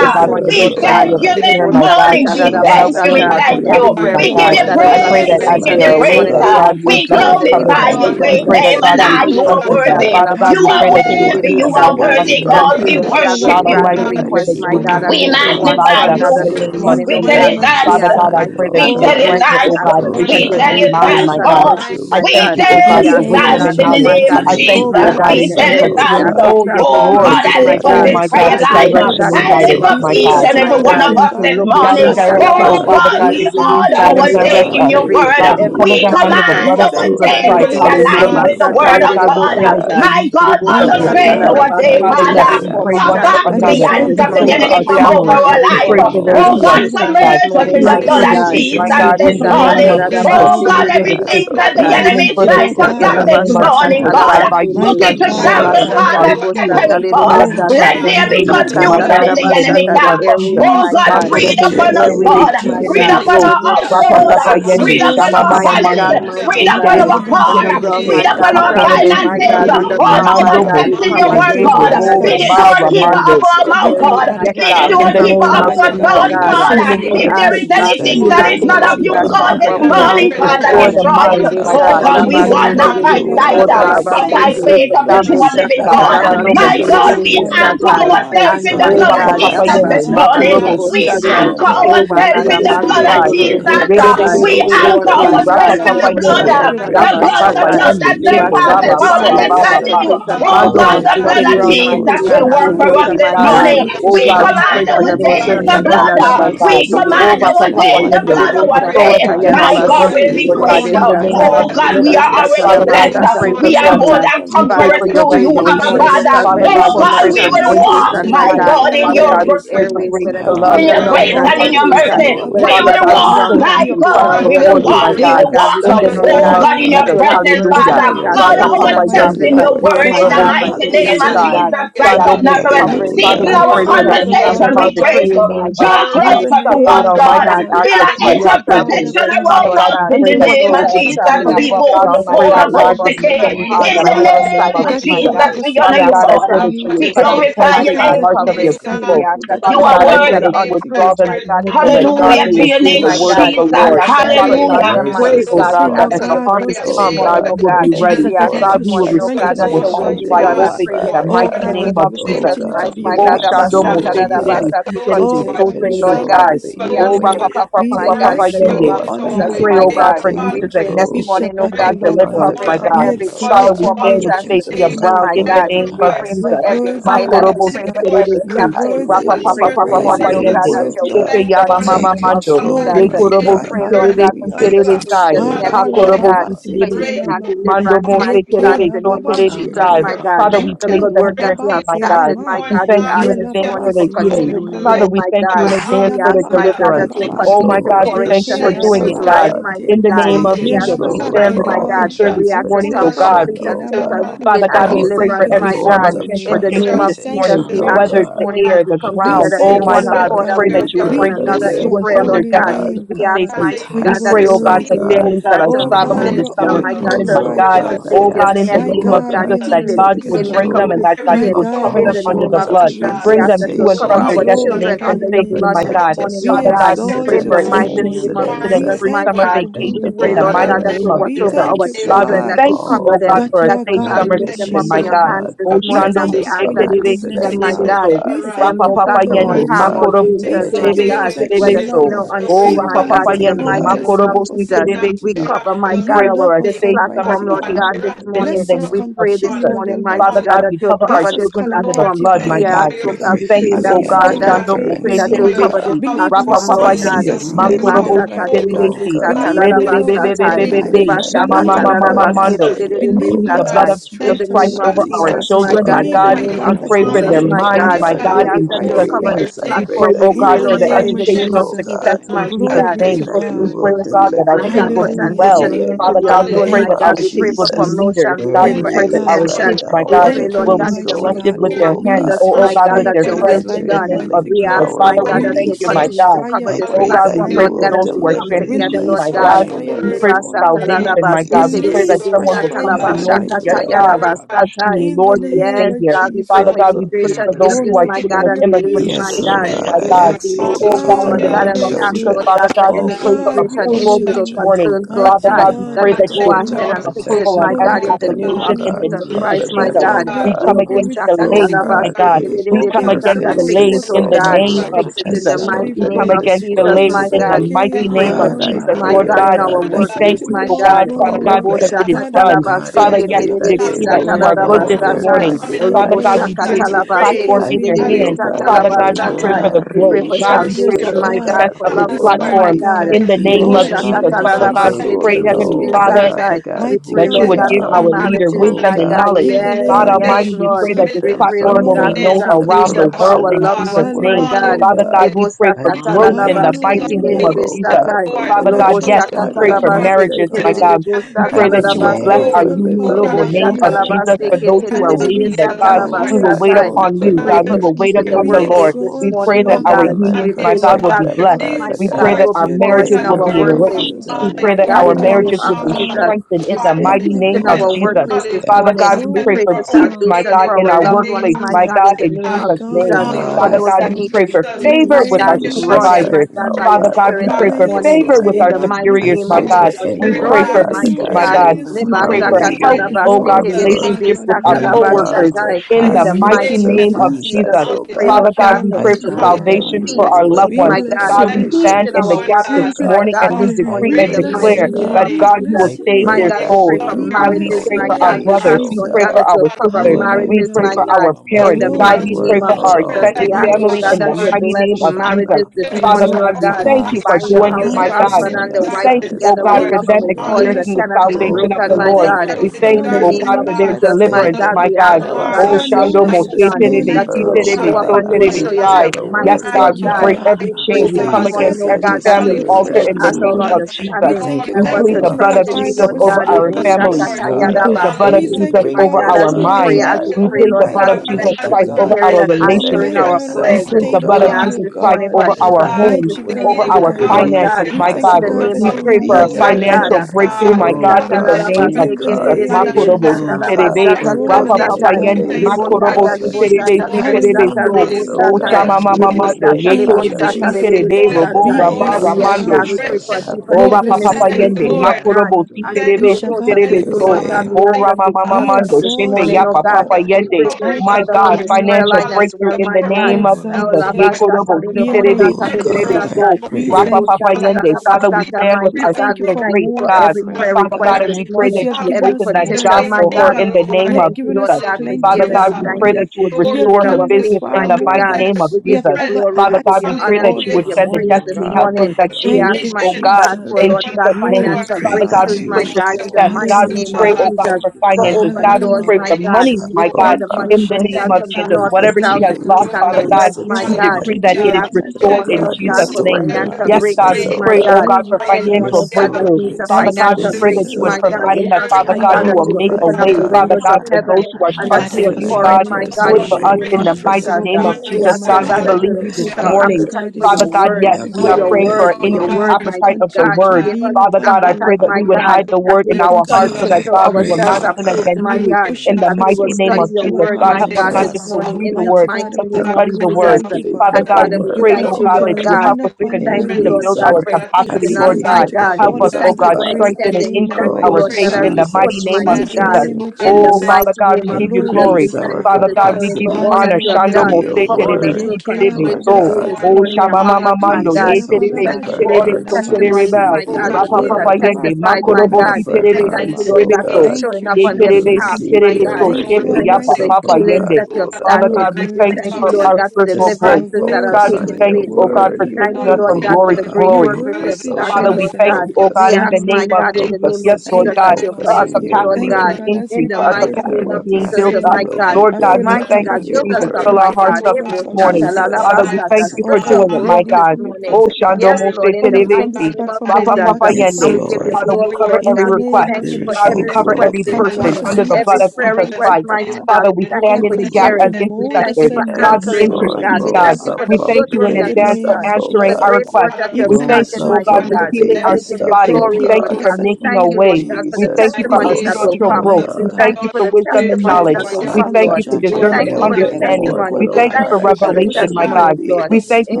oh God,
we
for
Cover
the
morning,
us,
Lord
We
pray,
vision
O
that
salvation,
God.
you
thank
have
Father,
you
God.
given
Almighty
this
for
her,
God.
my God,
We
morning.
pray,
We
to
Lord God,
thank
help
Jesus,
that
you.
build
Bishop.
We
not
pray
Lebo-saka-ta-da-da-ba-sata.
our
for
thank
one of
you,
Every
you.
them
capacity,
will
prayer
my
We
drop
give
God.
you
request
out
everyone
that has
before
I
here
they
not
pray
on
praise.
been
that
this
serve
as
We
you,
they
give
mentioned
you
are
line
this
away,
Almighty
praise.
morning,
that
God.
we
uh,
today.
Pray
God,
ask,
you
But
oh
would
We
bless
God,
God,
further
we
in
Oh
and
the
pray
name
cover
God,
for
for
of
glorify
them.
my
your
two
We
Jesus,
everyone
great
pray
has
that
name.
friends,
a
And
God, you
that
would
I,
need,
you,
Marie,
you
Sister
Lord,
are
Father
strengthen
that
Dalvin.
you
them.
will
God.
worthy.
Father God,
hide
You
we
them
are
pray that
under
you
your
would
worthy.
Everyone
bring
We
You
them
wings,
has
pray
a
back
are
for
to us
Almighty
need,
Anthea.
worthy,
in
We
God.
oh
that
pray
one
God.
for
you,
We
piece.
God.
I
Lord
I
Malia.
pray,
God, will
worship
Lord
God
pray,
God,
oh
you.
grant
that
the
Almighty,
God,
I
Mary will
pray
that
request,
that
you
you
my
We
would
would
surrender
pray
God, as
for
meet
We
we
the
rejuvenate
pray
Brother
and
one
totally
needs
revive
to
of
for
Carl,
magnify
the
them
you
Papa
in
another
you.
the
this
name
Carl,
of
saints
in
morning,
the
We
oh
God,
tell
Jesus.
God.
you
name of
Papa
on
thanks.
We
this
Father
Dalvin.
ask,
Jesus.
God, I
line,
pray
mighty
oh
that
God,
We
you
for
Oh
tell
would
you
God.
grant
God,
grace.
her,
We
We
oh
thanks.
cover
pray
ask for
God,
them
for
Oh
under
vision
We
your
Sister
for
extended
this
tell
God,
you
blood,
me-
Marlene,
mind,
grace
thanks,
my
mighty
God.
and
continue
God.
God.
God,
mercies,
to,
I
my
thank
We
God.
to
you, oh
We
give
in
tell
God,
We
us
the
you
for
ask,
pray
the
oh
name
wisdom
of
for
thanks
God,
and
in
wisdom,
for
the
the
knowledge.
my
Jesus.
name
God,
of
Dalvin
I
continue
peace,
thank
to
Jesus.
Oh
my
you,
family,
oh
the
God,
build
God,
God,
we
in
We
in
us
the
extended
tell
up,
thank
you
you
Jesus'
airways.
family.
oh
We
this
thanks.
name.
ask
God.
uh,
for
Oh,
morning.
yes,
traveling
Oh
We
We
Lord.
God,
Father
mercies,
pray,
I
my
lift
God,
thank
Father
you,
I
up
Oh,
God.
this
God,
Lord
my
just
for
God,
prayer
We
God,
the
ask
for
Reverend
pray,
your
line.
who
Lord
uh,
you
direction
God,
Kelia's
in
and
are.
the
I
blessings
family
name
lift
guidance,
and
of
her
up
We
my
over
thank you,
each
us
Jesus,
extended
God.
and
God,
my
every
that
one
family.
today.
of
you're
God.
Continue
us
to
God
this
and
lead,
you
Lobo
Keep
guide, and
morning.
us,
change
shata
it
direct
We
oh
her,
laba
not.
pray,
oh
Oh
shake
God.
Father
God,
Father
it,
God,
We
we
if
it,
she
it,
God,
thank
it,
leads,
you,
guide,
honor
and
Lord
shata.
our
We
Jesus,
pray
day
direct
I
for
in
God,
that
us.
your
for
pray
you
your
every
for
will
word.
the
God,
uh,
we
every
provide.
cover
We
them
faithfulness.
form
leaders.
of
I
under the
pray
We
command
blood
for
of
our
thank
those
Jesus
you
that
for
transportation
Pray
day
your
this
have
to
and
Christ.
be
ask you, Lord
morning.
taken
God, to
up
aligned
Rama
Hallelujah.
with
the
cover
awesomeness,
the
shata,
them
word
Father
reign,
of
with
lidi,
God,
Almighty
we
lobo
God.
Father
pray
uh,
God.
that
the
God,
you
shata.
release
My
precious blood
God,
the
of
to
Lebo
needs of your
Mighty
shaka,
Jesus.
carry
orchestrate
tala,
God of
people.
on.
our
laba,
Daniel,
day,
Father
shake
we
Father,
Pray
it,
God,
for
yes,
God,
Every
Father.
I
bless
we
you.
form
pray
ask
of
healing,
you
one
morning,
God,
to
for
Back
And
Holy
we
the
bless
another.
transportation
bow
hands
them,
this
We
of
Spirit,
oh
morning.
the
pray
before
for
you
say
enemy
our
God.
you
We
this
from
are
pray
over
healing
for
families.
word
morning.
our
every
We
for
Cover
this
life.
pray
form
uh,
in
them,
of
the
for
oh
name
those
Oh
morning,
Oh
We
of
who are
my
God.
God,
sick,
transportation
God,
Jesus.
this
Shabbat.
God.
submerge us
I
morning,
in the
Healing
name
blood
for
mighty
of
the
Jesus,
of
Almighty
sick,
God.
Pray
Jesus
my
for
Jesus,
every
Jesus.
I
God,
God,
Lebo
this
we
in
pray
the
relationship,
that
Lord,
name
they
morning.
sakata
if
of
God,
will
that
glorify
there's
you
your
stay
would
Jesus.
Oh
name,
one
rarabasete
God,
heal,
Healing for
God.
the
that
sick
rerebe
steadfast,
everything
we
oh
that
don't
the
We
God.
satai.
know of,
enemy
that
healing
you
thank
is
for
you,
would
the
Lebo
trying
Lord
sick
my
to
Oh
mend
sata
in
God,
plot
God,
the
for
God,
this
who
name of
bring
you
labashaka
morning,
are.
Jesus,
continue
this
God,
to
God.
in
By
the
your
keep
morning.
put
tarabasete.
name
it
of
Mighty
stripes
them,
to
we
oh
God,
God of
work
Loba
you
God.
shamble,
Jesus.
and
know
we
them,
sata
you
are
know
Father,
Daniel.
what
lebo
they're going
healed.
separate
sata
Oh
it,
through
As
this
God,
lebo
God.
God,
you
we
Glory
let
morning,
cover
trust
your
to
Let
satai.
the
and
God.
we
there
will
be
God.
children,
be
believe
Lebo
You
you,
Lord
my
kata
know them, you know
done.
confusion
them
God,
in
God,
Hallelujah.
the
in the
enemy
rarabashaka,
name
the
of
camp.
This
airwaves,
Jesus.
morning,
Oh
my
Jesus,
God,
we
Holy
God.
breathe
thank
Let
Makorobo
The
your
Spirit,
upon
you.
us,
will
siterebe
airwaves,
God.
be
my
done.
Breathe
siterebe
God.
Jesus,
upon
we
so.
our
Lebo
hallelujah,
worship
sata
Rapa
you.
papa
household.
We
Jesus,
hallelujah,
yende,
Breathe
as
labasete.
they
upon
shama
worship
our
a
work,
mama
Jesus.
Mighty
great
family.
go
God,
mando.
to
God.
hallelujah.
Breathe
mighty
Ye
Father
school,
upon
God,
God.
our
Glory
terebe
play
remember
God,
to
I
your
car.
Brother
siterebe
Underground,
name,
sports,
so.
Breathe
my
pray,
Jason as
oh
upon
God,
cover
he
our
God,
them,
out there
God.
that
Hakorobo
traveling,
on
you
my
the
would
God,
finances.
God,
we
road
siterebe
pray
heal.
si
All
underground,
driving,
for
my
our
mando
Pray
the
Let
God.
God,
bo
for
steps
we
there
that's in
be
come
your
I
mountains,
healing
no
word,
pray,
for
siterebe
against,
Lord
God.
my
God,
those
God,
God,
injuries,
rebo
that
Be
are
that
any
I
Lord
you
the
raba
God.
sick
doorkeeper
accident
among
of
ramando.
us,
our
the
pray
oh
Cover
mouth,
In
for
the
them,
God.
airways,
the-
God.
name
God,
my
of
Yes,
every
Be
God,
the
truck
God,
Jesus.
in
God,
the
I
underground
doorkeeper
driver,
name
of
pray
of
for
our
Almighty
traveling,
I
God,
my
thoughts,
Jesus,
pray,
God.
healing,
Mm.
oh
God.
healing for
We
God,
associated
the
If
with
God.
there
sick,
these
is
um,
two
ask,
Let
anything
Send
we
there
heal
the
the
that
churches,
be
ask,
morning,
is
no
sick
not
Holy
of
Almighty
healing
mighty
bodies
you,
God,
Spirit.
God.
incidents,
I
in
balm
for
God,
of
this
pray
Jesus'
I
above
Father.
that
pray
name.
ground,
morning,
Gilead,
blood
this
oh
my
Father,
Let
Restore
God.
there
coverage,
God.
the
destroy
be no
it.
minds,
Almighty
morning
Lebo
we
my
Oh
God.
Oh,
God,
sata
accidents.
God,
in
God,
you
Let
the
we
there
speak,
Oh
walk
be
oh
said
name
God,
no
and
of
labastete,
that
not
I
God,
pray,
by
lebe
you
Lord
Jesus.
in
scandals.
sight,
God,
the
Lord
sata
that
uh,
are
you
our
mighty
God,
but
send
we
by
name
us
of
In
labastete,
healer.
the
pray
faith
for
name
of
people,
of
the
Oh
You
the
true
lobo
God,
families,
and
said
Jesus,
my
living
shaka
that
God.
that
Lord,
God.
we
provide
by
Shando
for
your
can
them,
in
mo
O
My
tarabastete,
se
the
te
Lord,
name
God,
lebe
minister
stripes
of
re be,
to,
we
we
se
are
the
anchor
te re
Almighty
satai.
Lord,
be,
healed.
all
God.
that
so.
they
ourselves
And
in
So,
need,
the
my
Father
this
Oh,
Lord.
blood
God,
God,
of
Papa
I
God,
let
mom,
us
Papa
ask
Jesus
you
Yende,
this
not
to
You've
morning,
be
elabastata,
too
already
morning.
heal
God,
Makorobo,
lebo
us
si
we
We
te
this
comfortable,
provided.
re
pray
be,
satai,
Lord
for
anchor
her
si te
morning
God,
re be,
strength
se
but
lobana
ourselves
this
in
let
te
from the
us
re
the
be,
blood
morning,
lamastete,
crown
of
continue
sai.
of
to
our
Jesus.
lebo
head
pray
Re
to
de
uh.
for
witness,
her
the
de
satai.
de
Father
de
We
de
soles
God.
de
of
Angarikishitatai.
de
Water,
our
anchor
Let
my
de,
morning,
us
my
God,
Rapa
feet.
ourselves in
continue
God,
the
Papa
to
lebo
In
blood,
tell
the
Lord,
of
in
Yende,
the
saka
I
uh,
name
your
of
mighty
pray
the
for
Yapa
name
goodness.
blood,
of
the
Papa
tarabastatai.
Let
blood
us
total
Jesus.
Jesus,
that
Yende,
We
continue to
healing
Chepe,
bust out
tell
and
God,
of
surpasses
Rabba,
every
your
all
what
form
Baba,
if
of
Baba,
this
mercy,
is
Baba.
restoration.
understanding.
Almighty
transportation
Father,
Oh
God.
Mando
Lord,
first
God,
mo
underground,
I
the
se
pray
above
Hallelujah.
God,
blood
te
In
re
for
of
the
be,
ground,
God,
si
name
te
mighty
of
Jesus
re
total
God,
be,
will
God,
and
work
so
for
te
Jesus.
re
God,
healing
us
water,
be,
and
this
my
sai.
God,
God.
God,
morning.
Glory to
Oh
We
God,
God,
restoration.
God.
we
command
pray for
Libosata,
Lord,
our
we
In
Move
safe
the
day
pray
God,
upon
in
for
the
your
Lebosaka,
us,
journeying
name
Lord
blood.
of
mercies,
uh,
God.
my
God,
church.
God,
God.
We
Talalabastete,
Jesus, I
Move
God,
Oh
command
upon
pray
Rapa
us
our
for
like
day
Papa
Lilibestete,
in
Lord,
the blood.
We
Yende,
healing.
I
wildfire,
pray
Our
pray
for
for
Almighty
Libosaka,
restore us
your
day,
your
God.
again by
my
people,
healing
your
God,
Let
Jesus,
well
God.
there
Tayarabastete,
will
mercies,
be
this
be
Lord
heal
God,
fire
us,
in
morning.
greater.
in
our
O
the
hands,
name
God.
Lilibestatai,
Lord,
of
Oh
I can
God,
Almighty
Heal
we
Jesus.
and
are
God.
their
Lobosata,
already
Father
Let
bodies
there
restore
God,
this
blessed.
be
we
uh,
us,
Lamasata,
pray
fire
O
for
We
in
morning.
are
our
God.
more
families.
God,
feet,
Libosatai.
than
We pray
Lord,
Almighty
Father,
conquerors
for
we
in the
your
God.
through
pray
mighty
you,
this
Abba
In
name
In
restoration.
morning,
the
the
oh
Father.
name
Jesus,
God,
of
name
for
Father
of
of
every
God,
Oh
we
form
God,
of
God,
pray
Jesus,
Jesus,
Jesus.
we
for
can
will
heal
grace
them
to
Jesus,
walk,
be
I
transportation,
this
continue
my
to
pray
my
put
kind.
God,
for
morning.
God,
fire
in
God,
on
Father
whether
our
your
it
God,
can
be
healing.
we
protection
lips,
pray
deliver
for
airways,
grace
Almighty
whether it
to
be
Have
love
in
God.
your
your
in
from
the
underground
way,
their
grace
Oh
name
and
God,
of
in
infirmity
your
Lord.
let us
Have
Jesus.
transportation,
Angarabakashatata.
mercy.
your
know,
whether
We
it
morning
be
way
Father
in
will
continue
by
to
God,
above
we
walk,
us.
know
ground
place
your
that
power.
these
my
we are
Oh
transportation
requests
called
or
God.
God,
Have
We
out,
by
water
before
will
your
your
you, my
walk.
cruises,
Almighty
grace,
way
We
in
my
God.
God,
will
God,
us
walk.
we
in
Help
pray,
the
us
morning,
to
oh
today,
name
Angarabakashatata.
Oh
God
continue,
God,
O
to
of
God,
know,
in your
that
Lord
God.
you
mighty
Jesus.
will have
God,
name.
presence,
that
mercy,
we
Hallelujah.
Let
my
Father.
are
your
God, for
Order
Rapa
will
those
different,
our
that
be
are
Papa
steps
Almighty
done,
traveling
Yende,
in
God,
by
your
Lord.
air,
word
that
my
Let
in
we are
the
your
Makorobo
God, by
mighty
not
will
the
be
Hallelujah,
name
planes,
Siterele
of
my
same,
Sai,
done.
Jesus
God.
Almighty
hallelujah,
We
Christ
ask
Chando
of
God.
for your
Mose,
Nazareth.
hallelujah.
Mighty
covering, my
Father,
God,
Season
Hallelujah.
God,
bring
we
Andar
for
our
us
Glory
pray
to
those
for the
that
to your
are
another
rabakasha ta
incoming
traveling
conversation
realm,
ta
by
name,
with
harvest
Lord.
grace.
in
Almighty
the
trains, my
name
God.
of
God,
Draw
In
and
Glory,
Jesus.
the
the
closer to
name
subways,
God
us,
honor,
of
my
and
Almighty,
God.
God.
we
Jesus,
We
ask
Build
ask
that
an
praise,
you
for
would
edge
your
have
of
mighty
Lord,
your
unto
God
traveling
way.
of
protection
your
mercy,
Father
Daniel,
name.
Lord
around
God,
us
we
God.
I
in
pray
the
pray,
This
that
For
Lord
name
those
God,
souls
of
that
that
are
would
Hallelujah.
you'll
be
Jesus.
traveling
saved.
continue
Thank
We
you
to
above
this
both
God,
to
ground,
we
feast
my
at
pray
morning.
core
your
and
God,
that
by
both
lives
table
the
will
in
be
the
buses,
key.
God,
by
saved
morning,
in
cars,
In
the
dear
by
the
Father,
God.
mighty name
your
of
name
motorcycles,
of
name,
That you
my
Jesus.
Jesus,
will
Holy
God.
give us
we
the
We
honor
Father
Spirit,
you,
ask
food
God,
for
I
that
God.
pray
we
God,
that
need
you would
to
We
your
touch
eat,
transportation,
name
and
is a
glorify
my
the
your
penetrate
father,
food
the
ta,
God,
name.
that
hearts
we
of your
coverage.
name,
desire,
God,
the
We
people.
ask
food
that
that
you
You
we
Father,
Father
are
cover
God, I
your
need,
those
pray
own
that
worthy.
are
that you
on
name,
would
Almighty
that
cruise,
draw
God.
them
my
your
to
God,
you
in
name,
the
so
In
that
the
God,
Father,
ocean,
Hallelujah
in
they
name
to
the
of
will
your
sea,
hear
name,
the
you
my
Jesus,
word
God.
of the
alone
Jesus.
We
for
Lord.
can
mighty
ask that you
God
Father
of
pray,
traveling
Hallelujah.
God,
protect
we
them,
you
Daniel,
pray,
mighty
mercies
oh
we
God.
alone,
this
pray,
God,
We
that
ask
Lord
the
as
for
morning.
the
answer
your
God, Lord.
harvest
grace
I
this
Oh
comes,
made,
morning,
God,
God,
at
we
oh
the
will
for
God.
be
beginning
every
and
ready.
Jesus,
We
that
the
ask
end,
form
as
this
you
God,
of
we will
morning, oh
you
receive
God,
strengthen
them
that
us,
with
your
alone,
will
oh
transportation
arms
be
Almighty
wide
there
done.
God,
I
is,
God,
open
pray
in
that
the
our
Father
Lord
oh
mighty
in
and
the
God.
God,
our
name
name
that we
of
of
will
Savior,
Oh
Jesus.
Jesus
continue to
our
God,
Christ,
be a
my
we
Oh,
God, Abba,
ask
witness,
Shando
you,
Mose
Hallelujah,
Lord
Shatta,
oh
hallelujah,
Terebe,
God,
Jesus.
you
Si
we
alone
to
is
Terebe,
Oh
continue
our
to
take
So
God, we
pray,
Terebe
Lord
help,
control
thank you
of
God.
Sai.
this
you
We
the
alone
ask
Oh,
is
for your
morning.
our
Rapa
airway,
Papa
covering,
We
my
Papa
take
God,
deliverer,
Papa
in
bless
the
you,
you
name
we
Yende.
control
of
alone is
of
honor
the
our
We
Jesus,
you,
way,
we
pray,
my
oh
highway,
God,
God.
maker,
for
glorify
take
Father,
We
nieces
you,
so
and
pray
we
this
we
nephews
control
for
shall
morning, oh
healing
back
pray
of
you,
God,
and
for
the
this
Lord
your
deliverance,
God.
morning.
covering
my
for
We
God.
underground,
every
oh
Lord,
trial
Father,
that
exalt
God.
we
your
form of
God
stand
name,
with
Take
Jesus,
Stacia
for
gave
control
you
of
transportation,
the
are
Brown
my
in the
thank
God.
worthy.
the
name
We
of
Lord
pray
underpass,
hallelujah.
You
for
the
are
God.
Jesus.
for
every
your
worthy,
love.
pilot.
We
We
Makorobo
Almighty
overpass,
thank
pray
the
Si
for
God.
Lord
Terebe
the
every
You
for
are
your
Si.
captain.
goodness
worthy of
Rapa
We
and
highways,
all
Papa
the
pray
mercy.
this
Papa Papa
morning,
Lord,
praises,
oh
you're
God.
God,
byways,
Yende.
that
oh
your
worthy
we
of
will
God.
be
Shepe
thank
all
the
done
Yama
in
Lord
the
that
honor.
Mama
Take
name
we
of
Mando.
call on
control,
your
Glory
Jesus.
Ye
my
to
name
We
Korobo
God
with
God,
Si
pray, Lord
fear and
Terebe
God, for
Si
hallelujah.
Take
Sister
Terebe
answer.
Sai.
Stacia's
Thank
Father,
control,
we
Ha
nephew,
you,
Hakala
Lord
thank
Korobo
God,
baba
Jesus.
Si
for
you,
Terebe
sete
praise
healing
Si.
and
you,
nama.
Mando
deliverance,
Lord,
Mose
mighty
Yeke
God,
exalt
in
Terebe
la
the
So
name of
baba
Terebe
lift
Andar
Jesus,
up
Sai.
my
sheke.
your
God.
Father,
mighty
rabakasha
we
The
ta
and
place
good
ta
Ruku
ta
them
la
work
in
great
your
that
hands,
ta,
you
baba
name
have
my
ke
this
God.
started, my
nama.
morning.
We
God, we
thank you
ask
Ye
in
la
this
Hallelujah.
advance
morning
baba
for
for
the
sete
Oh, we
healing.
continued
hallelujah.
nama.
Father,
bless
healing,
we
my
thank
you,
you in
God.
God.
God.
advance
Yena
We
for the
ask,
mama
my
Hallelujah.
God,
kela
deliverance.
that
Take
you
Thank you,
will
baba.
Oh
continue
my
to
control
God,
of
pour
we
it
the
Jesus.
thank
into
you
her
for
Thank
Shekela
ships,
doing
you,
nephew's
O
it,
baba
life,
Lord.
God.
God.
sete.
In
mighty
the
God.
name
Take
of
Hallelujah.
We ask
Yela
Jesus,
for
we
baba
control of
stand
strength,
with
kena
Hmm.
my
our
all the
ma.
God.
sister
Hallelujah.
this
We ask for
morning, oh
some
Ukula
Hallelujah.
God.
baba
transportation,
complete and
O
kena
God.
total
mama.
healing
Father
and
God,
Hallelujah.
We
we
All
pray
thank
for
deliverance,
you
different
Hallelujah.
every
my
this
form
God.
of
forms of
morning.
where
In the
transportation
we are
name
We
weak
of
this
thank
at
you,
Jesus,
morning,
transportation,
this
we
O
great
ask
Andar
whether
this
it's the
God.
morning as
Jehovah.
time.
air,
we
the
The
come
babababakasha ta
We
ta
ground.
together
May
ta.
you
Oh
in
thank you,
my
one
buses,
stretch
God,
Lord
the
accord
we
us
and we
pray
God.
that
where
lift
you
we
up
are
would
weak
Uber,
We
one
bring
the
at
another
people
bless
this
in
to
your
and
Lyft,
prayer,
from
morning,
Lord
their
O
holy
God.
God.
God.
name,
We
destination
God,
ask,
God,
The
safely.
my
may you
for
We
meet
God,
you are
that
pray,
every
you
taxis,
oh
will
God,
O
need
for
this
worthy.
continue, oh
God.
families that
God,
morning
are
to
Oh
Our
in the
God,
traveling
line,
own
you
this
are
minister,
summer
my
Father.
holy
God,
and
season,
vehicles,
my
to
O
Andar
Oh,
God.
God,
Sister
God.
righteous.
I
in
Oh
Stacia's
God,
babababaku
in
ask
the
the
you,
My
nephew,
shoto
name
O
to.
Lord
of
God,
God,
Jesus,
God,
we
to
that
honor you
healing,
take
God
this
God,
would
healing,
may
and
you touch
bring them
morning.
and
complete
control
that God,
every
My
you would
of
healing.
home
God,
cover
In
we
all
them
this
the
shall
under
name
the
forms
of
back
of
morning,
blood.
you. We
Jesus, we
God.
Bring
ask
bless
them
you.
that
to
you
and
Oh,
from
transportation
cover
We
their
hallelujah.
our
May
today
children
glorify
your
destination
under
your
your
peace
safely,
name,
blood
my
this
God.
rest
God.
Protect us
morning, oh
We
Father
from
God.
in
God, we pray
every
In
exalt you
for
the
an
accidents and
home
this
mighty
incident
I
and
morning.
name
andar
of
heart
incidents
accident
We
Jesus,
this
and
free
my
babababaku
thank you
summer
morning.
God,
shoto
for who
to.
we
bender,
vacation
you
in
pray,
Oh,
are,
the
Lord
God, I
mighty
God.
God,
bender
that
and
like
name
you
of
watch
We
in
over
weapon
Jesus.
the
and
thank
our
you,
name
God,
slip
of
we
children,
and
that
God,
you
thank you,
cover
oh
falls
them,
God,
and
for
that
a
you
that,
are
oh
safe
God,
God
God,
I
near
we
and
summer
you
lift
thank
them up
season,
misses,
my
change
in
you
oh
your
it.
God.
hands
God.
this
for
Oh,
We
morning,
Shando,
and
Protect
we
thank
the
you
us
for
ask
Muse,
from
that
your
you
Terebe,
keep
Si,
things
goodness,
them,
that
my
accidents,
God.
Terebe,
oh
God.
so.
God.
We
deliver
Keep them,
us.
thank you
Rapa
oh
for
God,
Papa
the
from all
Yende,
Oh
harm, all
God,
mercy.
Makorobo,
put
make
the
We
Si,
dangers,
a
edge
thank
my
of
you,
Terebe,
way
God
God,
Si,
when
that you
Terebe,
whether
protection
there's
love
seen
so.
or
us.
over
no
us
Oh,
way,
unseen,
Even
my
Rapa
God.
when
today,
we
God,
Papa
in
my
the
think
God,
no
Yende,
we
one
mighty
thank
God.
else
name of
Makorobo,
loves
Si,
us,
you
Jesus.
now
Terebe,
Almighty
We
for
Si.
God,
cover, my
We
miraculous
you
God,
pray
our
for
love
a
this
things.
us,
safe
God,
summer
Almighty
platform, Lord
God,
God.
God,
vacation
this
season
miraculous
morning.
in
Bless
the
us
strong
We
name of
pray this
God.
Jesus.
continually,
morning, mighty
Father
Almighty
God,
God,
God.
that
we
you'll
cover our
Hallelujah.
Bless
cover
us
this
children under the
Lord,
platform.
blood,
collectively,
thank
my
We
God, I
ask,
God.
you for
Almighty
oh
pray
your
for
God,
God,
We
we
peace,
thank
pray
you,
as
that,
we
oh
healing
oh
and
God,
God,
stand
oh
that
in
God,
Shando,
we
faith,
pray
Mose,
deliverance,
that
oh
for
you'll
your
believing,
Terebe,
cover
God,
this
love.
Si.
believing
for
you
Rapa
platform,
for
Papa
the
Lord
Hallelujah.
Stacy
things
God.
Yende,
We
Andar
that
as
we
thank you
Leba
need,
for
Makorobo,
babababaku
nephew.
Si,
sata de
Almighty
hope.
shoto
de
to
de
God.
Terebe,
Oh
de
Si.
to.
God,
sata
God,
la
I
Believe
la
in you,
thank
ba
pray
you
Lord
for
God, for
for
satai.
faith
life.
healing
Re-be-be-be-be-be-be-be-be.
Leba
and
Believe
on
shakata
in you
la la
for
ba
deliverance
health.
Shama-ma-ma-ma-ma-mando.
sete
us.
for
de de de
him,
We
de
oh
Believe
plead
in
God,
the
you for
God,
blood
God.
satai.
of
In
thank
Jesus
the
strength,
you,
Christ
name of
God.
over
Almighty
our
Thank
God.
Jesus,
Jesus,
my
you
children,
draw
my
God,
him
in
Believe
I
the
God.
in
for
you,
and
name
joy.
andar
of
God,
We
that you
pray
have
for
bababaku
meet
Jesus,
their
him,
already
my
shita ta
oh
minds,
ta
God.
my
ta.
God.
answered
Hallelujah.
We
God,
our
Meet
ask
in
him
that you
where
Glory
Jesus'
prayers,
he
cover
name.
this
is. I
Almighty.
We
pray
pray,
platform. We
that
oh
he
In
God,
pray,
will
the
for
Lord
the
God,
Hallelujah,
name
in
of
the
find you,
name
educational
of
oh
Jesus.
Jesus.
success
Jesus,
God.
in
mighty
I
Jesus'
God,
Glory
pray
thank
to
name.
for
that
you
you
We
God.
will
pray, oh God, that our
deliver
my
kids
Spirit
God,
him
will
for
this
and
be
Hallelujah.
well.
heal
morning.
transitioning
him
into
Father
in
the
the
God, we
Hallelujah.
unknown,
pray
name
my
that
Thank
of
our
you,
God, we
kids
pray
will
for
be
Jesus.
Jesus.
leaders.
We
promotion, we
God,
pray
thank
Wherever
for
we
Thank you,
you
pray
for the
he
that
is
our
God.
power
right
extension.
of
kids, my
now,
We
God,
pray,
Thank
whatever
you,
Lord
will
your
God,
be
he's
in the
Holy
Almighty
going
mighty
selective
God.
with
name
through,
of
their
Spirit.
oh
hands,
Jesus,
Release
God,
oh, oh
my
fresh
Hallelujah.
God,
God,
with
I
fire
that
their
your
upon
pray
Yes,
will
this
friends
that
be
in
your
line,
the
done.
and
name of
healing
Almighty
We
Jesus.
God.
ask,
power
my
Father,
will
glorify
God,
we
your
that
thank
you
meet
you,
Release
name.
my
him.
continue
fresh
to
God.
fire
cover
I
this
upon
Oh
Hallelujah.
pray
this
God,
that
we
platform,
line,
you
pray
Lord
for
God,
will
those
as we
who
Almighty.
are
come
deliver him
together,
transitioning,
and
Lord
Release
my
draw
Lord,
fresh
God.
God.
your
him
fire
in,
We
word
in
this
pray
Liba
for
sata
morning,
is
la
praise.
la
God.
salvation,
ba
my
se
God.
te
Your
We
de
word,
pray
de de
Jesus.
that
Release
your
de
someone
fresh
will
word,
sata la
come
fire,
ba
to
God.
know
shaka
you,
Almighty
yes,
ta
Hallelujah.
ya
Your
Andar
la
God.
God,
ba
word, God.
as
babakasha
sata.
ta
being
ta
In the
Lord
ta.
and
Thank
name
Yes,
of
you
Savior.
this
God, we pray
Father
morning.
for
Jesus.
God, we pray
I
immigration
for
andar
those
Pour
who
issues,
are
out
my
dealing
God,
upon
keshita
with
and
your
ta ta
Thank
ta
delays,
people
you,
immigration
my
Yes,
fresh
ta.
oh
God.
issues,
thank
God,
my
fire.
you,
I
There's no
Lord.
God.
ask you
delay
Oh
to
in
Hallelujah.
Oh
you,
God,
cover
God,
Lord
in the
we
our
Hallelujah.
God. And
name of
we
praise
ask,
you.
Jesus,
Lord
children,
Yandarabakasha
God,
Father
for
God,
Oh
we
any
pray for
Hallelujah.
God, we
our
immigration
Tatarababai.
honor
approval
issues
this
or
you.
children,
morning.
oh
concerns, Lord
God.
Father
Mighty
God,
God, we
God
that
of
pray
I
you
that
Put
you
a
thank
go
would
edge
you
of
for
ahead
Daniel,
Yandarabakasha
stamp
us.
and fix
I,
it,
approval on
protection
my
Yamamai.
pour
every
God,
out
over
Lord
in the
upon
them,
your
God.
name
oh
of
application in the
God.
people.
Jesus
name of
Cover
Christ, my
Father
them,
Jesus.
Oh
God,
oh
God.
we are
God.
We come
God.
hungry
Lobo
and we
against
Yeshendarababai.
shaka
Oh
Thank you,
delays,
thirsty.
talaba
my
God,
God.
se
God.
they
We
Oh
tererebe
come
God,
are
you
against
said
sata.
faced
those
Fix
with
who
delays
are
it, oh
in
so
the
thirsty of
God.
the
name
much
of
Fix it in
righteousness
as
the
Jesus.
shall
Andarikisha
be
mighty
We
children
name
come
in
filled.
of
Tatata.
against
this
Jesus,
world
Fill
delay
my
us up
in the
God.
today.
We
again
mighty
pray
this
name
for
of
God, I
peace,
morning,
Jesus,
my
Lord
pray,
God.
oh
Ayababakasha
God, in
God.
our
God,
Fill
We
that
Tatai.
us up
you
thank
workplace,
till
you,
we
would
my
oh
want
God.
God,
keep
no
Father
all
God,
of
more.
Lobo
because
them.
it is
shaka
God, our
done.
talaba
God,
cups
se
are
Father,
I
yes,
turned
pray
up
we
that
tererebe
this
they
decree that
will
sata
you
morning
are
laraba
good
know
this
because
their
we
sata.
morning.
God given
desire
Yendarababakusha
Father
Lobo
more
God,
of
we
shaka
place
you,
this
identity.
Tototo.
talaba se
platform
because
I
in
we
your
tererebe
pray, oh
hand.
need
sata
God,
more of
Father
that
Hallelujah.
you,
laraba
they
God, we
will
pray
Almighty
sata.
Stamina
for
not
the
God.
We pray
growth.
to
be
for
Andarikisha
God,
Because
we
we are
pray
worship.
for
twisted,
salvation,
the
my
oh
dry
God,
success
God.
for
of
They
this
Stamina,
Tatatarababai.
loved
will
this
ones,
Lord.
not
my
morning,
platform
be
God.
God.
in the name
Lebo
Oh
of
confused,
God,
Jesus.
sakata
let
la
us
la
Father
God,
be
but
ba
God,
they
we
thank
se
you
will
te
soaked,
pray,
de
Yeshendarababakusha
let
de
us
de
Heavenly
de
be
know,
Tototo.
for
Father
your
wet,
life.
Father
satai.
God,
We
mighty
who
pray,
that you
Lord
God,
they
would
in
God,
give
for
your
are.
our
for this
leader
marriages,
Hallelujah,
anointing
Oh
morning.
wisdom
my
and
Jesus.
God,
God.
We
For
in
knowledge.
thank
the
building
keep
you,
Yes,
God
name
them
Lord.
yes,
of
faith.
Almighty, we
Lord.
pray
For
that
Keep
Jesus.
building
this
We
them
pray,
platform
Lord
We
from
will
God,
be
the,
Glory
for
then
known
to
thank you,
the
the
Lord
around
things
the
God.
salvation
of
for
world
our
corruption of
God.
in
loved
God,
this
Jesus'
ones, my
name.
world,
hallelujah,
O
God.
Father
Hallelujah.
God.
God,
Lebo
we pray for
I
Jesus,
sakata la
pray
growth
la
in
that
for
ba
the
the
Hallelujah.
being
se
mighty
our
te de
name
de
Savior
of
female,
Hallelujah.
de
O
and
Jesus.
God,
satai.
will
Lord,
Father
live out
Lobo
God,
Supernatural
their
yes, we
God
sakata
power,
pray
la
hallelujah,
Thank
for
you,
given
ba
for
Lord.
se
Almighty
ke
marriages,
te de
my
strength
de
God.
de
identity,
God.
bo
and
We
for
sata
Give
pray
and
la
us
the
that
Thank
la
you
ba
you,
our
would bless
se
male
Lord.
hope,
our
te.
will
supernatural
live
unions
oh
power,
in
out
God,
Lobo
the
and
their
our
name
sata
of
God
la
hope
Jesus.
ba
Jesus
in
given
se
for
ke
you
those
te de
who
and
de
are
de
identity.
Glory
de
waiting,
Thank
nothing
that
to
you,
else,
sata
God,
la
Lord.
God.
O
ba
Lord.
We
we will
God,
wait
satai.
exalt
And
keep
upon
so
We
them
you.
God,
pray
in
you.
God,
for
we
your
let's
will
peace
wait
in
your
the
care,
upon the
We
name is
Lord.
workplace
Lord.
this
We
Hallelujah.
exalt
pray
morning,
you,
that
oh
Keep
our
Father,
God.
them
Almighty
and
and
We
unions,
we
pray,
my
Lord
God,
God.
will
protect
God,
exalt
be
them,
your
blessed.
peace,
We
name,
Father
We
mighty God,
pray
God.
Lord
that
go
exalt
our
your
before us
Let
marriages
in
because
name,
will
your
our
you
be
are
will
workplace.
our
enriched.
be
Jesus.
Peace,
We
Father,
done in
pray
my
that
you
their
are
God,
our
in the
And
Glory
our
name
marriages
Yes,
lives,
to
of
would be
Father
Lord.
God.
Jesus.
Father.
strengthened
who
We
in the
art
speak
in
Help
Thank
mighty
peace
you,
them,
name
in
O
of
heaven.
we
our
God.
Jesus.
Pray,
Jesus.
workplace
Help
Hallelujah.
this
Father
them.
Father
morning.
God.
God,
We
we
We
thank
pray
Glory
you
pray
for
for
to
for
peace,
our
God.
my
salvation
God,
daily
for
in
our
our
bread,
loved
day
ones,
workplace,
my
my
after
Pray
Hallelujah.
God,
for
God,
in the
day,
in
name
My
God.
of
Jesus'
peace
God,
name.
Jesus.
you are
Hallelujah.
God,
For
Father
I
those
God,
that
pray
we
need
for
awesome.
to
pray
be
for
Jesus.
your
saved,
You
favor
my
We
grace
with
reign
thank
and
our
God,
and
you,
for
you
our
God,
draw
reign
for
issues
them,
every
right
my
children.
supervisors.
God,
now,
by
person,
supreme.
your
Father God,
oh
Father
we
spirit
You
God,
God,
pray
this
for
on
reign
your
and
this
morning.
you
Holy,
favor
line.
with
In
reign
our
the mighty
I
superiors,
name
Yes,
my
of
your
pray
magnificent.
Holy
God.
for
Lord.
Jesus,
We
Spirit,
You
draw
anyone,
pray
Favor
them,
God.
for
reign and
Father
peace,
you
mighty
God,
my
reign
And
God.
in
God.
who
in
your
the
We
are
pray for
splendor.
a
hallelujah,
workplace.
waiting
healthy,
Jesus.
oh God,
Glory
for
Favor
to
for
God.
Hallelujah.
relationship with our
green
in the
Hallelujah.
coworkers
name
cards
of
or
Lebasakatalabasetelelebesatalabasatai.
in
In
Spirit
the
the
of
Jesus
Thank you,
mighty
passports
mighty
Christ,
or
Amen.
name
name of
of
God.
Jesus.
Jesus,
visas,
Jesus.
we
oh
pray,
God.
Father
Lord
Thank you,
God,
God,
Hallelujah.
we
for
pray
I
for
peace,
Almighty
Hallelujah.
pray
peace,
that
God.
you
salvation
Hallelujah.
for
would
peace,
our
peace,
loved
work
We
ones.
my
out the
God.
bless your
God,
Pray,
Thank
we
name.
you,
Peace
Father
immigration
stand
in
in
God.
the
our
Lord
gap
issues,
this
oh
We
God.
workplace, my
morning
God.
bless
God,
your
and
for
we
this
name.
I
decree
morning
We
in
and
grace
the
pray,
bless
this
oh
mighty
your
declare
name
name.
that
God.
of
We
morning.
Mm.
God, you
Jesus.
will
bless
I
your
Hallelujah.
save
My
pray
their
name.
God,
Jesus.
we
that
pray
souls.
there
for
will
We
be
God, we
marriages,
no
bless
pray
your
my
for our
God.
name,
We
delays,
brothers.
ask,
oh
We
Lord
pray
Jesus.
God,
God.
that
for
you
our
cover
sisters.
Lord, I
We
marriages,
pray
Hallelujah.
my
for
pray
God.
our
that
In
parents.
the
you
God,
would
Glory
mighty
we
to
pray
name
We
work
of
for
God.
thank
out
our
you,
all
Jesus,
Lord,
extended
that
we ask,
you
Thank you,
are
oh
family
God,
immigration
in
that
sitting
the
you
at
mighty
the
issues
Jesus.
bless
for
name
throne
of
of
Jesus.
marriages
Shauna,
each
this
and
Father
Father
morning,
Israel,
glory
oh
God.
God,
to
we
God.
Hallelujah.
thank
God.
you
Sister
for
Bind the
Father,
doing it,
Shauna
that
house,
my
was
or
Thank
in
you,
God.
the
husband and
anyone
bank,
the
We
Almighty
Pray,
else
wife
thank
God.
on
Father
you,
hallelujah,
this
oh
God,
together
for
and
God,
with
the
for
Thank
love
bring
live
you
it
and
them
minds
for
with
of your
forth
cords
filling
young
that
line.
us
experiencing
and
the
up,
to
people.
cannot be
God.
us
salvation
Oh
of
broken,
the
strength
my
God,
in
Lord.
the
I
Thank
God.
you
pray
We
mighty
this
We
for
thank
name
In
pray,
you,
of
morning
the
oh
for
name
Jesus.
God,
of
Father
favor,
for their
God,
newness,
Jesus, my
deliverance,
God.
favor
God,
my
we
with
ask,
their
God.
oh
Oh,
God,
for
Oh,
that
God,
Sister
your
Hallelujah.
processing,
Shando
will
We
newness
be
Stacey's
Mose
thank
this
done,
you
nephew.
right
Terebe,
that
morning,
you
Si
favor,
will
now.
God.
oh
We
Terebe,
show
Pray,
up
So
God,
God,
thank
Hallelujah.
and you
that
That
on
will
you.
you
their
Terebe,
show
right
would
now.
heal
Sai.
yourself
him.
We
Yes,
mighty,
paperwork,
Lord,
Lord
oh
God,
we
thank
we
you,
God.
Pray,
break
praise.
God.
God.
Father
every
We
God, that
We
chain.
pray
Hallelujah.
you
We
this
would
thank
come
you,
The
deliver
morning,
against
God,
Jesus,
oh
fire
I
him.
that
is
every
we
God, that
being
just
feel
your
family
pray
Pray,
peace
set
altar
will
refreshed
that
in
in
Father
this
the
the
pass
you
God, that
all
name
would
you
mighty
morning.
of
would set
name
him
of
We
Jesus.
understanding.
free.
thank
Lord,
Jesus.
make
you,
Help
We
all
thank
God,
us
you
the
plead
to
The
that
the
you
rough
blood
trust
of
fire
in
edges
you,
is
revive
Jesus
Lord
our
being
for
over
God.
May
smooth
the
set
spirit
and
our
in
blood
Ebo
of
you
this
will
the
families.
name
Jesus
morning,
shakata
Lord.
of
over
smooth
We
God.
his
Jesus.
plead
out
the
mind,
Hallelujah.
blood
And
We
of
yadabasete.
any
she
thank
Jesus
will
you,
My
bring
over
the
God,
God,
that
wrinkles,
blood
as
our
you
of
we
will
We
Father
Jesus
pray,
minds.
invitation
over
as
thank
God,
renew
of
his
we
you,
We
our
pray,
body
plead
Lord
the
now, in
that
salvation
God,
the
blood
mind,
to
God,
of
we
name
for
of
Jesus
that
thank you
us,
Almighty
that
for
Christ
Jesus.
Lord.
may
over
God.
hearing
our
and
In
transformation.
Our
the
Pray,
present
answering
Oh,
mighty
mind
God,
relationships.
our
Father
and
name
God,
of
our
that
We
no
thank
prayers.
themselves,
you,
Jesus,
plead
weapon
oh
we
the
state
that is
blood
We
thank
of
God
upon
you
formed
ask
God.
for
you,
Jesus
this
against
your
you
Christ
will
morning
God.
for
Thank
a
over
holy
you,
and
prosper.
our
deeper
word.
God,
that you
homes,
Mighty
for
intimacy
the
would
God
over
Mighty
of
healing
with
our
God,
you,
in the
Daniel.
Lord
hours,
name
release
of
God.
finances,
the
We
Jesus.
my
thank
In
you,
God.
the
Amarababakashatata.
hallelujah.
God,
name
passports
We
that
of
hours.
you
and
pray for
Father,
a
Jesus,
Oh,
renewed
God,
my
whatever
visas
everything
it
in
God.
financial
thank
and,
us
you,
is
this
needed
breakthrough,
or
God.
my
what
oh
Libosa
God,
God,
morning.
we
in
needs
the
God,
is
thank you
name
Talabas,
right
for the
green
of
In
take
the
now
it,
peace,
in
Jesus.
the
cards.
name
God,
name
of
of
that
Jesus.
passes
Makorobo,
Libosa
Oh
Jesus.
all
God,
siterebe,
Talabasata,
Whatever
work
it is
out
Glory
Rapa
understanding.
Libosa
holy
to
any
Papa
Tai,
name of
God.
We
Yendi
thank
delays,
you
business
oh
for
for
Libosa,
the
your
Hallelujah.
Makorobo,
Bless
God,
your
and
peace,
needs
name,
Libosa,
siterebe,
Jesus.
reunite
Lord.
Libosa,
siterebe,
right
Hallelujah.
now
so.
in
families,
the
oh
Libosa
O
name
Hallelujah.
Tai,
of
Hallelujah,
God,
Shama Mama
Jesus.
Jesus.
In
Libosa,
Mando,
the
reunite
Ye
God,
Andarebekeshayaba.
Thank
we
name
you,
Korobo,
of
Libosa,
thank you
Si
families.
for the
Father,
Jesus.
Terebe,
joy of
In
Libosa
the
Robo,
We
Tai.
the
name
Lord
Rabba,
and
of
bless you,
Yes,
we
our
Ramando,
thank
God,
you, Father.
we
God.
pray
Jesus,
for a
strength.
Hallelujah,
have
Yendarobokushoyomomo.
deeper
O
We
Oh,
mighty
your
we
Rapa
bless
way,
your
God,
Papa
intimacy with
thank
great
you,
Yende,
Father.
you,
name,
Lord
Lord.
Ayakatabaraba.
God.
We
Makorobo,
God.
As we
Thank
We
praise
draw
Siterebe,
you,
shall
you,
closer
have
back you
to
thank
Siterebe,
mighty
Thank
you,
your
you,
you,
this
Lord
God,
So,
Lord
God.
God,
way.
we
O
God.
ask
Thank
morning.
you,
that
Rama
hallelujah.
you
Mama
touch
We
God.
us
Mando,
that Our
this
every
Shepe,
exalt
morning,
you,
oh
need
Yapa
is
For
God.
God.
Papa
Hallelujah for
provided.
We
integration
Yende,
pray
Thank
and
for
you,
covering
each
us,
my
Mighty
other on
God,
God,
Jesus.
Lord.
integration,
this
we
prayer
really,
honor
we
financial
line
you.
thank
as
you,
breakthrough
well,
Hallelujah
Lord
in
my
the
God,
for
We
God.
name of
Lord.
us,
Oh,
Jesus.
exalt
Hallelujah.
Ye
you.
Lord.
Labashta
Korobo,
We
For
honor
Hallelujah,
you,
Siterebe,
Oh
providing for
Siterebe,
God,
Jesus.
Talido
us,
I
So,
We
Lord.
pray,
lebo
Rapa
thank you
Papa
for
sata
Hallelujah
la
what
Yende,
is to
for
Father, we
being
come.
la
stand with
We
Mighty
our
the
thank
God,
you
we
sister
for
thank
Grace,
you
more
for
God.
this
every
Pray
for
prayer
us,
morning,
for
Father
request
God,
God, and
Lord.
this
Sister
we pray
because
morning,
you
that
Grace,
have
you
Lord
Hallelujah
would
Father.
given
for
every
open
us
God.
that
being
I
the
more
petition,
job
pray
way
this
my
for
for
the
her
God.
morning.
in
maker,
the
We
You
Lord.
name
salvation
have
of
thank
of
you,
given
Lord
us
Jesus.
God,
the
for
plenty
Father
sister
hearing.
this
We
God,
Hallelujah.
we
thank
pray
Mm.
you
morning.
that
Hallelujah.
as
you would
we
You
Lord,
have
yielded
restore her
hallelujah
our
given
this
us
faith,
business in
far
Hallelujah. I know that
the
mighty
more
morning.
mighty
God.
Thank
than
name
you,
of
We
you
we
give
have
hear
Jesus.
you
friend.
ever
my
glory, we
Father
give
God,
asked
you
we
you
pray
honor,
that
we
for
you
give
Hallelujah.
would
this
you
send the
praise
morning,
Hallelujah,
this
destiny
God.
Lord
helpers
morning.
Hallelujah.
that
God.
she
We
The
Pray
Thank
ask,
you,
needs,
for
oh
patience,
mighty
God
the
God,
financial
for
Jesus.
wait
in
Lord
upon
breakthrough,
God,
Jesus'
the
Father,
name,
Glory
Lord.
financial
to
pray
And
Father
in the
God,
thank
that
name
God.
breakthroughs,
we
you
of
you,
pray
my
Hallelujah.
would
for
God,
mighty
give
in
Jesus.
the
success.
God,
Thank
grace
God,
mighty
you,
and
that
we
name
you
of
pray,
Hallelujah.
God.
job.
oh
have
God,
Jesus,
for
started
for
our
God,
finances.
work
I
Oh,
open
and
God,
Lord.
you
we
pray,
have
doors,
pray
God,
my
brought
for
Hallelujah.
Thank
us
for
God.
to
monies,
job,
the
please.
We
my
oh
call
God,
the
Thank
God.
finish
you,
Our
line.
monies,
in the
Lord
name
God,
Hallelujah.
of
you,
from
finances,
Jesus.
the
God.
Jesus.
God.
pray
north, the
Thank
Whatever
that
you
she
south,
you
Thank
Hallelujah.
you,
I
the
for
has
the
will
I
east,
thank
God.
lost,
give
pray,
you,
and
Father
the
joy.
God,
Father
grace
God,
that
west,
the
you
God,
my
for
are
Yes,
we
job
God,
God.
here
that
decree
thank
in
multiple
you
she
that
the
for
We
it
the
Hallelujah.
is
ask
land.
streams
needs,
of
this
We
oh
financial
restored
thank
morning,
you for
in
Hallelujah.
God.
oh
income
breakthrough in
God,
our
Jesus'
That
for
peace.
life,
we
Restore
name.
Thank
her
in
keep
you
the
financial
God.
us
Yes,
for
mighty
God,
business,
breakthroughs,
we
grace.
name
oh
of
converted
my
pray,
in the
oh
God.
God.
name
God,
Jesus
of
Glory
for
for
For
to
the
Hallelujah.
Jesus.
anyone,
building
financial
God.
up
oh
of
God, that
your
I
Restore
breakthrough.
needs
thank
a
you,
kingdom,
Father
Thank
Grace's
Thank
God,
you,
God,
that
we
financial
God.
you
you
pray that
are
business,
you
breakthrough, my
Jesus.
would
for
oh
the
healing
God,
provide
them
God.
we
and that,
from
ask,
Spirit,
Isaiah
Father
my
God,
Thank
God,
Baba.
Lord.
you
you,
that
will
Oh
you will
make
generational
my
a
open
Almighty
up
way.
the
Hallelujah.
God.
Father
God.
windows
God,
of
for
We
heaven
those
Hallelujah.
who are
You
Bring
and
are
that
God,
Yendarabakashayaba.
you
here
Thank
trusting
help
will
with
destiny
us
you,
you,
to
us
pour
God,
in,
continue
my
to
helpers
do
God,
In
constantly.
her
it
in
the
Lord.
for
push
the
us
name
way,
of
name
Great
in
of
and
the
Hallelujah.
Father
mighty
press
Jesus.
God.
our
Uh,
name
way
Jesus,
of
Bring
morning,
We
through,
Jesus.
Hallelujah.
ask,
Lord.
oh
God,
destiny
Almighty
we
God, that
Everybody
God.
you'll
believe
we
you
know
helpers,
increase
this
Lord,
that
Hallelujah.
we
our
in the
Sometimes,
morning.
thank
Father.
name
appetite
of
God, it
for
Father
your
you.
seems
Jesus.
God,
so
word,
yes,
hard
Have
and
we
for
Lord,
are
Father,
your
we
I
your
difficult,
thank
praying
pray
way,
for
word,
an
for
for your
but
you and
Lord.
increased
us,
word,
God,
I
Lord
we
thank you
appetite
mighty
of the
continue
God.
to
word.
God.
for
Give us
lean
the
Father
We
upon
God, I
Father,
thank
you.
pray
you
appetite,
that
in
my
we
the
would
God,
name
hide
Hallelujah.
the
of
that
word
we
for
We
in
Jesus.
the
will
our
continue
study
hearts
Send
God,
so
to
blood
to
the
that
I
of
look
show
to
God, we
nation
pray,
will
you,
Jesus.
ourselves
back
not
oh
God,
sin
to my
approved,
God.
against
and
son,
my
we
We
will
you
God,
pray for
push
in
and
the
the
that we
press
will
Send
mighty
our
the
name
way
study
of
protection of
your
nation
through,
Jesus.
every
back
word,
God,
my
to
Almighty
help
day.
my
us
God,
not
Oh,
this
God.
just
Hallelujah.
son,
Yes,
to
in
morning
God,
read
the
Lord.
in
the
the
Mighty
name
word,
of
God
oh,
mighty
but
of
to
Our
name
God, in
Jesus.
Daniel,
of
we
study
will
the
the
And I
name
never
word.
Jesus.
will
of
give
capacity
receive
up.
Father
the
Jesus.
for
And
God,
the
Father,
revelation
we
we
of
We
pray,
the
word,
thank
Lord,
oh
oh
you,
continue
God,
blessing
to
Lord
that
of
you would
God.
God.
help
lean
mercy,
us to
We
upon
Father.
your
thank
continue
you,
to
Lord
name,
Increase
build
God,
Hallelujah.
our
our
for
Jesus.
I
capacity,
We
increasing
need
us,
Lord
capacity
continue
my
God.
for
to
the
them
God.
Help
call
to
We
things
us,
bless
oh
upon
of
thank
me.
you
God,
that
for
God.
great
strengthen and
extending. We
name,
increase
thank you,
Oh,
our
Increase
Almighty
Lord
our
God,
faith
as
Hallelujah.
in
appetite
God.
we
the
push,
mighty
for
Jesus,
name
you,
of
In
mighty
Hallelujah.
the
Lord.
Jesus,
God.
Jesus.
name of
In the
Oh,
increase,
Father
Jesus,
mighty
God,
name
we
Increase
of
our
give you
appetite
glory
Jesus,
for
we
glory.
increase
to
your
our
thank
word,
God.
you
Father
God.
this
God, we
morning for
give you
capacity
all that
honor.
you have
for
Shando
Hallelujah.
done,
Mose
your
We
for
honor
all
you,
that
Terebe,
you
Si
word,
Jesus.
will
Yekela
Terebe,
continue
Lord
to
baba
So.
Thank
do
you,
this
God.
Lord,
Oh,
for
morning
your
Shama
setenama.
among
healing.
Mama
us, my
Mando,
God.
Ye
Yela
Jesus,
We
baba
open
Terebe,
ba
up
thank
Si
you
our
for all
Terebe,
the
hearts
shekena
So
to
mama.
Terebe,
testimonies,
receive
my God,
your
for
Rapa
those that
Yekela
Papa
word.
baba
Yende,
testified, my
Open
Makorobo,
kunama
God.
Si
up our
We
Terebe,
thank
Si
you,
setelaba.
hearts,
Lord
O
God,
Terebe,
for
So,
God,
Thank
showing
you,
up
Ye
on their
I
to
Terebe,
behalf,
Si
Jesus.
receive
my
Terebe,
your
think
God.
So,
Thank
word.
We
you,
Shepe,
Build
thank you for
Yapa,
us
the
Almighty
up,
Papa
O
that
God.
healings
Yende.
God.
that you have
Build
For
up
Father
you are
our
started.
God, we
We
worthy,
thank you
thank you,
for
Lord
capacity
our
God,
Jesus.
for
to
spiritual
stay
You're
growth.
deliverances that are
worthy,
God,
focused
we
on
taking
God. You're
thank
your
you,
place.
oh God,
We
worthy.
for
word.
You're
thank
taking
you,
us
Lord
from
God,
worthy.
Oh
for
glory
the
to
God,
great
You're
glory.
work which
help
you have
us,
worthy,
oh
Father,
started,
God,
Lord
we thank
Jesus.
God.
you,
help
oh
hallelujah.
We
God,
us.
in the
ask, my
name of
God, in
Hallelujah.
the
Help
Jesus.
us
name
Yes,
to
of
Lord
stay
Jesus,
Praise
Thank
that
God,
you,
my
you'll
for
focused
our
Lord.
name,
in
continue,
your
Lord
capacity
Thank you,
God,
Father,
being
word
God, as
in
we
increased,
the
for our
we
and
prepare
mighty
that
for
our
name
capacity
of
work
being
this
Jesus,
built
the
pray
capacity
up.
my
morning.
for
will
God.
them,
be
Lord
I
oh
God,
pray,
built
we
Lord
Father,
Mighty
up
God,
thank
in
God,
the
you,
that you
work
your
build us
that
Jesus.
they
up,
Fill
continue
word.
my
our
to
are doing,
hearts
be
God.
oh
with
up this
Ebo
God,
us,
shata
morning.
Almighty
la
in
la
Jesus,
our
ba
Father,
God.
help
we
lives,
sata.
thank
us,
you
oh
Oh
for
oh God,
God,
Spiritual
doing
we
God.
it,
hallelujah,
may
growth
my
leave
this
God.
from your
morning.
Oh,
presence,
your
God.
Shando
Yes,
Mose
word,
Lord, in the
From, your,
oh
from
mighty
this
God,
Terebesi,
name of
platform, but
Rapa
we'll
advising us,
Jesus.
not
Papa
leave
oh
Yes,
from
And
Lord,
Yende.
we
your
we
give you
Lord.
thank
Father,
you,
presence.
we
glory,
Lord,
cover
Lord
In
every
God.
the
We
you
request.
name
can
of
thank you for
God, we
Spiritual
every
bless
Jesus,
cover
them,
request
growth,
every
this
you
oh
can
God.
continue
person
to
morning
under
do
be
the
that,
with
every
blood of
Yes,
us,
prayer
offer
Jesus
Lord.
them,
request,
Almighty
Christ.
may you
mighty
God.
God.
Father,
We
we
continue to
Oh
thank you
stand
God,
Spiritual
for
in the
bless
continue
gap
growth.
to
as
hearing.
them,
We
may
mold
thank
us
you
intercessors.
for
and
you
God,
make
we
Yes,
us,
praise
answering, my
Lord.
God.
intercede,
We
Almighty
them,
Grow
God.
thank
us
you
God,
for
up
Lord,
We
the
from
thank
good
in
the
you
work
in
in
the
that
the
baby
name
you
advance
have
for
name
stuff,
done,
of
oh
for
of
the
answering our
God.
great
Jesus.
request.
work that
Father,
you
we
have
We
Even on
thank
Grow
you,
the
thank
us
you,
started,
oh
up
job,
mighty
God,
and
from
for
the
God.
Almighty
healing
them,
And
baby
our
we
God,
sick
give you
stuff,
pray
bodies.
send
oh
We
glory,
your
people
thank
Lord
you
to
God.
for
us
God. We
that
making
we
a
thank you,
can
Lord
way.
God, for
We
the
Jesus,
thank you
mighty
for our
grow
testimonies
name,
that
us
witness
will
up,
to
spiritual
come.
oh
of
growth.
Almighty
We
We
God.
thank
thank
God.
you
you
God,
for
for
we
the
wisdom
Send
pray
and
for
testimonies
people
Let
knowledge.
that
to
our
us
will
young
us
not
We
come,
on the
thank
Lord.
you
have
for
to
job,
You
We
on
drink
the
are
discernment
thank
we
and
you
road,
going
for
milk
the
wherever
after
we
understanding.
anymore,
go,
testimonies.
but
We
We
oh
thank
God,
God.
you
God,
thank
for
I
you for
pray
Help
the
us
revelation,
that
to
we
my
be
God,
a
will
God.
testimonies,
be
Lord.
able
We
witness
to
thank
to
you
In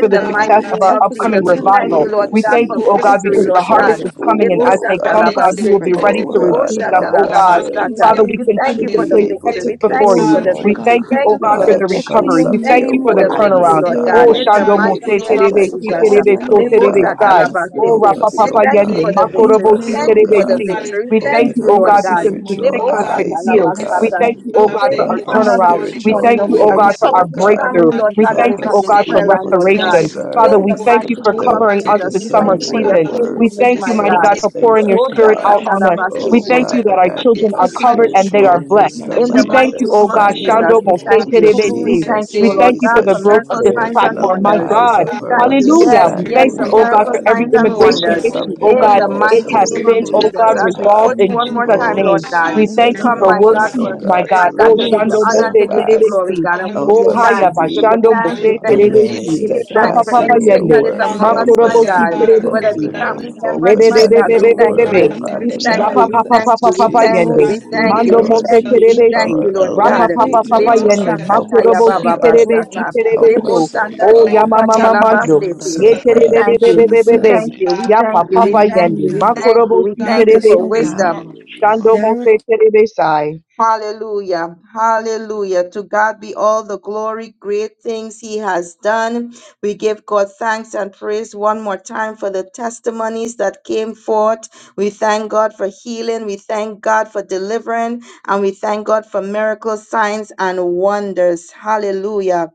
for the
the
the
now that
God.
success
mighty
I
of
name
say,
meat.
our
of
Help us
I
to
Jesus,
upcoming
We
we
this
tell
will
of
thank
your
be
you,
revival.
morning,
able
Lord
We
God,
to
thank
mercy.
for
you,
oh,
eat
oh
the
I
God,
Help
just
us
victory,
because
to
the
Lord
tell
spiritual
harvest
us
God.
is
of your
coming,
food,
and
Lebo
as
goodness.
oh
they
sata
God,
come,
Help
God.
laba
us
they
God,
to
be
we will be
spread
sete.
the
ready
reminded,
Oh
to
word
Lebo
of
God,
receive them,
shata
help
la
God
oh
Lord,
us
laba
God.
to
in the
sata.
Father,
hallelujah,
to
we
We
name of
that
thank
continue
to
you
they
to
for
live,
the
be
place
Jesus.
able
victory.
Texas
to
We
oh
thank
before
you for
you.
Glory
God,
the
Lord,
to
We
consume
God.
victory.
thank
I
you,
Thank
oh
provide.
Help
you
God,
us
for
bless
for
to
uh,
the
the
echo
victory.
recovery.
chunks
your
We
of
Thank
thank
your
you
you
name in
for
for
the
the
the
word,
victory,
turnaround.
oh
Thank
name,
Lord
you very
atmosphere,
Hallelujah.
God,
God,
Oh,
oh
much.
in
and
Almighty
to
the
God,
Shando
be
God.
Mose
mighty
able
name
to
glory
Help
of
to
Terebe,
us to
Si
Jesus.
call
digest it,
Terebe,
your
God,
So
oh
Lord,
my
name
you
in
Terebe
God.
the
are our
name
Sai.
help.
atmosphere,
Oh,
Help
Lebo-sa-kalabasete.
Rapa
Almighty
us,
is
We
oh
Papa
God.
thank you
Yende,
for
Thank
God.
the
you, Lord
In
Help
victory.
the
Makorobo
We
us,
Si
thank
name
oh
God.
you
of
for
Thank
Terebe
oh
God.
the
Si.
you.
God, in
Jesus,
victory. We
We
the name
we
thank
thank
Open
you,
you,
oh
up
thank
our
Lord
God,
you
of
God.
Jesus,
this
because the
spiritual
sick
oh
morning.
has
God,
been
eyes,
We
I
oh
healed.
came
We
God.
bless
Lebo-sa-kalabasata.
thank
you.
you,
and
oh
We
I
God,
pray
Open
for
one
We
our
go
up
for
our
out
honor
another
you,
turnaround.
on
this
me,
We
spiritual
morning,
thank
go
Lord
you,
with
Jesus.
oh
God.
God,
We
that,
ears,
for
cover
our
oh
each
God.
family,
breakthrough.
God,
Lord
Glory
Thank you,
We
to
God, that
thank
Help
God.
is
Father,
I
you,
on
for
us
oh
this
to
this
God,
came,
for
prayer
shift.
be
line,
able to
Lord
God,
God.
we
restoration.
lift up
Father,
In
discern,
Sister
we
the
Thank
thank
glory,
Jessica
you,
you
mighty
for
oh
name
before
Father
to,
of
you.
God,
covering
God,
to
for
us
Jesus,
We
this
we
lift her
thank
summer
up
you
discern
for
Prayer,
and
your
your
discernment.
their
season.
family
word,
We
this
to
faithfulness,
thank you,
my
mighty
morning.
discern
God.
God,
the
Jesus,
for
in
things
pouring
of
your
Take away
spirit
Thank you,
God.
every
out on us.
Jesus.
anxiety,
Thank
We
Oh,
Lebo-sa-katalabasete.
you
thank
Almighty
you
Father
that
God.
our
God, give
children are
us
Take
very
away
covered
much.
and they
everything that
are
spiritual
is
blessed.
not
In
Hallelujah.
wisdom
the
We
and
We
thank
need
mighty
you,
to
oh
name
of
know
of
God,
that
you,
it's
understanding.
Thank
Jesus,
Shando
true
God.
you,
we
that
Mose
it
thank
We
Lord.
is
you.
Terebe
God
cover her
and
We
on
Si
the
thank
Jesus,
you,
we
O
job.
hallelujah.
We
Lord
thank you for
God,
cover
the
the
Thank
for
We
Jesus,
you,
growth
kids
of
miracles,
thank
going
this
Lord.
to
you,
signs, and
open
mighty
school,
up
platform,
the
my
God,
wonders.
Almighty
eyes
God.
of
God.
We
that the
her
thank
good
you.
you
Oh
have
Hallelujah.
Yes,
God, we
We
pray,
yes,
thank
done
Hallelujah.
understanding,
you,
Lord
the
for
here,
O
oh
God,
God,
that you
miracles,
for
God.
name
every
signs,
hallelujah.
of
continue to
and
Remove
be
Amen.
Jesus,
all
Build
immigration
with
wonders.
our
us
hallelujah.
We
new
issue.
up
troubling
Oh
in
thank
family.
you
our
In
God,
the
for
tenants,
the
For
most
it
Let
mighty
there
has
God.
holy
be
name of
opportunity
unsaved
been,
that
oh
loved
life
faith,
God
Jesus,
God,
in
ones,
has
O
the
as
for
we
house,
given
resolved
God.
marriages,
put
us,
For
in
mighty
one
all
Almighty
more
broken
God.
Jesus'
in
God.
time,
the
Oh,
Lord
name
name.
homeowners,
of
God,
my
We
In
God,
the
we
Jesus,
thank
and
Hallelujah.
Jesus,
you
come,
name
for
of
my
Thank
help
you
work
landlords,
for
God,
hallelujah.
us,
the
peace,
O
for
remove
Jesus.
my
God,
praise
my
God.
to
and
For
God,
Oh,
to
the
thank
give
remain
you
you
Glory
for
Shando
to
the
jobs,
Mose
honor,
troubling
to
in
God.
give
thanks,
you
the
tenants,
God.
steadfast.
name
glory,
God.
of
Terebesi.
God, and we give
Jesus,
Help
you
Oh,
us
We
Hallelujah.
to
Haya
thanks. We
thank
hallelujah
give
you
be
you
for
Bashando Mose
Provide
thanks. We
with
the
another
thank you.
clean
place
gift
Thank
my
you,
for
remain
We
Terebesi.
them,
give
Lord
area
you
but
thanks
Rapa
Jesus.
for
steadfast
Jesus.
Papa
in
any
it
sick
your
We
that
Yende.
is
word.
bless you.
among
um
We
us,
Help
my
Makorobo
that
us
we
bless
to
Si
you.
God,
be
We
Anda
work for
bless
fo-
whether it
Terebesi.
you,
many
be
of
remain
family
God.
rabakashaya
many
members,
and
bababa.
focused
my
just
And
on
we
God, we
your
thank
In the
you.
word,
whatever
glorify your
name
are
of
We
Father
people
name,
thank
God.
you,
Rapa
starting
Jesus,
we
in
strengthening
papa
and
Jesus.
thank
papa
you,
business
we
is
papa
hallelujah.
thank
sort
Oh,
You
you,
of
yende.
in
are
we
Jesus,
the
that
name
thank
of
be
great
you,
Mando
we
Jesus
touch
our
name,
mose
them
thank
and
you,
energizing
we
promotion
change them
Jesus.
thank
and
terebesi.
you,
our,
from
Lord
their
our
jobs in
That
God.
Rapa
evil
the
ways,
name
great
papa
of
refuge,
papa
oh
God.
Lebo
name,
Jesus
yende.
God. Help
Jesus.
sakataya
us,
Makurobo
In
oh
the
si
baba
name
God.
of
Glory
terebesi
bashtata.
to
Jesus
Help
Christ.
God.
Lebo
terebeso.
us, oh
sanda
O
God.
libo
yama mama
katala
Help
mando.
Hallelujah.
Anda
us,
basete.
God,
Ye
oh
We
Thank
God.
you,
rikishita.
thank you,
Thank
Deliver them,
we
Jesus.
thank
God,
terebebebebebebe.
you, we
Ya
thank
hallelujah.
you,
from
we
papa
their
thank
yende.
you, we
scheming
Hallelujah.
and
thank you,
Makurobo
we
plotting.
si
thank
Lead
you
us,
for
O
In the
terebesi.
wisdom.
God.
name of
Sando
Jesus.
mose
Direct.
terebesai.
Hallelujah. Hallelujah. To God be all the glory, great things He has done. We give God thanks and praise one more time for the testimonies that came forth. We thank God for healing. We thank God for deliverance. And we thank God for miracles, signs, and wonders. Hallelujah.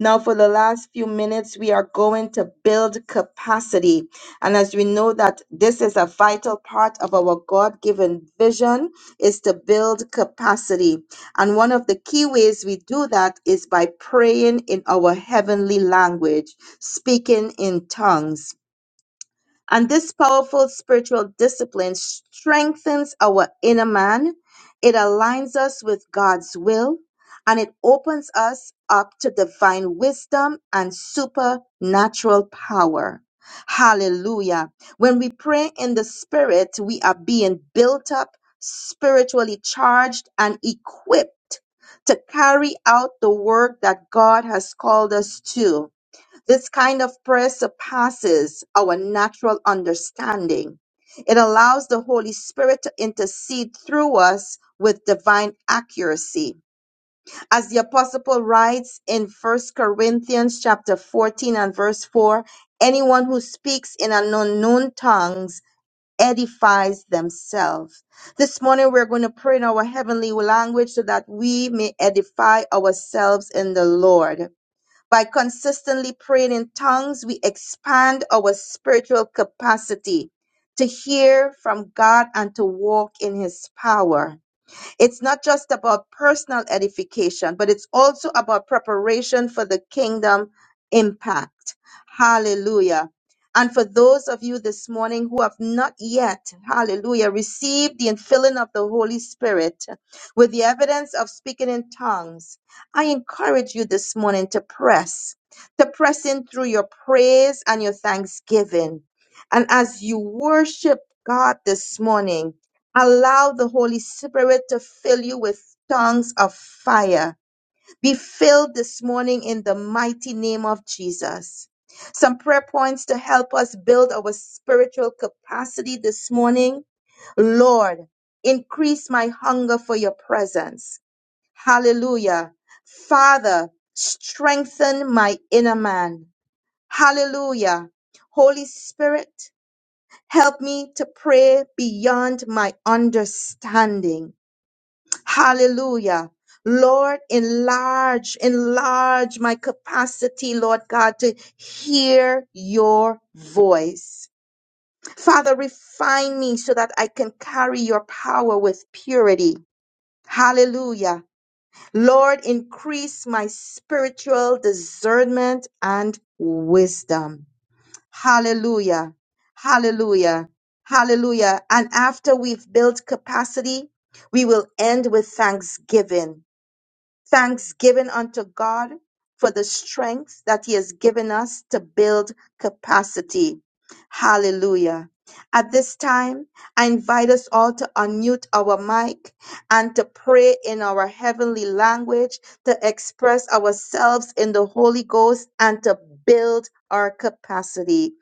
Now, for the last few minutes, we are going to build capacity. And as we know that this is a vital part of our God given vision, is to build capacity. And one of the key ways we do that is by praying in our heavenly language, speaking in tongues. And this powerful spiritual discipline strengthens our inner man, it aligns us with God's will, and it opens us up to divine wisdom and supernatural power. Hallelujah. When we pray in the spirit, we are being built up, spiritually charged, and equipped to carry out the work that God has called us to. This kind of prayer surpasses our natural understanding. It allows the Holy Spirit to intercede through us with divine accuracy. As the apostle Paul writes in First Corinthians chapter 14 and verse 4, anyone who speaks in an unknown tongues edifies themselves. This morning we're going to pray in our heavenly language so that we may edify ourselves in the Lord. By consistently praying in tongues, we expand our spiritual capacity to hear from God and to walk in His power. It's not just about personal edification, but it's also about preparation for the kingdom impact. Hallelujah. And for those of you this morning who have not yet, hallelujah, received the infilling of the Holy Spirit with the evidence of speaking in tongues, I encourage you this morning to press, to press in through your praise and your thanksgiving. And as you worship God this morning, Allow the Holy Spirit to fill you with tongues of fire. Be filled this morning in the mighty name of Jesus. Some prayer points to help us build our spiritual capacity this morning. Lord, increase my hunger for your presence. Hallelujah. Father, strengthen my inner man. Hallelujah. Holy Spirit, Help me to pray beyond my understanding. Hallelujah. Lord, enlarge, enlarge my capacity, Lord God, to hear your voice. Father, refine me so that I can carry your power with purity. Hallelujah. Lord, increase my spiritual discernment and wisdom. Hallelujah. Hallelujah. Hallelujah. And after we've built capacity, we will end with thanksgiving. Thanksgiving unto God for the strength that He has given us to build capacity. Hallelujah. At this time, I invite us all to unmute our mic and to pray in our heavenly language, to express ourselves in the Holy Ghost, and to build our capacity.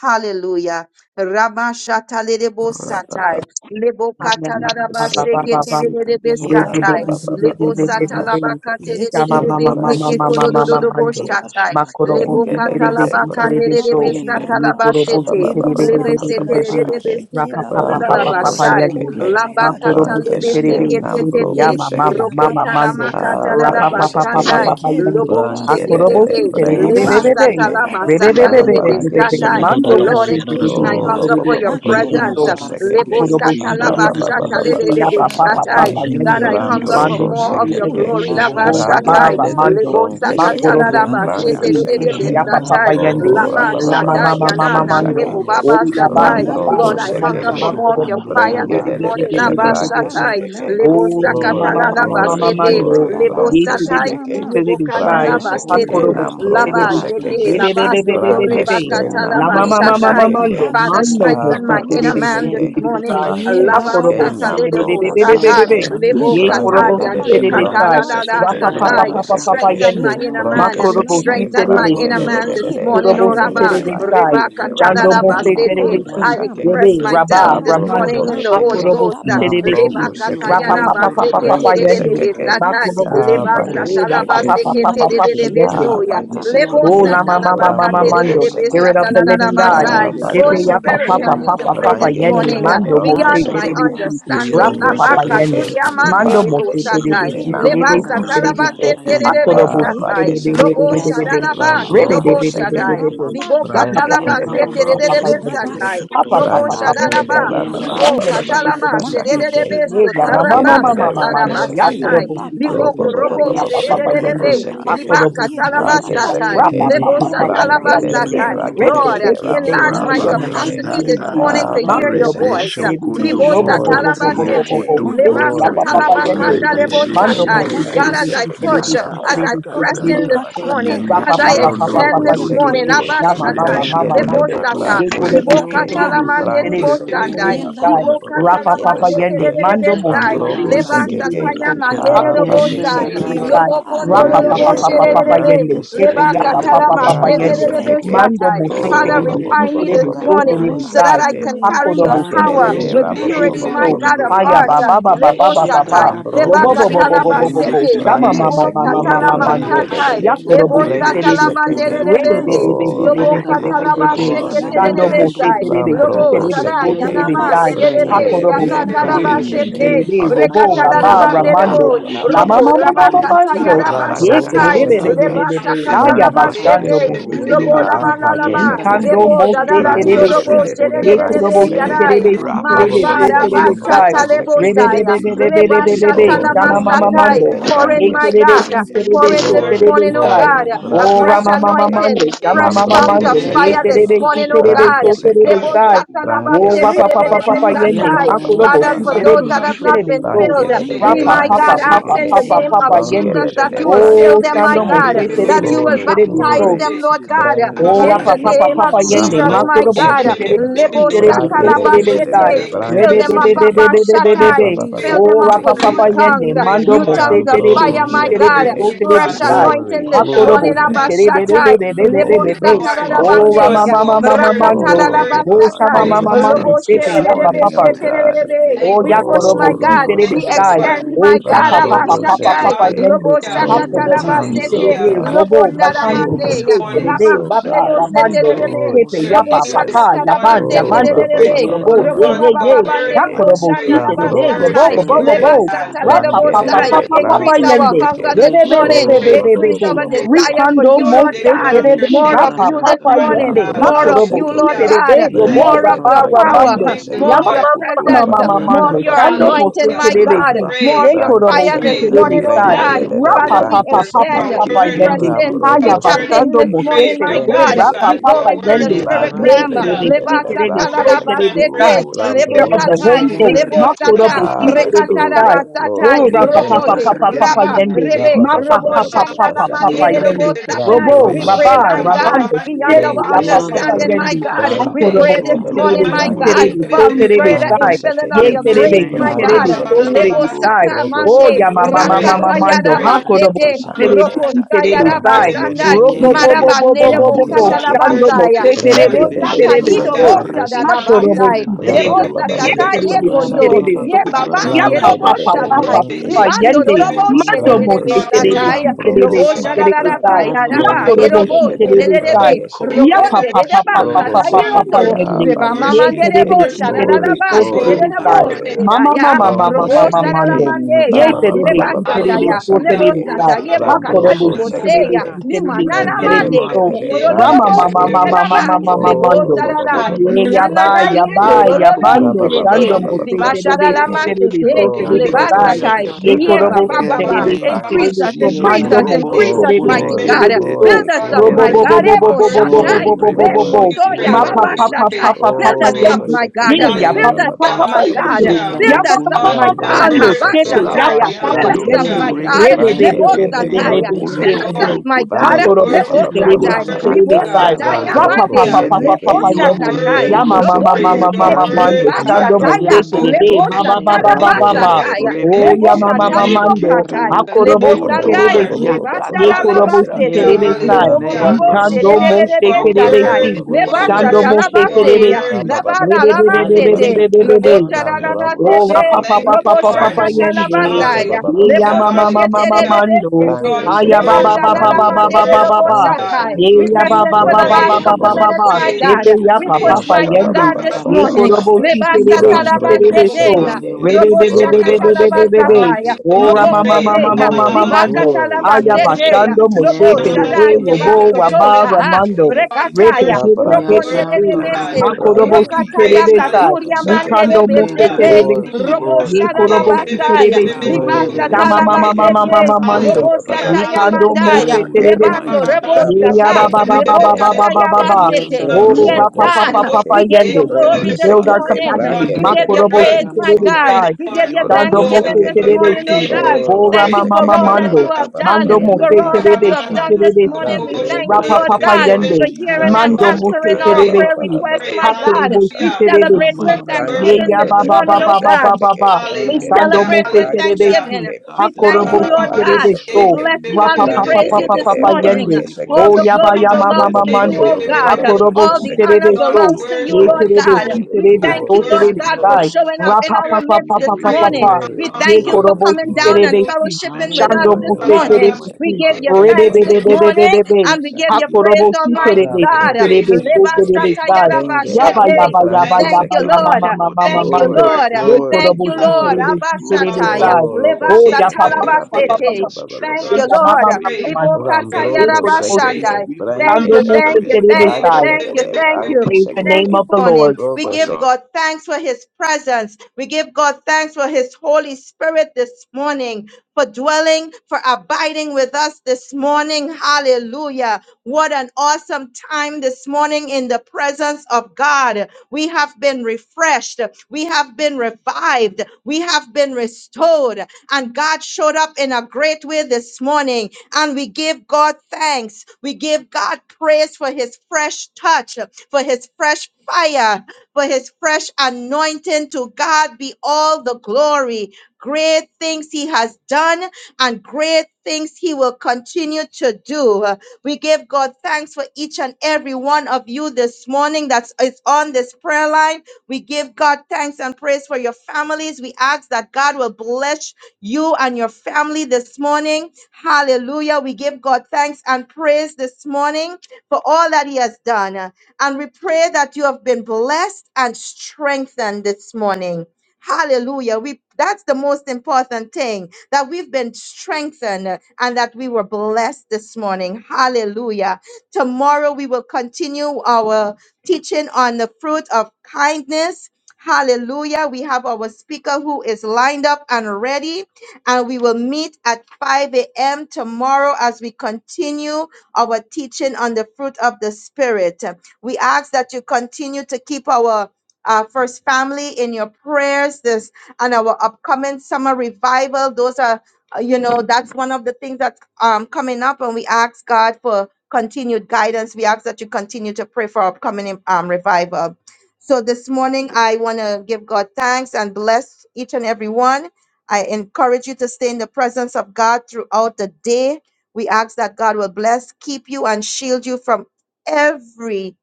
Hallelujah. Rabba shata lerebo satai. Lebo
Haya
kata raraba
baba
shekete
baba
rerebe
Yela
satai.
baba sete
Lebo
na mama.
baba.
you.
satalabaka
Yama
Yekela
tererebe
mama
baba
mama
seke
mama
sheke na
mama
mama
torororobo
mando.
kela
Yandarabakasha
ba.
shatai.
yabai.
Lebo
Makorobusi
Kuna mama
terebe si
katalabaka
sete la
terebe
baba
nererebe
so.
kela ba.
Yandarikishi
Mikorobusi
satalabasete.
Kena
terebe
mama
Lebe
bebe bebe
kela
bebe.
baba
yamamandarabakatata.
setererebe
sheke
sika
Rapa
la
papa
ba.
papa
Rambrogo
papa
torororabashai.
yende.
Ukula
shekeke,
Yakeshendarabakasha
baba
Labaka
sheke
Makorobusi
na
talebe
Brankeshke
ma.
seke
terebe
yamamamandaryukutu.
sepe
nambrogo
tetete.
yama
Yeke
mama
la
Roko
shekeke,
mama
baba
mando.
talamaka
sete
Ah,
nama.
Rapa
Yeshendarabakasha
papa papa
bageshakeke,
talalabasandai.
papa
Yeke la
yamamamamamando.
yende.
Lobo
baba
sheke
Brangedede,
seta.
tete.
Akorobusi terebe bebe
Leba
Wamama ke
bebe.
brangeshekeke.
la
satalama
Yendarabukusho
baba
Rebe bebe bebe
kunama.
satalebe
bebe
Babarage
bebe.
Ke
yamamamundildidiye.
satai.
la
Mando
baba
shekeke.
Lord,
basi
sheke
increase
terebe
my
si
Oh,
nama.
hunger
Robo
for
terebe
bo
your
bo
si
bo
Yendarabakasha
bo
Mako
bo
terebe
bo
la
presence.
bo
so.
baba
yababai.
Lebo
shekeke.
sete la
Akorobusi
baba.
satalaba
Rabba
terebe
ba
si
ba ba ba ba
sepe
ba ba
satalebe
Yeke
Yakundarakasha
yapa
la
papa
yababa.
satai.
baba
shanke.
papa
God,
yende.
sheke
I
nama.
hunger
And
for
Mando
Rambrogo
more of your
Bukite
Ruku
de
shekeke.
la
Bay,
glory.
Yekeshendarakiteshi
baba
Robo
ke la
Brage
yandarubu.
Rabba
Labashatai.
de de
mama.
de
Ramando,
bronke
Yeke
Makoro
Lebosakatana
la
shekeke.
baba
Bukite de
labasete
Branke
Yendarabakatata
Bay,
sete na
Tiki
kasha
shekeke.
Yapa
yaba.
mama.
Papa
dededebesatai.
Yende,
Oh,
Ke la
rabba ba ba
Lama
baba
ba ba
Labashatai
Mama
ba ba
Mama
ba
sheke
Yendarukusho
yanana
Thank
Mando,
nama.
shakeke.
O Yaba
Ye
nebobabasatai.
la
Yaba
Rambrogo
Lord,
baba
Yekin
I
Ramando,
hunger
raba
sete
for
pa
shekeke.
la
pa
more of
Makoro
ba
pa
your
pa
ke la
fire
Bukite de
Brenge
this
ma
de de
Bay, Bay,
de
morning.
Bay,
de
ke
de
Bay,
rikishita.
Bay,
la
Bay, Bay,
brake
baba
Bay.
Labashatai.
ke la
shekeke.
ma
O
sete
Mama
la
Mama
Yenda
Glory,
Lebosakatala
ba
Mama Mama
glory,
rikishe
ye
ya
labasete.
la
mama
Mando,
glory.
baba
mamai.
ke
Bronke
Yete de
la
Lebosatai.
Bay,
ma ma
shekeke.
Tite de Bay,
Yebokana
Sai,
kula
Brake
ba ke
Yokondo
shekeke.
la
Hakoro
labasete.
ma
raba
ke
Bukite
la
de
Nambrogo
kata
Laba
Bay,
ba
Si,
tata
yede
Ye
shekeke.
de
kasha
de
sete
de
la
labaso
de de de
yabai.
baba
de
ke
de.
Frankeshke
la
torebakata
ma ma
Lama
Nambrogo
Yenda
Mama
ke
Mama
labashatai.
la ba
Shekeke
Mando,
rakusho ya
she
Father,
mama
ke
Mando
mo.
la
strengthen my
Bukite
ma ma
de
inner
Bay,
man this
Tite
Abageshekeke
Yenda
de Bay,
morning.
Sai,
rikishe
Ye la
tata
Lava
Hakoro
Frankeshke
baba
tata.
sata
Bukite de
sete
Bay,
lebo
Bay,
Nambrogo
la
Bay,
ba.
Bay, Bay,
saka
Yenda
Bay.
sekeke,
Ye
lebo
rakata
Ye
pa
ke
pa
kata
Brange
la
pa
korobo
de
si
de
baba
yade
de
ke
terebe
kashai.
la
kata
Bronke
la
sai.
mama
la la
Shekeke
Rapa
sete la
papa
satai.
Yando
Brake
ba.
papa papa
you.
Shekeke
Strengthen
rakasha
Ye
my
yende.
na
inner
Yeah,
Ma
mama
man.
Bronke
yabai. babai.
ke la
korobo si
Shekeke
baba.
Strengthen my
terebe
Brange
inner
si.
de
Yondo
de
She
man
de de
this
ke
Ye
de
la
robokusho
morning,
ba
O
korobo
kusho
Rake de
si
de
Rabba.
de
mama
sete
terebe
mo.
na
Raka
sai.
ma.
Reba
Kakeke
kata la
Rapa
Chando
Ye
la
Papa
mo
la
se
Papa
Yekindi
Papa
baba
basete.
terebe
Papa
ya.
si.
kuna
I
ma
express
Shakeke
Rebe,
sete
myself
raba,
la.
this
Yenda
morning
Rabrobo
ramando.
in
Ma
oh.
the
rakasha
Ma
ya
ko
Holy
Kekeke
la
korobo
baba.
Ghost.
si
uh,
baba
terebe
ke
si.
Lambrogo
na.
Ileriki
Rapa
Ye
Shekeke
Yokondo
la
papa
tarorora da
papa
baba
raba
papa
koşu
she
Branke
ke
yende.
katata.
kata
la
Shekeke
Ma
ba
Lebakatayarabaseketerebesatai,
taroru
korobo
sete
si
na ma
terebe.
ke
Yendarike
Rapa
la.
Abageshekeke
papa papa
Baba
papa
shetetetetete.
she
yende.
ke
Ah,
la
Lebasatalabaseketerebesoya,
ba
yora da
Oh,
bo
Bhageshekeke,
kuna
Lama
la
Mama
ba
Mama
ye na
Rambrogo
Yamamamandurubokusho
Mando,
yoboy.
mama.
Spirit of
Shekeke,
the Living
Ye la
God.
Ah,
Lebosatalabaketerebesatalalabashai.
baba
Jepe
Holy
sete na
Yapa
Spirit,
Bhageshekeke,
Papa
help
mama.
me
Yendarabakashaya
to
Papa
pray
Papa
babai.
this
Brange de
Yeke
Yende,
de
morning
la
de
uh,
ba
Mando
ku
Mose
Bronke
beyond
na
my
yora
Shekeke,
mama.
Terebesi,
Yandorubokusho
understanding.
Ye
Rapa
Brogo
la
Papa
tototo.
baba
Shekeke,
Yende,
shike la
Mando
ba.
Mose
Labakaturiamandelebosatai,
Bhageshekeke,
Sete
Terebesi,
na
Terebesi,
mama
Nambrogo
ke la
Terebeso,
Shekeke,
Yekendarabakashaya
baba.
Thank
babai.
Hakorobo
Ah,
Si
Lebasatalabaseketerebesatai,
Yeke la baba
Bhageshekeke,
sete
Terebebebebebebe,
la
Yandarike
Loboshadalabande,
baba.
Rambrogo
shetatatata.
Loboshadai,
Luna
Shekeke,
Rebebebebebebebe,
mama
Liboka
ke
Rapa
la
Brange
Papa
de
talaba
de
baba.
de
Papa
sete de
Papa
de de
Bronke
Papa
be
She la
Yende,
ba
Shekeke,
Yamamamandurubokusho to.
sete
Papa
Lobo
la
Papa
ba
Brange de
Papa
ma
de
Papa
de
Shadalaba,
ku
Ba
la
Ba
Yende,
Ba
ba
Ba
Libo
Ba
Shando
Yendarike
ke
Ba Ba
na.
Mose
Ba
sheya
Ba
Katalama,
Ba
babai.
Terebesi,
Mama
Shekeke,
she la
Ye
Serebesto,
ba
Yama
ba
Rage
ku
Mama
de de
na.
Mama
de
Tarabasha,
Mama
Rage
Ma
Mando,
ke
Yondorabakatatata
la
Tarabasatai,
Shekeke,
Yakorobo
ba
yi.
Si
ba
Libo
ku
Terebesi,
Robo Ba
la
Ba
Jepe
Ba
Korobo,
ba
Ba Ba
Yapa
Ba
Papa
Ba
Yeshenda
sete
Ba
Yende,
Ba
na
Serebe,
ma.
Liba
Shekeke,
rakatata.
Akorobo
Ye la ba ba
Kiterebisa,
Katalabasatai,
ku
Rapa
na
Rakeshakeke,
Yememe
Lebo
Papa
mama.
yando
Papa Papa
Vuku
Yende,
Rangedede,
Satalabasatai.
Yemememeandorabakusho
la ba
yobo.
Repe
Lord,
Ragedede,
shike
Pepe Pe,
enlarge
la
Rambroko
my
Mando
baba
Yenda
Shakeke,
capacity
shike na
this
rakatata
Moseterebisi,
ya
morning
mama.
to
mama.
hear your
Makorobo
Laba
voice.
Abageshakeke.
sete,
Kiterebisi,
Libo
la
Robo
Yoshon
papa
Glory
Bobo
to
Bobo
your
Bobo
kuna,
Satalabasete,
rekeshe
Bobo,
name,
tata.
mama
Pepe
Lebasa
Yapa
glory,
kura,
Papa
baba
Yende,
glory.
talabakanda
Yenda
yeke,
Mando
rekeshe ya
lebosatai.
Oh,
laba
God,
bebebe.
as I
Moseterebisi,
sete,
Rageshakeke,
push,
la
Terebisi,
as I
papa
press
ye
Terebisi,
in this
papa
Yekenda
ke,
morning,
Rabababababababashake,
as
Rapa
laba
I
rababa.
papa
ba,
papa
extend
papa
Rambrogo
this
ye
yende
morning,
papa
shepe
pa
Shakeke,
ya
you.
Yeshenda
mama
abashatai,
sheke na
mama
rabaka.
mando.
mama,
Rengedede,
Thank
lebosata,
Ye
ye
korobo
la
si
Brankeshakeke,
Yondo
ba,
terebe si
libokatalamande
terebe
robokusho ya
so
Brankeshakeke,
libosandai,
terebe
ye
momomo.
la
sai.
laba
Rapa
sete na
papa
mama.
yende
Rababababababashanke,
mando
Eketa ya
mo se
libokatalabaseterebesai,
Kela
Rambrogo
baba
terebe
mamamanda.
si terebe
sete
Shakeke,
la
so.
ba.
lebasatayamande
Hakorobo si
Ye
Yeshenda
lebosai,
terebe
Abageshakeke,
kela
sai.
rababa
ba.
kata
Rapa
ya
Brenge
papa
Ye
de de
la
papa
de
bababa.
papa
ba
lobokondolobosherebe,
yende
branke
sete
shepe
la
ya
sekeke.
ba.
Yenda
papa papa
Lord,
Brake
rokusho
we
yende.
thank you,
sekeke.
tototo.
we
lebakatalamasete
Mando mo se
praise you, we
Father,
Oh, lo
terebe
honor
bo bo
si
you.
refine
bo
me
Yeki
bo
ya
this
terebe
bo bo
God,
so
bo
we
bo
morning
bo
terebe
mamamamai.
so that
sai.
glorify
I
sekeke.
your
can
name,
carry your
Hakorobo
Rake
si
Jesus.
Yando
de de
power
de
terebe
We
with
ra
si
bo bo
robokosho
bo
terebe
purity,
bo
magnify
bo
my
bo
so.
your
bo
yabo.
God,
bo
of
great
Haya
heart.
braka
ba ba
name,
ba
Ye
ba
sekeke.
ba
Lebo
ba
kela
ba
Yeshenda
ba.
satai,
baba.
leba
Robo
Rambrogo
Ye
bo bo
na
rabakatata
bo
ya
bo
sekeke.
katalaba
mama
bo bo
mamama.
bo.
sete,
sete la
Shama
ba.
Branke
mama
libo
mama
sekeke.
Yonder
mama
katalama
Ukula
mando.
Brange
papa
de de
satai,
rikishi
de.
yama
shekela
lebo
Yakorobo
mamando
baba.
Branke
satalama
Terebesi,
Ye
sekeke.
rikita.
na mama
nerebende,
Oh, lo
sete
bo
la
lobo
bo
Yenda
bo bo
baba.
bo bo bo
katalaba
bo
Rebebebebebebebebebebebe,
rakasha
bo
Ye
sheke
na
yama
Sando
sekeke.
mama
Mose
mamando.
terebesai,
Terebe,
shekela
Si
lobo
Rambrogo
baba.
Terebe,
shara
So
sekeke.
Yenda
Kela
Terebe
ba
yanama
Sai,
rikishi
sete.
nerebe,
Brenge
yama
de de
Hakorobo
de.
Ye
Si
la
mamando
ba
yakataraba
Terebe,
Brake
Si
sete,
rikishi.
sekeke.
Terebe,
Na
Robo,
mama
Oh,
Raba,
la
rekataraba
kela
ba ba
baba
ba
Ramando,
nerebo,
ba ba
kuna
ba
Apapapakasha
ba
Lama
roko
mama
yama
Mama
ba
raba
Mama
babai.
kataya
Mando,
tetela
raba
baba.
Ye
Lambrogo
shatai,
We
Yonder
thank
sekeke,
you,
leba
Terebebebebebebe,
rikishi
Jesus. We
Haya
sakatalama
branche
bless you.
sete,
sekeke,
tatatai.
We
Mose
honor you,
Lobo
Terebe
la ba
Si,
God.
la
you.
la
apage
We
ba.
Yenda
Thank
sekeke,
Rikando
Lebo
glorify
da
your
rikishi
da
Mose
name,
da
yama
di do
branche
baba.
Terebe
do
de de
Jesus.
bo
Si,
de de de,
shere le
We
Ye
le le
branche
be
bless
Korobo
your
Si
name,
Yenda
sekeke,
yarai.
Terebe,
God.
Si
My
For
lobo
rakosho
Terebe,
bo
there
So
bo
God,
is
bo
none
bo
toto.
bo
Terebe
bo
like you,
bo
Sai,
bo
abashata
God.
sekeke,
There
lebosaya,
is none to
Yenda
compare
rebashata
Rebebebebebebebebe,
to
Oh,
you,
Sama
God.
rikishi
Mama
yama
lamasatai.
Mando,
brangerere,
We
baba.
honor
Pour in,
you,
Ye
my
terebe
God,
brankesekeke.
si
Jesus.
pour
terebe
Glory
in
to
so
this
Yenda
Glory,
God.
morning,
terebe
oh
sai.
rikishi
God,
glory,
yama
a
baba.
O
fresh
rama
Hallelujah.
mama
brakesekeke.
anointing,
mando, shama
fresh
mama
tongues
Rambrogo
of
mando.
Hallelujah,
Ye
Yenda
fire this
sekeke.
Jesus.
terebe si
morning,
rikishi
oh
te te
Glory
terebe
God.
te
to
so
te te
terebe
te.
Brankesekeke.
sai.
Lebosata
O
labasete
rapa
Thank you,
papa
Brankesekeke. Ba
papa
ba ba ba
Jesus.
yende,
ba ba ba ba ba
makorobo
Yamamamanda
ba
Father,
si
for
Thank you,
robo
those
terebe
that
sakeke.
si
have
Lord.
kusho
not
terebe
been
yomomo.
so.
filled,
Brangerere,
Thank you,
we,
Rapa
my God,
papa
Jesus. We
ask
papa
in
brankesekeke.
the
bless
Yekete
papa
you.
name of
papa
yamamama.
yende.
Jesus that
We
Brangerere,
you will
bless you,
fill
O
them,
Jesus.
my
shando
brankesekeke.
mo
We
God,
Yanda
se
bless
that
robo
you.
terebe
you will
si
Glory,
kusho
terebe
baptize
yobobo.
so.
glory.
them,
Glory to
Lord
God.
God,
Oh,
in
rapa
the
Hallelujah.
Brankesekeke.
papa
Yekete
name of
papa yende,
Jesus,
yamamama.
my
Rambrogo
makoro bong
God.
sekeke.
kitere
Hallelujah.
Lebo
kitere
Yondo
de
In
so
the
tere
name
de
of
rikishe
sai,
Bragerere,
satalabasete.
Jesus, we
Fill
rebe
praise
them
be
drabababa.
up,
you.
be be
brankesekeke.
be
Abba
be be be
We
be
La
Shatai.
Ba
be.
ba ba
praise
praise,
ba
you.
Fill
ba ba ba
We
them
Oh,
ba
up
rapa
with
praise
ba
you.
new
praise,
We
papa
honor
tongues,
yende,
Rababababababababashakeke.
you.
praise,
mando
new
Yanda
bo
Lord.
And
se
tongues
we
of
tere
Oh,
de
we
rikishe
lift
Rambrogo
fire, my
glorify
up
your
kitere de
your
yabai.
God
name,
shekeke.
so
name,
tere de
God.
fresh
Jesus.
sai,
Hallelujah.
Glory,
anointing this
makoro
Yeshe
morning,
bong
glory, let
Abba
Thank
the
kitere be be
fire
drabababa.
be
Shatai.
of
be be
the
be be
Lebo
Holy
be
you,
be.
Ghost
Lord.
fall
Oh,
on
Ekete
Satarabande,
Lord,
rama
us.
you
mama
are
yamama.
mama
word, you are
mando,
Oh,
word,
give
oh
us
chama
Mrakatalabasatai,
praise.
mama
cloven
Yondo
mando,
Lobo
tongues
sepe
this
rikishe
Hallelujah.
Shedebe
ya
morning,
papa
oh God.
tatatatai.
Seterebe.
Thank, you,
Oh,
We push, my
Yakorobo,
Oh,
si
God.
rogo
thank
terebe
We
you,
Yamamamando
sai.
shekeke.
Lord.
extend, my
Oh,
God,
papa, papa,
ribikishia.
Rambrogo
papa,
Hallelujah.
Abashatai,
papa,
shekeke.
yende.
Lobo
Hallelujah.
Cloven
Yenda
Hakorobo,
Hallelujah.
si
tongues, oh
rikishe
Shakatalabasete,
terebe,
God,
God.
Lobo
robo,
tatatata
praise
batando,
mama.
Cloven
Naramande,
this
mose,
morning.
tongues,
terebe,
Laba,
oh
bapa,
Lebo
God.
Yanda
ramando,
Lord, we lift
Oh
Seterebe,
Roboko
up
pepe,
your
Robo
yapa,
name this
Jesus.
Shototo.
papa,
morning,
yaman,
Holy
Oh
yamando,
Rabba
ye
Spirit.
Shakatalabasete,
Baba
korobo,
Baba
Yanda
Robo
Baba
ye,
God,
ye,
Baba
you are
Rabaka
ye.
Baba
worthy, of
Shakeke.
Neribo
Shatai.
Yakorobo,
praise.
si
You
Shana
are
terebe,
Rambrogo
worthy,
robo,
you
Spirit
are
of
bobo,
the
worthy,
Shakeke.
Living
bobo.
God.
God, have
Rapa,
Brange
right
You are
de
papa,
de
Lebasatalerobosai.
de
worthy,
away.
papa,
you are
papa,
Increase
Branke
worthy.
our
yende.
hunger
Shakeke.
this
Rebe, be
Yeshenda
morning.
Oh
be
Praise,
be
Rabba
Rabaka
Increase
Baba
bebe.
our
Shaya
praise.
Baba
desire
Baba
Babai.
for
Baba
Rikando,
you,
Lord,
Lord
they
mose,
Shakeke.
God.
God,
terebe,
your
More
name
of
Yeshenda
this
rapa,
you this
papa,
morning,
morning.
yende. ma
God.
More
Lambroko
of
Rakatatatai.
Makorobo,
you,
si
Lord
shakeke.
Hallelujah.
God.
terebe,
Thank,
robo,
Yanda
Brenge
More of
de de
your
raba,
de
Roboko
power.
ramando.
branke
thank
Shoto.
you,
More of
Yama
your
shakeke.
Lord.
Raba
presence.
ba ba ba
Yanda
More of
ba
Mamamamando,
ba
your
ba ba
Shando
Hallelujah.
ba ba
Bose
anointing,
ba
We
my
Rikeshitatai.
God.
shakeke.
Terebesi,
More
Praise,
of
Ye
your
Branke
fire
Korobosi
this
praise.
Yanda
shakeke.
morning,
Terebesi,
oh
Brenge de
Hallelujah.
God.
Rikeshaya
de de
Rapa
Father, we
Babai.
Papa
branke
you
Papa
extend,
are
shakeke.
Papa
we
worthy.
press
Yende,
Yama
in,
You
we
Mamondo
Haya
are
Lambroko
tap
worthy.
in
Bashando
this
Roboko
shakeke.
Bose
morning,
Praise. You
my
Shoto.
are
Terebe,
Brenge
worthy,
God.
Rapa
We
God. You
go
Papa
are
shakeke.
into the
worthy.
Yende,
Yanda
spirit
Brage
Ye
de
realm.
de de
Hallelujah.
de de
Terebesi
de de
Terebe,
brage
So
Glory
Rikeshatatatatata.
and
shakeke.
Terebesi,
praise
Lebasatalabasete,
and your
Fear
name.
of
Lambroko
the
Yomo
lebokatai,
Holy
Momon
Ghost,
shakeke.
Hallelujah.
lebosata,
Makorobosi
Rikeshitai.
Terebesi,
Hallelujah.
brekatarabasata,
Oh,
Glory.
Rapa
Mama,
Papa
Brenge
rokote,
Papa Papa
shekeke.
raba,
Yende,
Yeshenarikishayaba.
rebe,
Rabba baba
Mapa
baba
robo,
baba
Papa
baba
Papa Papa
shandalamandere,
shakeke.
Yende,
robosatai.
Robo,
We
Rambrogo
pray,
Yenarikishayababai.
Rabba,
my
shekeke.
God,
Rabando,
beyond our
Shepe,
Brenge
Yapa Papa
understanding,
shekeke.
my
Yende,
God. We
Brange de
Hakorobo
pray
de de
Yandarakashatatata.
this
si
de de de.
terebe,
morning, my
si
Brange
God,
de
Mm.
terebe,
de de.
so
from
terebe
greater
Brange
sai.
infilling of
God
Ye
shekeke.
your
worship
terebe,
grace,
si
my
you.
Brage
God.
terebe,
ba
so
Eyabababakusho.
shekeke.
terebe
God
sai.
Lebosata,
Brogo
Oh,
be
mande,
yama
shekeke.
mama
Rabba
praise.
baba
mama
rakata
baba
mando.
baba
praised.
baba
Hakorobo
yarabasete,
baba
si
Yendarakashayababa.
ma ma ma
terebe,
shakeke.
ma
si
rokosta
shake
terebe sai.
Rambrogo
yarabashandai,
Ropo bo
shekeke.
bo
maraba
bo bo bo
nerebo
bo
Brange
bo.
God
Yendarikishatatete.
shekeke.
Shando
worship
bo
you
katalabasaya,
se
this morning.
terebe,
Brenge de
si
de de
lebosata
terebe
de de.
Hallelujah.
so.
yidobosa
Brage shekeke.
Hakorobo
dadabasai,
you.
si
Yandarakashayababa.
Rabba
terebe,
baba
si
lebosa
baba
Thank
ye
baba
tata
Ma-ma-ma-shake-a-ba-ba-ba-ba.
you.
terebe,
baba
si
yekondo,
terebe
shakeke.
so.
ye baba
Ya
Ba-ba-ba-ba-ba. ba
pa
Brande de
pa
Yabababakundorikisha.
de
pa
de
pa pa
neroboshatai,
branke
pa
libando
sekeke.
yende.
doroboshe
Mando mo
Branke
se
God
ske
terebe,
Yamamamamandorikisha.
dedebesatai,
worship
si
nambrogo
you. ba ba ba
terebe, si
ba
lobosha
terebe
sekeke.
sai.
dadabai,
Ya
harabai,
Brenge de
korobo
de
si
de de
yeroboshe
de
terebe
Andorabakashayabai.
sai.
be.
brake
Ya
sekeke.
pa
rokonde
pa pa
dedeba,
pa
We
pa
honor
Brogo
pa
kata
you,
pa
God
pa pa
shekeke
yirondo,
worship
Jesus.
yende.
reba
abage
Worship,
mama
Ye
nerebo,
terebe
shekeke.
worship.
si terebe
Glory,
so
We
shadadabase,
Oh,
glory,
terebe
bless
sai.
glorify
dedebo,
you,
your name.
glory.
Lord.
Mama
ba
sededaya,
mama
ba
Brongo
mama mama
shekeke.
mando. Ye
Shadalamandeya,
Baba baba
terebe
baba
si
baba
Hallelujah.
terebe
baba
Lebasataya,
Andarikisha.
so terebe
shakeke.
sai.
Lebosata,
Ha
Yebo
korobo
Katali
Rambrogo
si terebe
Boseya,
shekeke.
si
Yeshendarakatata.
Lima
terebe si
Brenge de
terebe
de
Nanamande,
de de
so.
de. Branke
Rama
Mokorolobo
We
mama mama
shekeke.
worship
mama
Sedelabai,
you,
mama
Lord.
Oh,
mando.
baba baba
Lebosarada,
God
baba baba
Ye
baba
Minanana
yaba
that word
Yendo
shekeke.
yaba
Rolodo
Glorify you,
yabando
Baba
King
baba baba
among
Sede.
shando mo
Jesus.
baba
se
us
baba
the
terebe si
shakeke.
worship,
terebe so
Ribashadalamasete,
Oh,
terebe
brogo
sai.
Lebasatai,
Ye
shekeke.
Yendarikishaya
Yeba,
korobo
Baba.
Brange
si
de de
Baba,
de.
terebe si
Branke
increase
terebe
us,
so
you
shekeke.
increase
mando
us,
mo se
increase us,
Oh,
terebe
Yendarabakashaya
mighty
si
glory,
God.
Baba.
terebe so.
Build
glory,
us up,
Robo
my
bo
glory.
bo
God.
bo bo
Ebo
bo bo bo bo
Shatai,
Glory,
bo bo bo bo bo.
glory,
praise,
Bekotoya,
Ma pa
Baba
Yendarobokushoyo
glory.
pa
you
pa
Momo.
pa
praise,
Shatai.
pa pa
Build
pa
Oh,
us
praise,
up,
Rogo
yende.
my
Ye
God.
Shekeke,
ya
Hallelujah,
pa
Build
pa
us
pa
up,
pa pa
my
Rabababababababa
God.
yende.
hallelujah.
Ya
Build
Shakeke,
ba
us
ba
up,
ba
God,
my
ba
you
ba
Yendarabakashaya
are
God.
Rambrogo
bando.
Baba.
worthy, you are
Chepe
Shekeke,
ya
worthy,
pa
Habashataya.
pa pa
Fill us
Branke
up,
yende.
hallelujah.
my
Shekeke,
God.
Le be
Thank
be
Brange
be
Yendarikishaya
de
be
de
Mama
be
de,
be be
Lebosataya.
be
Bronke
be
you,
be
Fill
be
us
Mandarikishe.
Shekeke,
up,
Lord.
be.
my God.
Hakorobo
Worship,
si terebe
Babababababababa
Lebosatai.
si
worship you,
terebe
Shakeke,
Yondarakataya
sai.
God,
Baba
Lebosataya
hallelujah.
Ra pa
Bai.
Rambrogo
pa
mande.
pa
You
pa pa pa
Shekeke,
pa
are
yende.
Lebosakataya.
worthy,
Ya
Benke
ma
Yendarikishe
ma ma ma
praise,
ma
Shekeke,
you
ma
Loboseke.
are
Tatatata.
ma
Brange
mando.
worthy,
de de de,
God.
Stando mo
Libasataya.
Bronke
se
Oh, we
terebe.
Shekeke,
bless
Ba ba ba
your
Yandarikishaya
ba
name,
ba
Mama
Brage
ba
we
de
ba.
de
Mai.
bless
de de
Lebosatalabasataya.
your
de,
name.
Oh ya
Brage
ma ma ma
Shekeke,
Thank
Yeshen
mando.
Lebokatalibokatai.
Thank
Hakorobo
you,
si
rakatatataka
Oh,
Lebosandai.
terebe
Lord.
robo
si.
bobo bobo bobo
Ye
Hallelujah.
bobo
korobo si
Lebasaralabasete.
sekeke.
Yeya
terebe
mama
sai.
mama mama
Hallelujah.
Lobobobobo.
Lambrogo
Mikando
robo.
God, you
sekeke.
Mose
are
Kerebe
Robo
Serererebesatai.
worthy.
We
Si.
bobo bobo
You
bobo
are
bless your
bobo
Lebasha
Shando
name,
worthy.
Mose
You
sekeke.
are
Jesus.
Kerebe
talabaseya,
worthy.
Si.
Baba baba
labada
baba baba baba
lamasete,
Hallelujah,
shake.
God.
Thank
We
Rebebebebebebebebe.
you,
honor
lebosha
your name.
Lambrogo
Oh,
lalabasete,
rapa
sekeke.
thank
papa
you,
papa
lebosha
Lord.
We
papa
Rage
worship
sekeke.
your
yende.
Baba
Hallelujah.
name,
katalabasaya,
baba baba
Ye ya
baba
Father.
lebose
baba
mama
Hallelujah.
mama
ketere
mama
shakeke.
mando.
We
lebesete,
God, we
Branke
give you
Aya ba
worship,
ba
sekeke.
lebasha
glory,
ba ba ba
Lord.
Branke
ba
de
ba
de
lalamandere
de.
ba
worship,
ba
lebosha
ba.
Branke
God.
tai. We
Ye
sekeke.
We
ya
We
ba
give
present
ba
you
for
ba
the
Robo
ba
honor,
bobo
ba
last
praise,
bobo
ba ba
couple
bobo
ba ba.
minutes,
bobo
Jesus.
my
praise,
God.
sekeke.
Shepe ya
We
papa
praise.
push
Ramba
papa
God,
Yeshen
mighty
baba
yende.
God
baba
this
baba
Ye
baba
morning.
korobo
shake.
si
Lebasha
terebe si
Lambrogo
terebe so.
talabaseteya,
Have
sekeke.
your way in
Rebe be
us,
be
robosha
O
be
Rogo
be be
de
God.
de
be be
de.
be
we
be.
Branke
katalabasataya,
give all
Oh,
sekeke.
the
rama
Yen
praise.
mama mama
lobokondeya,
mama
Glory,
libaka
rabakashata.
mando.
glory,
Aya
Thank
ba
glory.
talabaseteya,
shando mo se
Yen
lobosha
Oh, ba
terebe
dai
ba ba ba
robo
ba ba ba
raba
ba
yebasoto,
rikeshitatatai.
ramando.
ba.
God,
Repe
Rekataya,
worship,
pepe
Aparate
pepe
Rokonde
worship,
Yakan
de
pepe.
shakeke.
God.
Bese,
give
Makorobo
you
si
robokushototo.
Rokataya
praise.
terebe
Hallelujah.
sai.
Rababababababababa
Katuria Mande de
shakeke.
Hallelujah.
Ricando Mose
Yendere
Besete,
Glory,
Terebesi,
keshia
Robo
glory,
mama.
Yekorobosi
glory.
Shadalabasaya,
Terebesi,
Oh,
Libasa
you.
rogo
Sama Mama
Yebebebebeke
shakeke.
Mama
Talabasete,
Mama
Hallelujah.
ndarababai.
Mando,
Lobo Shataya
Ricando
Rababababababababa
Hallelujah.
Mandaya,
Mose
shakeke.
Lebando
Terebesi,
Rebo
Yandarabakasha
Ye ya ba
Shata,
ba
yababai.
ba ba
Lebo
ba
Rabababababababa
ba ba ba
Kataya
ba
shakeke.
ba.
Basete.
Oh,
Yes,
Rapa
Rambrogo
Yendarabokusho
God,
Papa Papa
we
shakeke.
give
tototo.
you you
Yende, we
glory
Branke
this
build our
shakeke.
morning.
Lord,
capacity,
Brake
we
We
de
give
Yendere
de
give
you
you
de.
praise.
praise,
Makorobosi
keshia
Branke
my
mama.
God.
shakeke.
Praise,
Terebesi,
We give
Lord.
you
Sando
Brogo
Oh, we lift
thanksgiving
Mose
this
up
shakeke.
Yokondere
your
morning, oh
Terebesi,
name,
keshe
God.
Holy
Oh,
Oh
rogo
Thank
tatatai.
Spirit.
Rama
you for
Mama
all
shakeke.
that
Mando,
you have done,
Mando
for
Mose
Rabababababababa
all that you have
Yendarabakasha
Terebesi
shakeke.
done this
yamama
morning.
mama.
Terebesi,
We thank
Rambrogo
you,
Rapa
Lord
Papa
God,
shakeke.
for
Yende,
hearing
La
and
que
Mando
se
Lord,
que que
Mose
answering
la
Yakandarabokusho
our
ba
praise,
ba
prayer
ba ba
Terebesi,
tototo.
ba
requests,
ba
praise.
ba
my
ba ba
God.
ba sha
Hakorobosi
We
que
Hallelujah.
que
celebrate
Terebesi,
with
Lord,
Amamamanda
worship
branque
Ye
de
thanksgiving
ya
you
this
de
ba
this
de
ba
morning,
ba
rabai.
morning.
oh
ba
branque
ba
se
ba
God.
que
ba
que
ba.
We
bronque de
Thank you,
de
Sando
Hallelujah,
de
mo
celebrate
Lord.
se
with
branque se
hallelujah.
que
terebesi.
thanksgiving.
que
We
We
Ba,
thank
ba,
give
Akorobo
you,
ba,
you
ah
ba,
si
Lord
pa
ba,
que
glory.
God.
se que
We
shake
terebeso.
que
bless
be,
you
be,
and
be,
Rapa
we
be,
pa
be,
We
pa
praise
branque
pa
you
de
thank
pa
de
you
bo,
pa
this
de
pa
bo,
for
bo,
every
sha,
morning.
yende.
branque se que
All
testimony.
O
the
que
ya ba
glory
ya
ma,
ma
bro
ma
belongs
ba
ma
We
ba
to
shake
ba
you,
ba
thank
be,
mando.
oh
you,
ba
be,
ba
be,
ba
Father,
be,
God.
ba
be.
for
ba
your
ba
Akorobo
ba
All
si
the
se que
presence.
honor
que
God,
terebeso.
belongs to
worship,
you,
We
Ye
Lord
oh
thank you
God.
that
worship,
terebesi
your
glory
We
God,
prayer
thank you,
terebeso
glory
Lord
worship,
God,
answering
for
terebesai.
God.
showing up
Holy
in
Rapa pa
our
pa pa
midst
you
Thank
pa
this
you
pa
for
praise.
pa
your
morning.
pa.
Ma,
We
glory
ma,
Ye
faithfulness,
thank you
ma,
for
God.
glory glory
korobo
coming
si
bo,
down
bo,
and
glory
terebesi.
fellowshipping with us
Shando
this
mo
Hallelujah.
Oh,
ba,
se
ba, ba,
morning.
Rage
We
terebesi.
give
shake
Shakeke,
you
be,
Rabba
Thank
Rebe
be,
thanks
be
you,
be,
Baba
be
this
be,
Baba
be
be.
be be
Baba
Jesus.
morning
be be.
Baba
and we give you
Shakeke,
praise,
Hakorobo si
God,
Almighty
you
terebesi
God.
Rabrogo
praise,
terebeso
Leba
Shakeke,
praise,
terebesai.
Brenge de
hallelujah.
Yaba
de de,
satayarabashete.
yaba yaba
Thank,
Branke
Thank
yaba
you,
yama
Shakeke,
Lord.
mama mama
thank
Thank
you,
you,
mando.
Glory,
Lord,
Lord.
Ye
hallelujah.
Glory,
Thank
korobo
you,
si
Lord.
terebe
Glory.
si
Ba, ba,
terebe
ba,
Abashataya.
sai.
Oh, Rogo
Oh
shake
ya pa pa
be,
Shakeke,
be,
pa pa
be, be,
Rabba
pa
be.
Baba
pa pa.
Baba
Lebasatalabasete.
Baba
Thank
Ye
God,
you,
Baba
ya
Lord.
mama
Shake,
mama
praise,
mando.
praise,
Libokataya,
Ye
Rambrogo
korobo
praise.
si.
Libokatayarabashandai.
Shakeke,
Ma,
Thank
Branke
kando
ma,
you,
ma,
mo se
thank you,
Shakeke,
terebe
thank
shake
you,
Brage
sai.
de
thank
be,
de
you,
de,
be,
thank
be, be,
Branke
you.
Praise the
Thank
name
you
Shakeke,
of the
be.
for him.
Lord.
We give God thanks for his presence. We give God thanks for his Holy Spirit this morning, for dwelling, for abiding with us this morning. Hallelujah. What an awesome time this morning in the presence of God. We have been refreshed. We have been revived. We have been restored. And God showed up in a great way this morning. And we give God thanks. We give God praise for his fresh touch, for his fresh fire, for his fresh anointing. To God be all the glory. Great things he has done and great things he will continue to do. We give God thanks for each and every one of you this morning that's is on this prayer line. We give God thanks and praise for your families. We ask that God will bless you and your family this morning. Hallelujah. We give God thanks and praise this morning for all that He has done. And we pray that you have been blessed and strengthened this morning. Hallelujah. We that's the most important thing that we've been strengthened uh, and that we were blessed this morning. Hallelujah. Tomorrow we will continue our teaching on the fruit of kindness. Hallelujah. We have our speaker who is lined up and ready, and we will meet at 5 a.m. tomorrow as we continue our teaching on the fruit of the Spirit. We ask that you continue to keep our uh, first family in your prayers this and our upcoming summer revival those are uh, you know that's one of the things that's um, coming up and we ask god for continued guidance we ask that you continue to pray for upcoming um, revival so this morning i want to give god thanks and bless each and every one i encourage you to stay in the presence of god throughout the day we ask that god will bless keep you and shield you from everything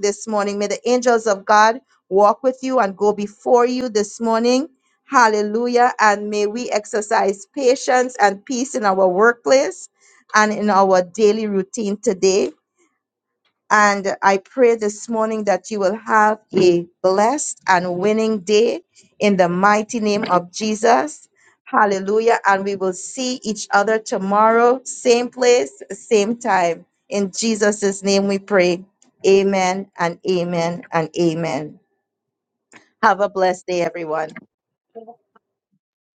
this morning may the angels of god walk with you and go before you this morning. Hallelujah. And may we exercise patience and peace in our workplace and in our daily routine today. And I pray this morning that you will have a blessed and winning day in the mighty name of Jesus. Hallelujah. And we will see each other tomorrow, same place, same time. In Jesus' name we pray. Amen and amen and amen. Have a blessed day, everyone.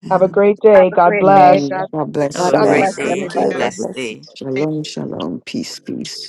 Have a great day. God bless.
God
Have
God
bless
God
a
God
bless
you.
great
bless.
bless
day,
Thank you.
everybody.
everyone.
God
blessed
bless you.
day.
Shalom, shalom. Peace, peace.